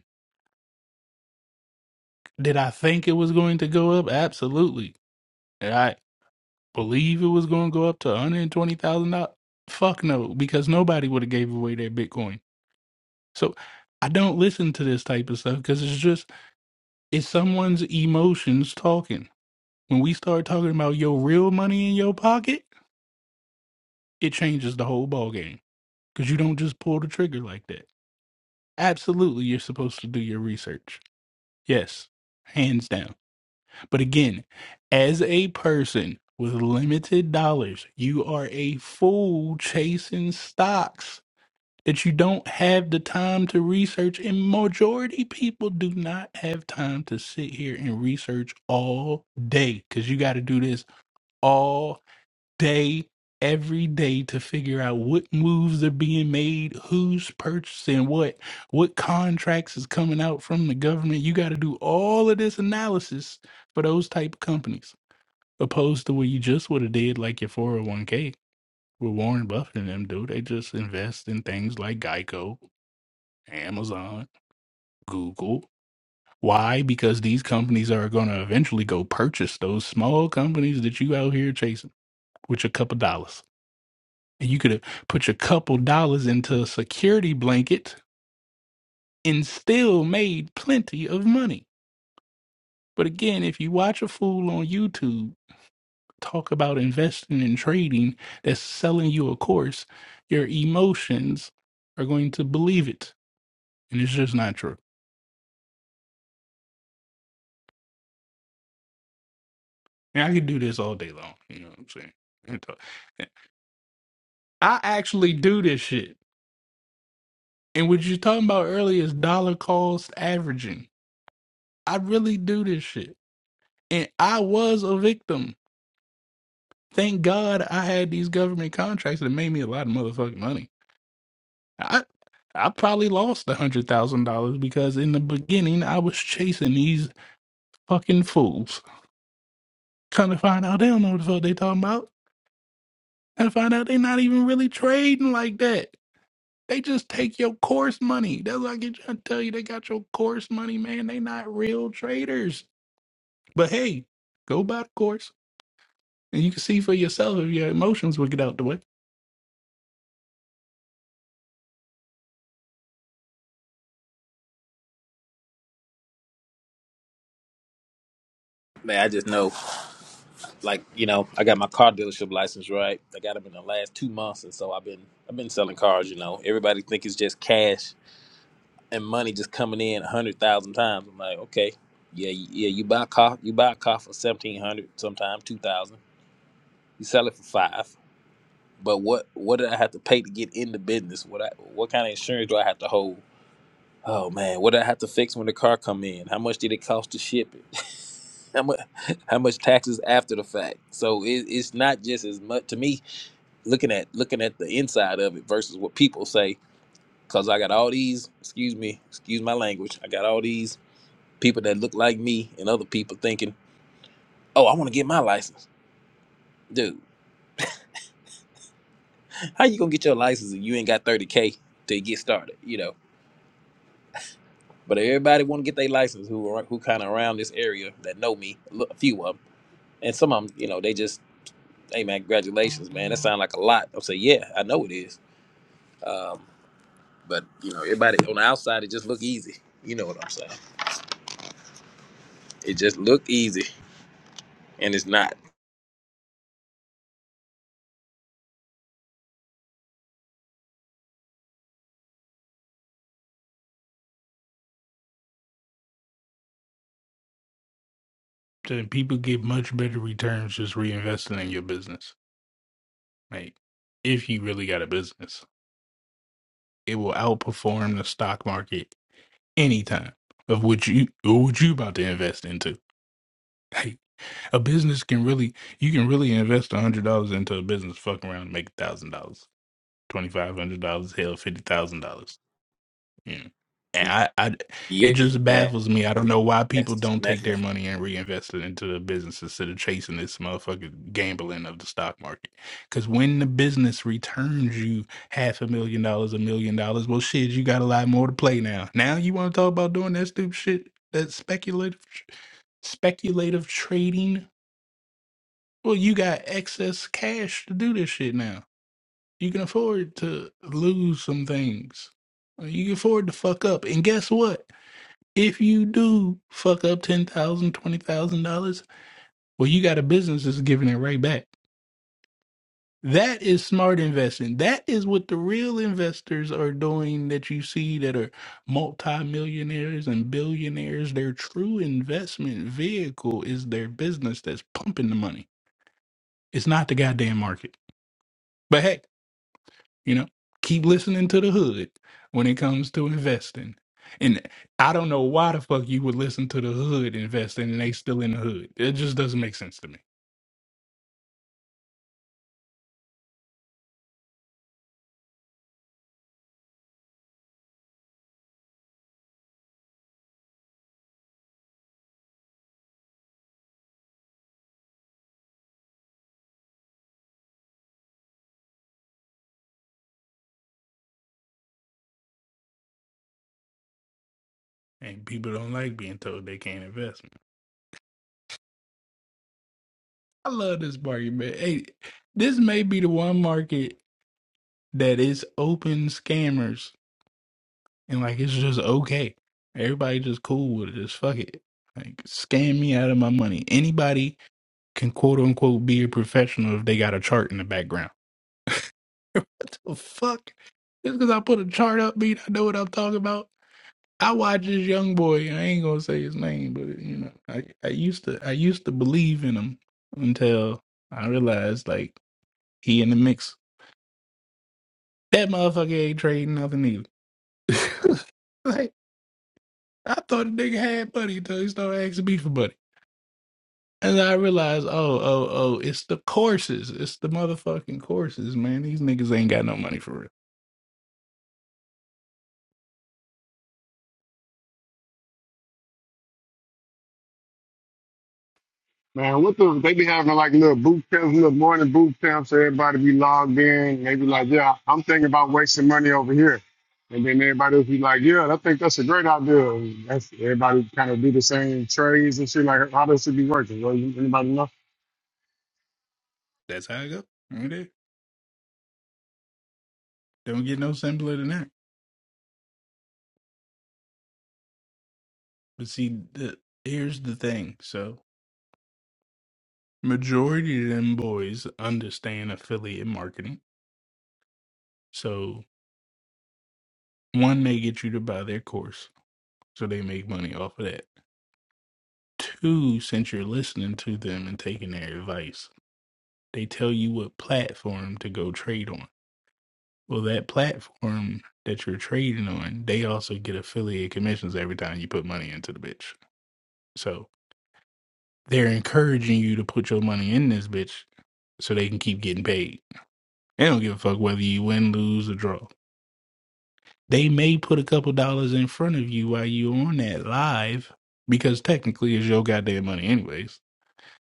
Speaker 10: Did I think it was going to go up? Absolutely. Did I believe it was going to go up to one hundred twenty thousand dollars? Fuck no, because nobody would have gave away their Bitcoin. So I don't listen to this type of stuff because it's just it's someone's emotions talking. When we start talking about your real money in your pocket, it changes the whole ball game because you don't just pull the trigger like that. Absolutely, you're supposed to do your research. Yes, hands down. But again, as a person with limited dollars, you are a fool chasing stocks that you don't have the time to research. And majority people do not have time to sit here and research all day because you got to do this all day, every day to figure out what moves are being made, who's purchasing what, what contracts is coming out from the government. You got to do all of this analysis for those type of companies, opposed to what you just would have did like your 401k with Warren Buffett and them do. They just invest in things like Geico, Amazon, Google. Why? Because these companies are going to eventually go purchase those small companies that you out here chasing with a couple dollars. And you could have put your couple dollars into a security blanket and still made plenty of money. But again, if you watch a fool on YouTube talk about investing and trading that's selling you a course, your emotions are going to believe it. And it's just not true. And I could do this all day long. You know what I'm saying? And talk- I actually do this shit. And what you're talking about earlier is dollar cost averaging. I really do this shit. And I was a victim Thank God I had these government contracts that made me a lot of motherfucking money. I I probably lost a hundred thousand dollars because in the beginning I was chasing these fucking fools. Come to find out they don't know what the fuck they talking about. And find out they not even really trading like that. They just take your course money. That's what I get trying to tell you. They got your course money, man. They not real traders. But hey, go buy the course. And you can see for yourself if your emotions will get out the way.
Speaker 11: Man, I just know like, you know, I got my car dealership license, right? I got them in the last 2 months and so I've been I've been selling cars, you know. Everybody think it's just cash and money just coming in 100,000 times. I'm like, okay. Yeah, you- yeah, you buy a car, you buy a car for 1700, sometime 2000. You sell it for 5. But what what did I have to pay to get in the business? What I what kind of insurance do I have to hold? Oh man, what did I have to fix when the car come in? How much did it cost to ship it? How much, how much taxes after the fact? So it, it's not just as much to me looking at looking at the inside of it versus what people say. Cause I got all these, excuse me, excuse my language. I got all these people that look like me and other people thinking, oh, I want to get my license, dude. How you gonna get your license if you ain't got thirty k to get started? You know. But everybody want to get their license who are, who kind of around this area that know me, a few of them and some of them, you know, they just hey man, congratulations, man. That sounds like a lot. I'm saying, yeah, I know it is. Um, but you know, everybody on the outside, it just look easy. You know what I'm saying? It just look easy, and it's not.
Speaker 10: then people get much better returns just reinvesting in your business. Like, if you really got a business, it will outperform the stock market any time. of what you or what you about to invest into. Like, a business can really you can really invest a hundred dollars into a business, fuck around, and make a thousand dollars, twenty five hundred dollars, hell, fifty thousand dollars Mm. And I, I, it
Speaker 11: Yes,
Speaker 10: just baffles me. I don't know why people don't take
Speaker 11: that,
Speaker 10: their money and reinvest it into the business instead of chasing this motherfucking gambling of the stock market. Because when the business returns you half a million dollars, a million dollars, well, shit, you got a lot more to play now. Now you want to talk about doing that stupid shit, that speculative, tr- speculative trading? Well, you got excess cash to do this shit now. You can afford to lose some things. You can afford to fuck up. And guess what? If you do fuck up ten thousand, dollars, twenty thousand dollars, well, you got a business that's giving it right back. That is smart investing. That is what the real investors are doing that you see that are multimillionaires and billionaires. Their true investment vehicle is their business that's pumping the money. It's not the goddamn market. But hey. You know, keep listening to the hood when it comes to investing. And I don't know why the fuck you would listen to the hood investing and they still in the hood. It just doesn't make sense to me. And people don't like being told they can't invest. I love this market, man. Hey, this may be the one market that is open scammers and like it's just okay. Everybody just cool with it. Just fuck it. Like scam me out of my money. Anybody can quote unquote be a professional if they got a chart in the background. what the fuck? Just because I put a chart up, beat, I know what I'm talking about. I watch this young boy. I ain't gonna say his name, but you know, I, I used to I used to believe in him until I realized like he in the mix. That motherfucker ain't trading nothing either. like I thought the nigga had money until he started asking me for money. And I realized, oh, oh, oh, it's the courses. It's the motherfucking courses, man. These niggas ain't got no money for real.
Speaker 12: Man, what the they be having like little boot camps, little morning boot camps, so everybody be logged in. They be like, Yeah, I'm thinking about wasting money over here. And then everybody will be like, Yeah, I think that's a great idea. And That's everybody kind of do the same trades and shit. Like how does it be working. Well, you- anybody know?
Speaker 10: That's how I go. Right there. Don't get no simpler than that. But see, the, here's the thing. So, majority of them boys understand affiliate marketing. So, one, they get you to buy their course, so they make money off of that. Two, since you're listening to them and taking their advice, they tell you what platform to go trade on. Well, that platform that you're trading on, they also get affiliate commissions every time you put money into the bitch. So, they're encouraging you to put your money in this bitch so they can keep getting paid They don't give a fuck whether you win, lose, or draw. They may put a couple dollars in front of you while you are on that live because technically it's your goddamn money anyways.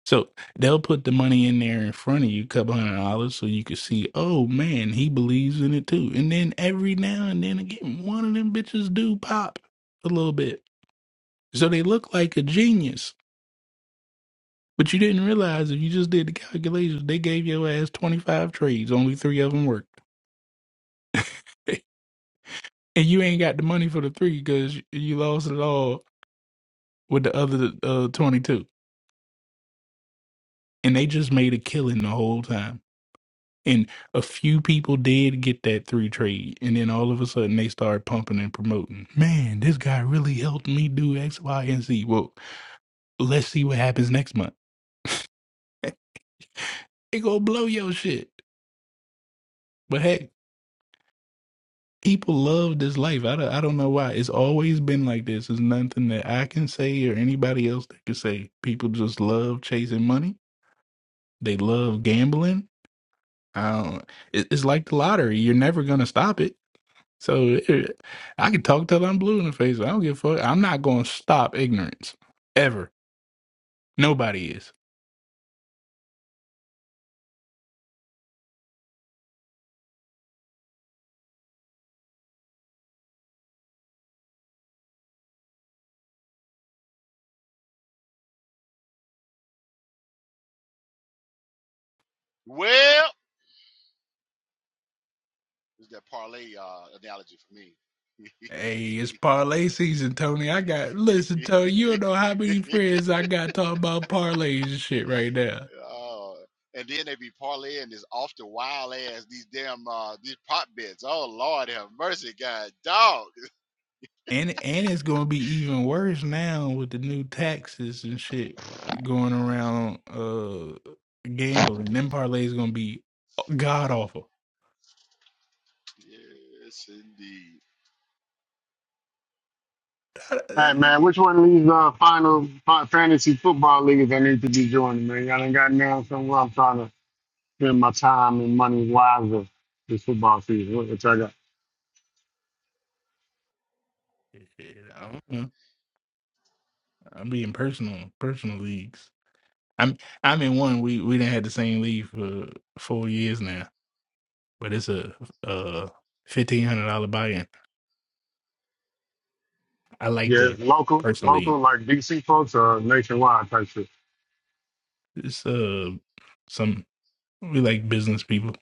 Speaker 10: So they'll put the money in there in front of you, couple hundred dollars, so you can see, oh man, he believes in it too. And then every now and then again, one of them bitches do pop a little bit. So they look like a genius. But you didn't realize if you just did the calculations, they gave your ass 25 trades, only three of them worked. and you ain't got the money for the three because you lost it all with the other uh, 22 and they just made a killing the whole time and a few people did get that three trade and then all of a sudden they started pumping and promoting man this guy really helped me do x y and z well let's see what happens next month Eh, it gonna blow your shit but hey people love this life I don't, I don't know why it's always been like this it's nothing that i can say or anybody else that can say people just love chasing money they love gambling. I don't, it, it's like the lottery. You're never gonna stop it. So it, I can talk till I'm blue in the face. I don't give a fuck. I'm not gonna stop ignorance ever. Nobody is.
Speaker 1: Well, it's that parlay uh, analogy for me.
Speaker 10: Hey, it's parlay season, Tony. I got listen, Tony. You don't know how many friends I got talking about parlays and shit right now.
Speaker 1: oh, and then they be parlaying this off the wild ass these damn uh, these pot bets. Oh Lord, have mercy, God, dog.
Speaker 10: And and it's gonna be even worse now with the new taxes and shit going around uh gambling. Them parlays gonna be uh, god awful.
Speaker 1: Yes, indeed.
Speaker 10: I,
Speaker 12: Hey man, which one of these uh, final fi- fantasy football leagues I need to be joining, man? Y'all ain't got now somewhere I'm trying to spend my time and money wisely this football season. What, what y'all got?
Speaker 10: I don't know. I'm being personal, personal leagues. I'm I'm in one. We we didn't had the same league for four years now, but it's a uh fifteen hundred dollar buy-in. I like
Speaker 12: Yeah,
Speaker 10: the
Speaker 12: local,
Speaker 10: personal league.
Speaker 12: local, like DC folks or nationwide type shit.
Speaker 10: It's uh some we like business people.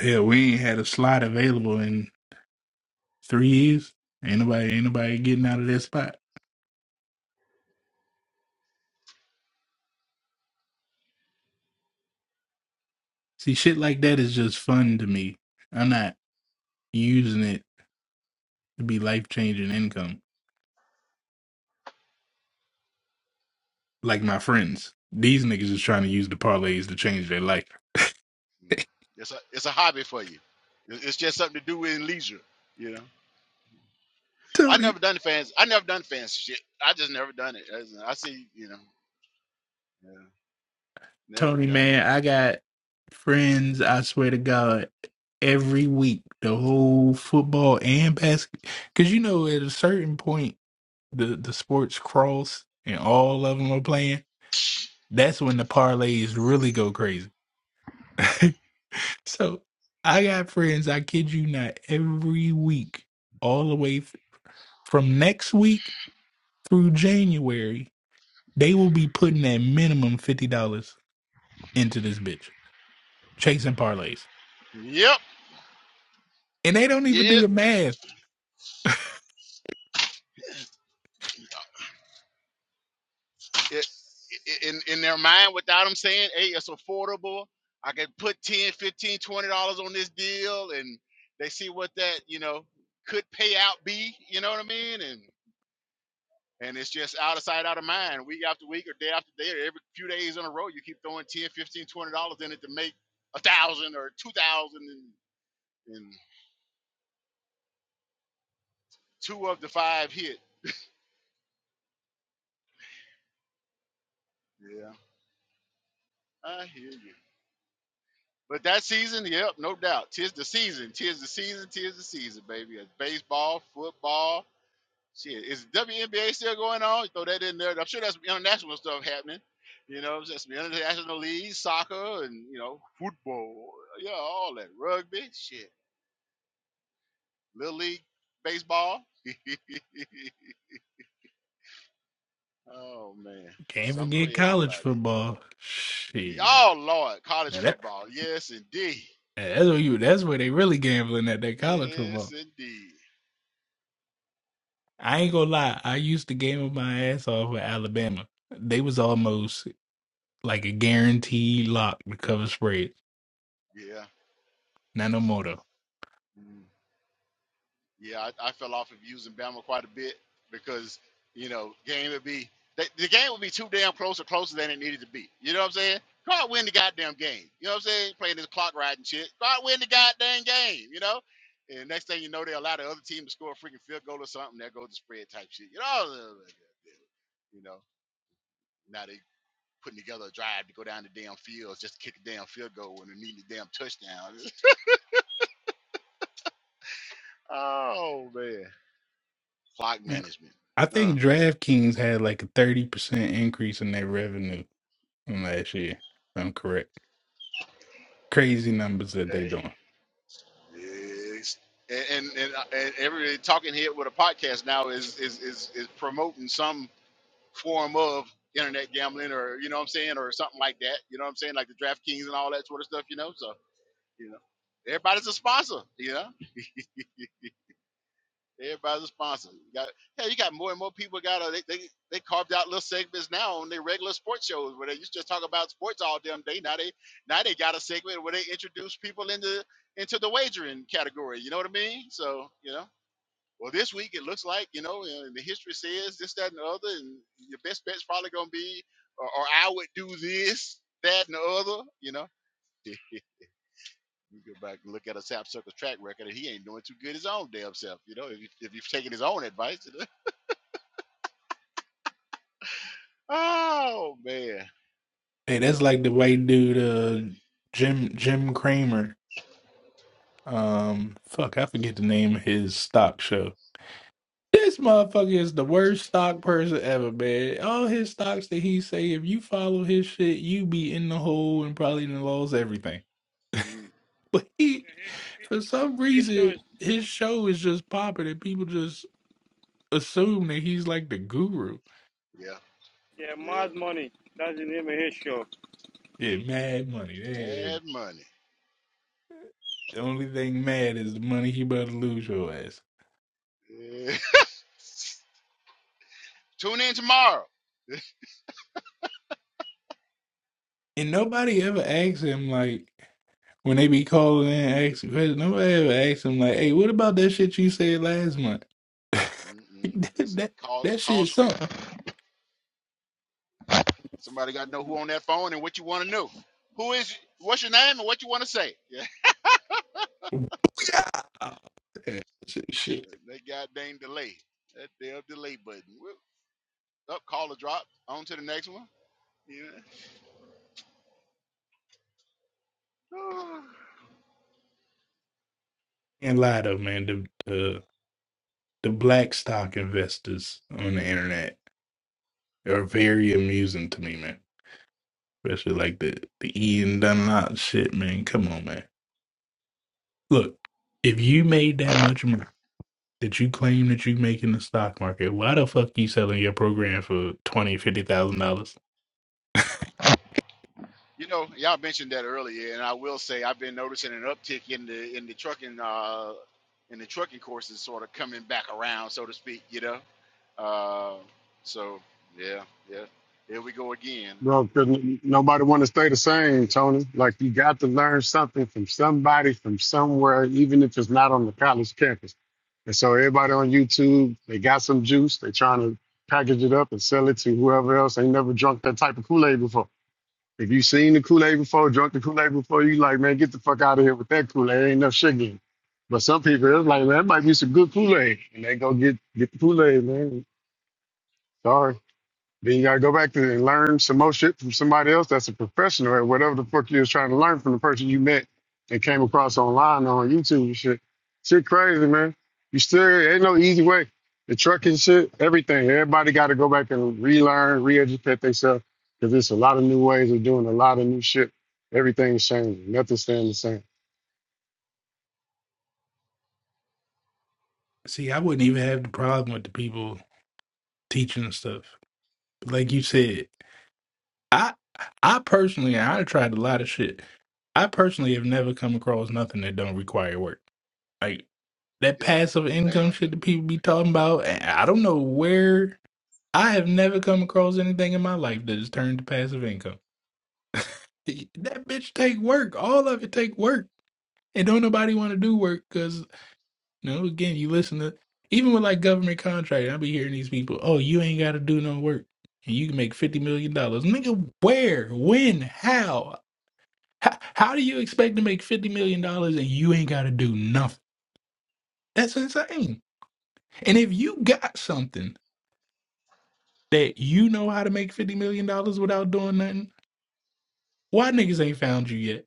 Speaker 10: Hell, we ain't had a slot available in three years. Ain't nobody ain't nobody getting out of that spot. See, shit like that is just fun to me. I'm not using it to be life changing income. like my friends. These niggas is trying to use the parlays to change their life.
Speaker 1: Mm. It's a it's a hobby for you. It- It's just something to do in leisure. You know, I
Speaker 10: Tony,
Speaker 1: never done fans. I never done fans shit. I just never done it. As- in, I see, you know, yeah, never
Speaker 10: Tony,
Speaker 1: done it.
Speaker 10: man, I got friends. I swear to God, every week, the whole football and basket, because you know, at a certain point, the the sports cross and all of them are playing. That's when the parlays really go crazy. so I got friends. I kid you not, every week, all the way th- from next week through January They will be putting at minimum fifty dollars into this bitch chasing parlays,
Speaker 1: Yep,
Speaker 10: and they don't even do
Speaker 1: yep.
Speaker 10: the math.
Speaker 1: It, i- in in their mind, without them saying, "Hey, it's affordable. I can put 10, 15, 20 dollars on this deal," and they see what that you know could pay out be. You know what I mean? And And it's just out of sight, out of mind. Week after week or day after day or every few days in a row, you keep throwing 10, 15, 20 dollars in it to make a thousand or two thousand and, and two of the five hit. Yeah, I hear you. But that season, yep, no doubt. Tis the season. Tis the season. Tis the season, baby. It's baseball, football. Shit. Is WNBA still going on? Throw that in there. I'm sure that's international stuff happening. You know, there's some international leagues, soccer, and, you know, football. Yeah, all that. Rugby. Shit. Little League baseball. oh man,
Speaker 10: Can't
Speaker 1: something for
Speaker 10: forget college
Speaker 1: everybody.
Speaker 10: football. Shit,
Speaker 1: Oh Lord, college
Speaker 10: now that
Speaker 1: football. Yes indeed.
Speaker 10: that's where you that's where they really gambling at that college
Speaker 1: Yes
Speaker 10: football.
Speaker 1: indeed.
Speaker 10: I ain't gonna lie, I used to gamble my ass off with Alabama. They was almost like a guaranteed lock to cover spreads.
Speaker 1: Yeah.
Speaker 10: Not no more though.
Speaker 1: Mm-hmm. Yeah, I, I fell off of using Bama quite a bit because you know game would be the, the game would be too damn close or closer than it needed to be. You know what I'm saying? God win the goddamn game. You know what I'm saying? Playing this clock riding shit. God win the goddamn game. You know. And next thing you know, they allow the other team to score a freaking field goal or something. There goes the spread type shit. You know. You know. Now they putting together a drive to go down the damn field just to kick a damn field goal and they need a damn touchdown. oh man, clock
Speaker 10: Man,
Speaker 1: management.
Speaker 10: I
Speaker 1: Uh,
Speaker 10: think DraftKings had like a thirty percent increase in their revenue from last year. if I'm correct. Crazy numbers that they
Speaker 1: okay.
Speaker 10: doing.
Speaker 1: Yes. And and, and and every talking head with a podcast now is is is, is promoting some form of internet gambling or you know what I'm saying or something like that. You know what I'm saying like the DraftKings and all that sort of stuff. You know, so you know everybody's a sponsor. You know, everybody's a sponsor. You got yeah, you got more and more people got uh, they they they carved out little segments now on their regular sports shows where they used to just talk about sports all damn day. Now they now they got a segment where they introduce people into into the wagering category. You know what I mean? So you know. Well, this week it looks like you know, and the history says this, that, and the other, and your best bet's probably gonna be, or, or I would do this, that, and the other. You know, Yeah, you go back and look at a Sap Circle's track record, and he ain't doing too good his own damn self. You know, if, you, if you've taken his own advice, you know? oh man,
Speaker 10: Hey, that's like the white dude,
Speaker 1: yeah,
Speaker 10: uh, Jim Jim Cramer. Um, fuck, I forget the name of his stock show. This motherfucker is the worst stock person ever, man. All his stocks that he say, if you follow his shit, you be in the hole and probably done lost everything.
Speaker 1: Mm.
Speaker 10: But he,
Speaker 14: His,
Speaker 10: for some
Speaker 14: his show
Speaker 10: reason,
Speaker 14: is
Speaker 10: his show is just popping and people just assume that he's like the guru.
Speaker 1: yeah,
Speaker 14: yeah,
Speaker 1: yeah.
Speaker 14: Mad Money. That's the name of his show.
Speaker 10: Yeah, mad money. Yeah, yeah.
Speaker 1: mad money.
Speaker 10: The only thing mad is the money he about to lose your ass.
Speaker 1: Yeah. Tune in tomorrow.
Speaker 10: And nobody ever asks him like when they be calling in and asking questions, nobody ever asks him like, hey, what about that shit you said last month? that,
Speaker 1: Mm-mm. Listen,
Speaker 10: that
Speaker 1: call
Speaker 10: that
Speaker 1: call
Speaker 10: shit
Speaker 1: screen.
Speaker 10: sunk.
Speaker 1: Somebody got to know who on that phone and what you want to know. Who is? What's your name and what you want to say?
Speaker 10: Yeah. That shit, shit.
Speaker 1: Yeah, that goddamn delay. That damn delay button. Whoop. Up, call or drop. On to the next one. Yeah.
Speaker 10: And lie though, man, the, the the black stock investors on the internet are very amusing to me, man. Especially like the the Ian Dunlop shit, man. Come on, man. Look, if you made that much money. that you claim that you make in the stock market, why the fuck you selling your program for twenty, fifty thousand dollars?
Speaker 1: You know, y'all mentioned that earlier, and I will say I've been noticing an uptick in the in the trucking uh, in the trucking courses, sort of coming back around, so to speak. You know, uh, so yeah, yeah. Here we go again.
Speaker 12: Bro, 'cause n- nobody want to stay the same, Tony. Like you got to learn something from somebody from somewhere, even if it's not on the college campus. And so everybody on YouTube, they got some juice. They trying to package it up and sell it to whoever else ain't never drunk that type of Kool Aid before. If you seen the Kool Aid before, drunk the Kool Aid before, you like, man, get the fuck out of here with that Kool Aid. Ain't no sugar. in it. But some people, it's like, man, that might be some good Kool Aid, and they go get get the Kool Aid, man. Sorry. Then you gotta go back to and learn some more shit from somebody else that's a professional at whatever the fuck you was trying to learn from the person you met and came across online or on YouTube and shit. Shit crazy, man. You still ain't no easy way. The trucking shit, everything. Everybody gotta go back and relearn, re-educate themselves. Cause there's a lot of new ways of doing a lot of new shit. Everything's changing. Nothing's staying the same.
Speaker 10: See, I wouldn't even have the problem with the people teaching the stuff. Like you said, I I personally I tried a lot of shit. I personally have never come across nothing that don't require work. Like that
Speaker 1: Yeah,
Speaker 10: passive income
Speaker 1: bam.
Speaker 10: shit that people be talking about. I I don't know where I have never come across anything in my life that has turned to passive income. That bitch take work. All of it take work. And don't nobody want to do work because, you know, again, you listen to, even with like government contract, I be hearing these people, oh, you ain't got to do no work and you can make $50 million. dollars. Nigga, where, when, how? How, how do you expect to make $50 million dollars and you ain't got to do nothing? That's insane. And if you got something that you know how to make $50 million dollars without doing nothing, why niggas ain't found you yet?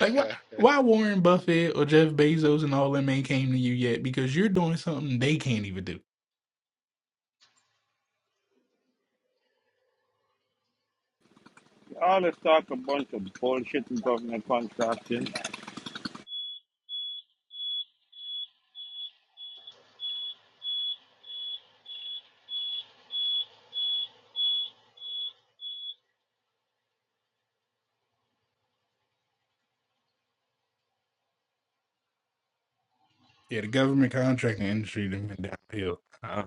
Speaker 10: Like, why, why Warren Buffett or Jeff Bezos and all them ain't came to you yet? Because you're doing something they can't even do.
Speaker 14: All this talk a bunch of bullshit and government contracting.
Speaker 10: Yeah, the government contracting industry done went downhill. I,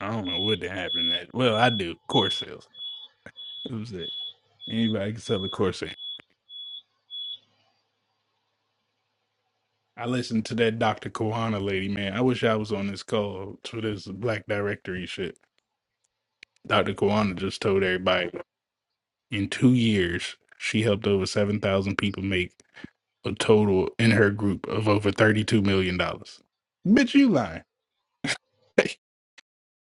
Speaker 10: I don't know what happened. That well, I do core sales. That was it. Anybody can sell a core sale. I listened to that Dr. Koana lady, man. I wish I was on this call to this Black Directory shit. Dr. Koana just told everybody in two years she helped over seven thousand people make a total in her group of over thirty-two million dollars. Bitch, you lying?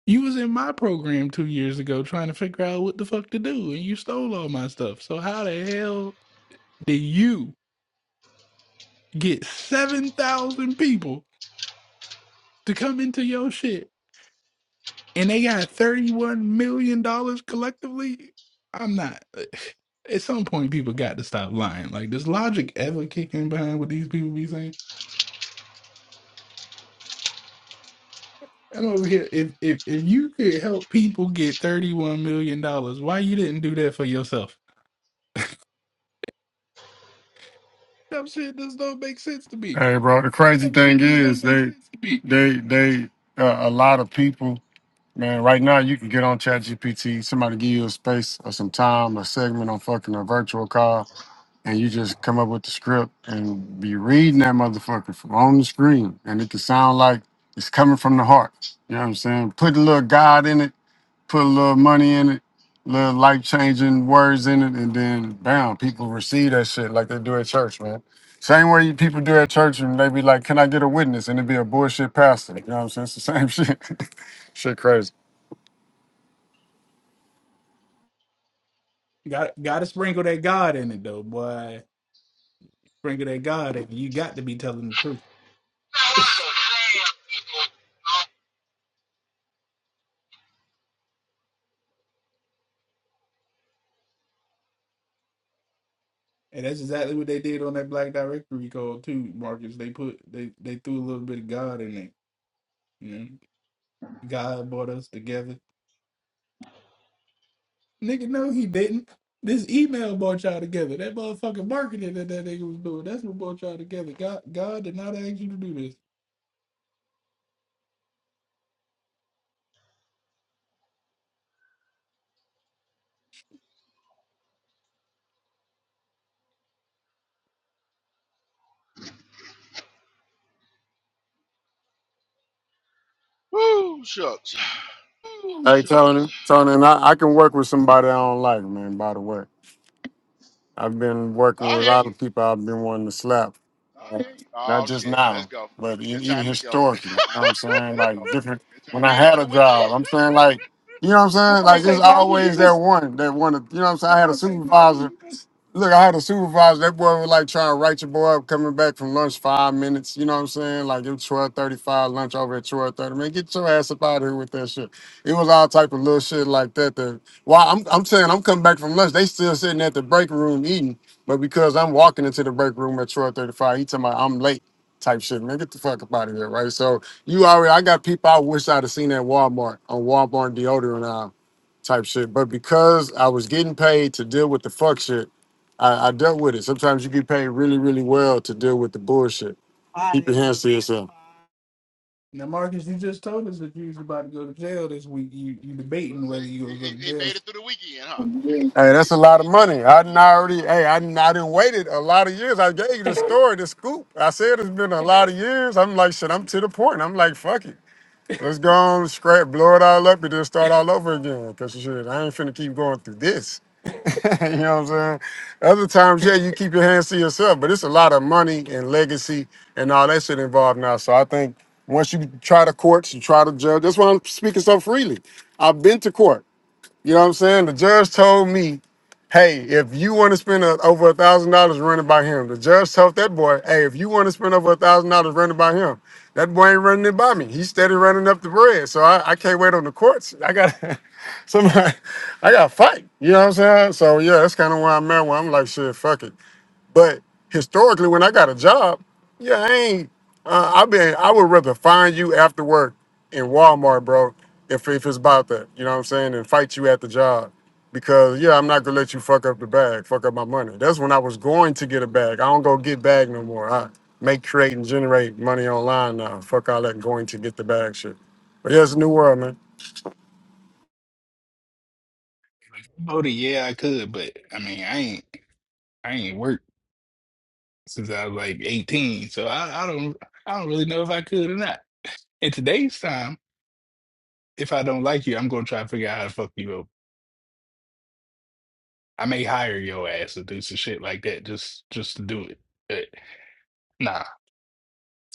Speaker 10: You was in my program two years ago trying to figure out what the fuck to do, and you stole all my stuff. So how the hell did you get seven thousand people to come into your shit, and they got thirty-one million dollars collectively? I'm not. At some point, people got to stop lying. Like, does logic ever kick in behind what these people be saying? I'm over here. If if if you could help people get thirty-one million dollars, why you didn't do that for yourself? That shit does not make sense to me.
Speaker 12: Hey, bro, the crazy thing is they, they, they, uh, a lot of people. Man, right now you can get on ChatGPT. Somebody give you a space or some time, a segment on fucking a virtual call, and you just come up with the script and be reading that motherfucker from on the screen, and it can sound like it's coming from the heart. You know what I'm saying? Put a little God in it, put a little money in it, little life changing words in it, and then bam, people receive that shit like they do at church, man. Same way you people do at church, and they be like, "Can I get a witness?" and it be a bullshit pastor. You know what I'm saying? It's the same shit. shit crazy.
Speaker 10: Got gotta sprinkle that God in it though, boy. Sprinkle that God in it. You got to be telling the truth. And that's exactly what they did on that Black Directory call too, Marcus. They put they they threw a little bit of God in it. You know, God brought us together. Nigga, no, he didn't. This email brought y'all together. That motherfucking marketing that that nigga was doing. That's what brought y'all together. God, God did not ask you to do this.
Speaker 1: Woo, shucks.
Speaker 12: Hey Tony, Tony, and I, I can work with somebody I don't like, man. By the way, I've been working
Speaker 1: I
Speaker 12: with a
Speaker 1: hear
Speaker 12: lot
Speaker 1: you.
Speaker 12: of people I've been wanting to slap. Uh, Not
Speaker 1: Oh
Speaker 12: just
Speaker 1: shit, let's
Speaker 12: now,
Speaker 1: go.
Speaker 12: but e-
Speaker 1: It's
Speaker 12: even
Speaker 1: time to go.
Speaker 12: historically. You know what I'm saying? Like different
Speaker 1: you
Speaker 12: when I
Speaker 1: made it
Speaker 12: had
Speaker 1: through the
Speaker 12: a job.
Speaker 1: weekend.
Speaker 12: I'm saying like you know what I'm
Speaker 10: I
Speaker 12: saying?
Speaker 10: about to
Speaker 12: Like
Speaker 10: say,
Speaker 12: it's
Speaker 10: Marcus, you
Speaker 12: always that
Speaker 10: just
Speaker 12: one that one you know what I'm saying? I had a supervisor. Look, I had a supervisor, that boy was like trying to write your boy up coming back from lunch five minutes, you know what I'm saying? Like it was twelve thirty five lunch over at twelve thirty. Man, get your ass up out of here with that shit. It was all type of little shit like that that well, I'm I'm saying I'm coming back from lunch. They still sitting at the break room eating, but because I'm walking into the break room at 12:35, he talking about I'm late type shit. Man, get the fuck up out of here, right? So you already, I got people I wish I'd have seen at Walmart on Walmart deodorant aisle type shit, but because I was getting paid to deal with the fuck shit, I, I dealt with it. Sometimes you get paid really, really well to deal with the bullshit. Keep your hands to yourself.
Speaker 10: now, Marcus, you just told us that you was about to go to jail this week. You you
Speaker 1: What
Speaker 10: debating
Speaker 1: is
Speaker 10: whether
Speaker 1: it?
Speaker 10: you gonna
Speaker 1: He,
Speaker 10: go to
Speaker 1: he- he
Speaker 10: jail
Speaker 1: made it through the weekend, huh?
Speaker 12: Hey, that's a lot of money. I didn't already. Hey, I didn't. I didn't waited a lot of years. I gave you the story, the scoop. I said it's been a lot of years. I'm like, shit. I'm to the point. I'm like, fuck it. Let's go on, scrap, blow it all up, and then start all over again. Cause shit, I ain't finna keep going through this. you know what I'm saying? Other times, yeah, you keep your hands to yourself, but it's a lot of money and legacy and all that shit involved now. So I think once you try the courts, you try to judge. That's why I'm speaking so freely. I've been to court. You know what I'm saying? The judge told me, hey, if you want to spend a, over a thousand dollars running by him, the judge told that boy, hey, if you want to spend over a thousand dollars running by him, that boy ain't running it by me. He's steady running up the bread. So I, I can't wait on the courts. I got somebody, I got to fight. You know what I'm saying? So yeah, that's kind of where I'm at. Where I'm like, shit, fuck it. But historically, when I got a job, yeah, I ain't. Uh, I been. I would rather find you after work in Walmart, bro. If if it's about that, you know what I'm saying, and fight you at the job, because yeah, I'm not gonna let you fuck up the bag, fuck up my money. That's when I was going to get a bag. I don't go get bag no more. I make, create, and generate money online now. Fuck all that going to get the bag shit. But yeah, it's a new world, man.
Speaker 10: Odie, yeah, I could, but I mean, I ain't, I ain't worked since I was like 18, so I, I don't, I don't really know if I could or not. In today's time, if I don't like you, I'm gonna try to figure out how to fuck you up. I may hire your ass to do some shit like that just, just to do it. But nah,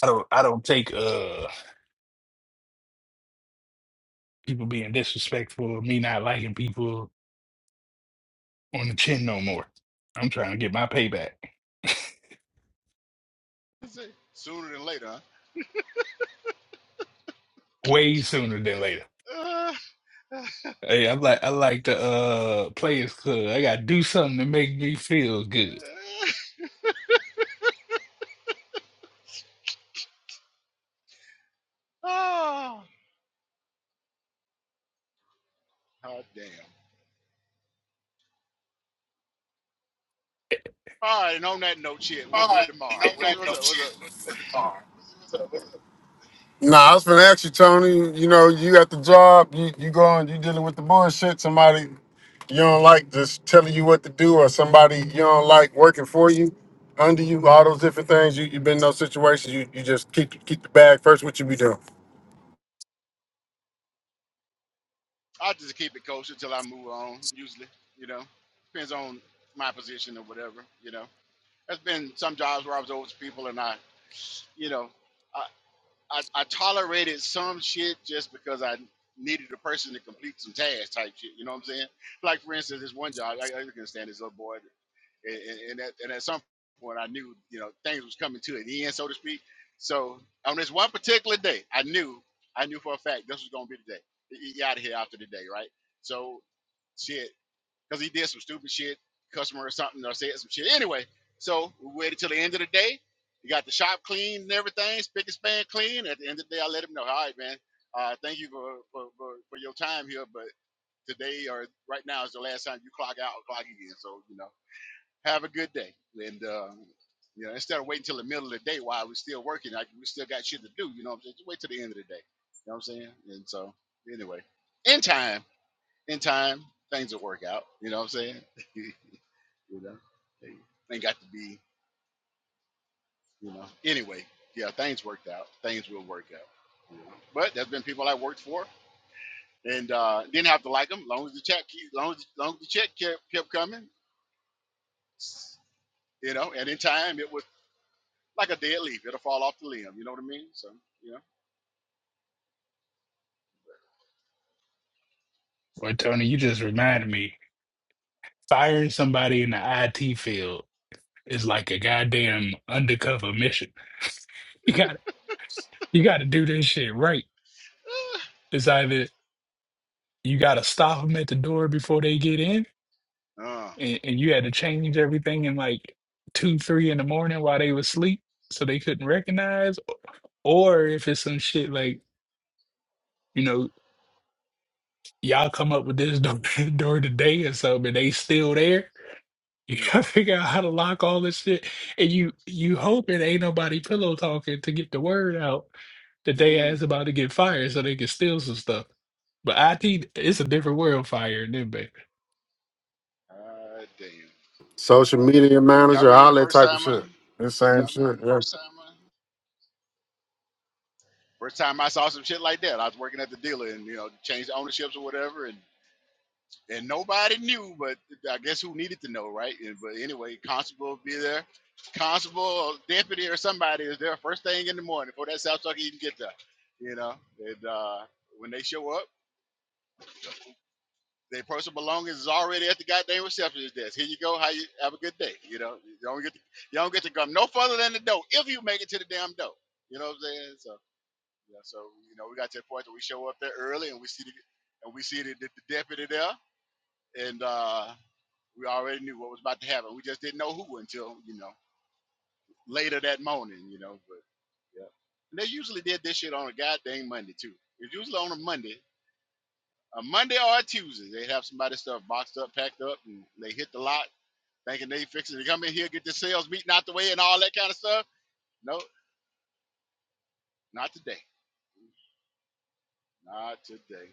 Speaker 10: I don't, I don't take uh people being disrespectful, me not liking people on the chin no more. I'm trying to get my payback
Speaker 1: Let's see. Sooner than later,
Speaker 10: way sooner than later.
Speaker 1: huh?
Speaker 10: Hey, I like I like the uh Players Club. I gotta do something to make me feel good.
Speaker 1: oh, oh, damn. All right, and on that note, shit, we'll do it tomorrow. What's what's up? What's up?
Speaker 12: Nah, I was gonna ask you, Tony. You know, you at the job, you you going, you dealing with the bullshit. Somebody you don't like just telling you what to do, or somebody you don't like working for you, under you, all those different things. You you've been in those situations. You you just keep keep the bag first. What you be doing?
Speaker 1: I'll just keep it kosher until I move on. Usually, you know, depends on my position or whatever. You know, there's been some jobs where I was over to people, and I, you know. I. I, I tolerated some shit just because I needed a person to complete some tasks type shit. You know what I'm saying? Like for instance, this one job, I, I couldn't stand this little boy, and, and, and, at, and at some point, I knew you know things was coming to an end, so to speak. So on this one particular day, I knew, I knew for a fact this was gonna be the day. He out of here after the day, right? So shit because he did some stupid shit, customer or something, or said some shit. Anyway, so we waited till the end of the day. He got the shop clean and everything, spick and span clean. At the end of the day, I let him know, all right, man, uh, thank you for, for, for, for your time here, but today or right now is the last time you clock out or clock in. So, you know, have a good day. And, uh, you know, instead of waiting till the middle of the day while we're still working, like we still got shit to do, you know what I'm saying? Just wait till the end of the day. You know what I'm saying? And so, anyway, in time in time, things will work out. You know what I'm saying? you know, they, they got to be, you know. Anyway, yeah, things worked out. Things will work out. You know? But there's been people I worked for and uh, didn't have to like them. Long as the check, keep, long as, long as the check kept, kept coming, you know. And in time, it was like a dead leaf. It'll fall off the limb. You know what I mean? So, you know.
Speaker 10: Well, Tony, you just reminded me. Firing somebody in the IT field is like a goddamn undercover mission. You gotta you gotta do this shit right. It's either you gotta stop them at the door before they get in,
Speaker 1: Uh,
Speaker 10: and, and you had to change everything in like two, three in the morning while they was asleep so they couldn't recognize, or if it's some shit like. you know. y'all come up with this door, during the day or something, and they still there. You
Speaker 1: mm,
Speaker 10: gotta figure out how to lock all this shit, and you you hoping ain't nobody pillow talking to get the word out that they
Speaker 1: mm,
Speaker 10: ass about to get fired so they can steal some stuff. But IT, it's a different world fire them baby.
Speaker 1: ah, damn.
Speaker 12: Social media
Speaker 1: Y'all
Speaker 12: manager,
Speaker 1: remember
Speaker 12: all
Speaker 1: the
Speaker 12: that
Speaker 1: first
Speaker 12: type of
Speaker 1: time I,
Speaker 12: shit. The same shit. Yeah.
Speaker 1: first time I saw some shit like that? I was working at the dealer and you know changed ownerships or whatever, and and nobody knew, but I guess who needed to know, right? And- But anyway, constable will be there, constable, or deputy, or somebody is there first thing in the morning before that South Truck even get there. You know, and uh, when they show up, their personal belongings is already at the goddamn receptionist desk. Here you go. How you have a good day. You know, you don't get to, you don't get to come no further than the door if you make it to the damn door. You know what I'm saying? So yeah, so you know we got to the point that we show up there early and we see the and we see the, the, the deputy there and. uh We already knew what was about to happen. We just didn't know who until, you know, later that morning, you know. But yeah. And they usually did this shit on a goddamn Monday too. It's usually on a Monday. A Monday or a Tuesday. They'd have somebody's stuff boxed up, packed up, and they hit the lot thinking they fixing to come in here, get the sales meeting out the way and all that kind of stuff. No, not today. Not today.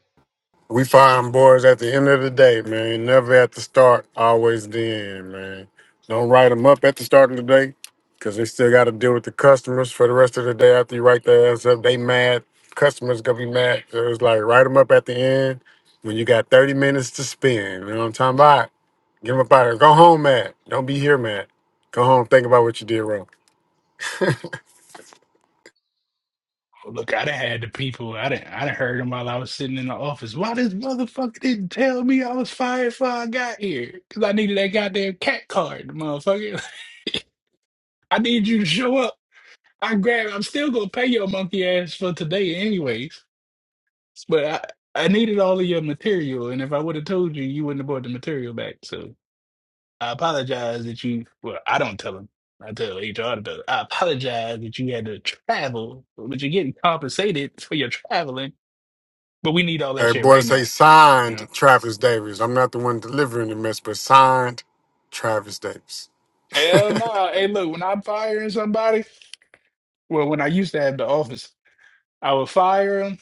Speaker 12: We find boys at the end of the day, man. Never at the start, always the end, man. Don't write them up at the start of the day because they still got to deal with the customers for the rest of the day after you write their ass up. They mad. Customers going to be mad. So it's like write them up at the end when you got 30 minutes to spend. You know what I'm talking about? Get them up out of here. Go home mad. Don't be here mad. Go home, think about what you did wrong.
Speaker 10: Look, I done had the people, I done, I done heard them while I was sitting in the office. Why this motherfucker didn't tell me I was fired before I got here? Because I needed that goddamn cat card, motherfucker. I need you to show up. I grab. I'm still gonna pay your monkey ass for today, anyways. But I, I needed all of your material, and if I would have told you, you wouldn't have brought the material back. So I apologize that you. Well, I don't tell them. I tell HR to tell. 'em. I apologize that you had to travel, but you're getting compensated for your traveling. But we need all that
Speaker 12: Hey,
Speaker 10: shit
Speaker 12: boy,
Speaker 10: right now.
Speaker 12: say
Speaker 10: You
Speaker 12: signed
Speaker 10: know?
Speaker 12: Travis Davis. I'm not the one delivering the mess, but signed Travis Davis.
Speaker 10: Hell no. Hey, look, when I'm firing somebody, well, when I used to have the office, I would fire them.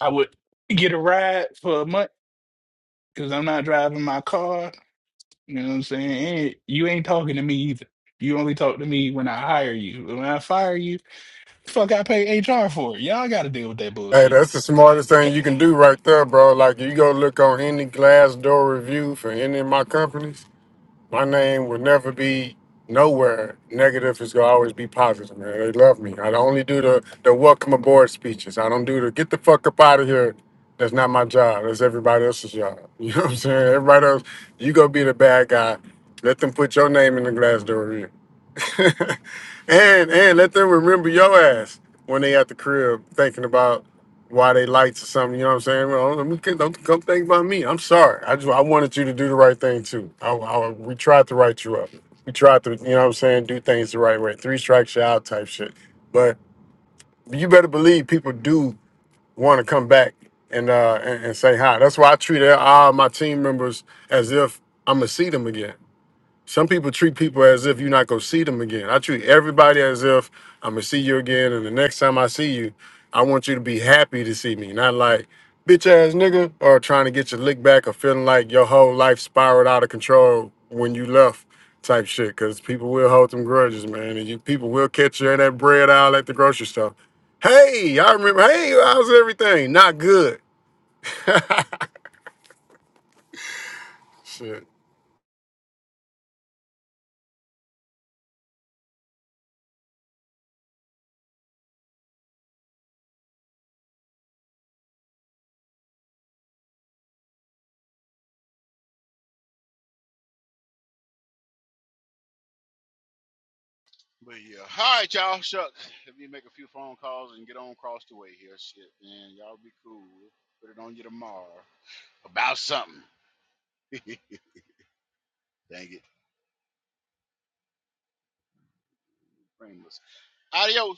Speaker 10: I would get a ride for a month because I'm not driving my car You know what I'm saying? And you ain't talking to me either. You only talk to me when I hire you. When I fire you, fuck, I pay HR for it. Y'all got to deal with that
Speaker 12: Hey,
Speaker 10: bullshit.
Speaker 12: that's the smartest thing you can do right there, bro. Like, you go look on any Glassdoor review for any of my companies, My name will never be nowhere. Negative is gonna always be positive, man. They love me. I only do the the welcome aboard speeches. I don't do the get the fuck up out of here. That's not my job. That's everybody else's job. You know what I'm saying? Everybody else, you go be the bad guy. Let them put your name in the glass door here. and and let them remember your ass when they at the crib thinking about why they lights or something. You know what I'm saying? Well, let me don't come think about me. I'm sorry. I just I wanted you to do the right thing too. I, I we tried to write you up. We tried to, you know what I'm saying, do things the right way. Three strikes you out type shit. But you better believe people do want to come back and uh and, and say hi. That's why I treat all my team members as if I'm gonna see them again. Some people treat people as if you're not gonna see them again. I treat everybody as if I'm gonna see you again, and the next time I see you, I want you to be happy to see me, not like bitch ass nigga or trying to get your lick back or feeling like your whole life spiraled out of control when you left type shit. Cause people will hold them grudges, man, and you people will catch you in that bread aisle at the grocery store. Hey, I remember. Hey, how's everything? Not good. shit.
Speaker 1: But yeah. All right, y'all. Shucks. Let me make a few phone calls and get on across the way here. Shit, man. Y'all be cool. Put it on you tomorrow. About something. Dang it. Frameless. Adios.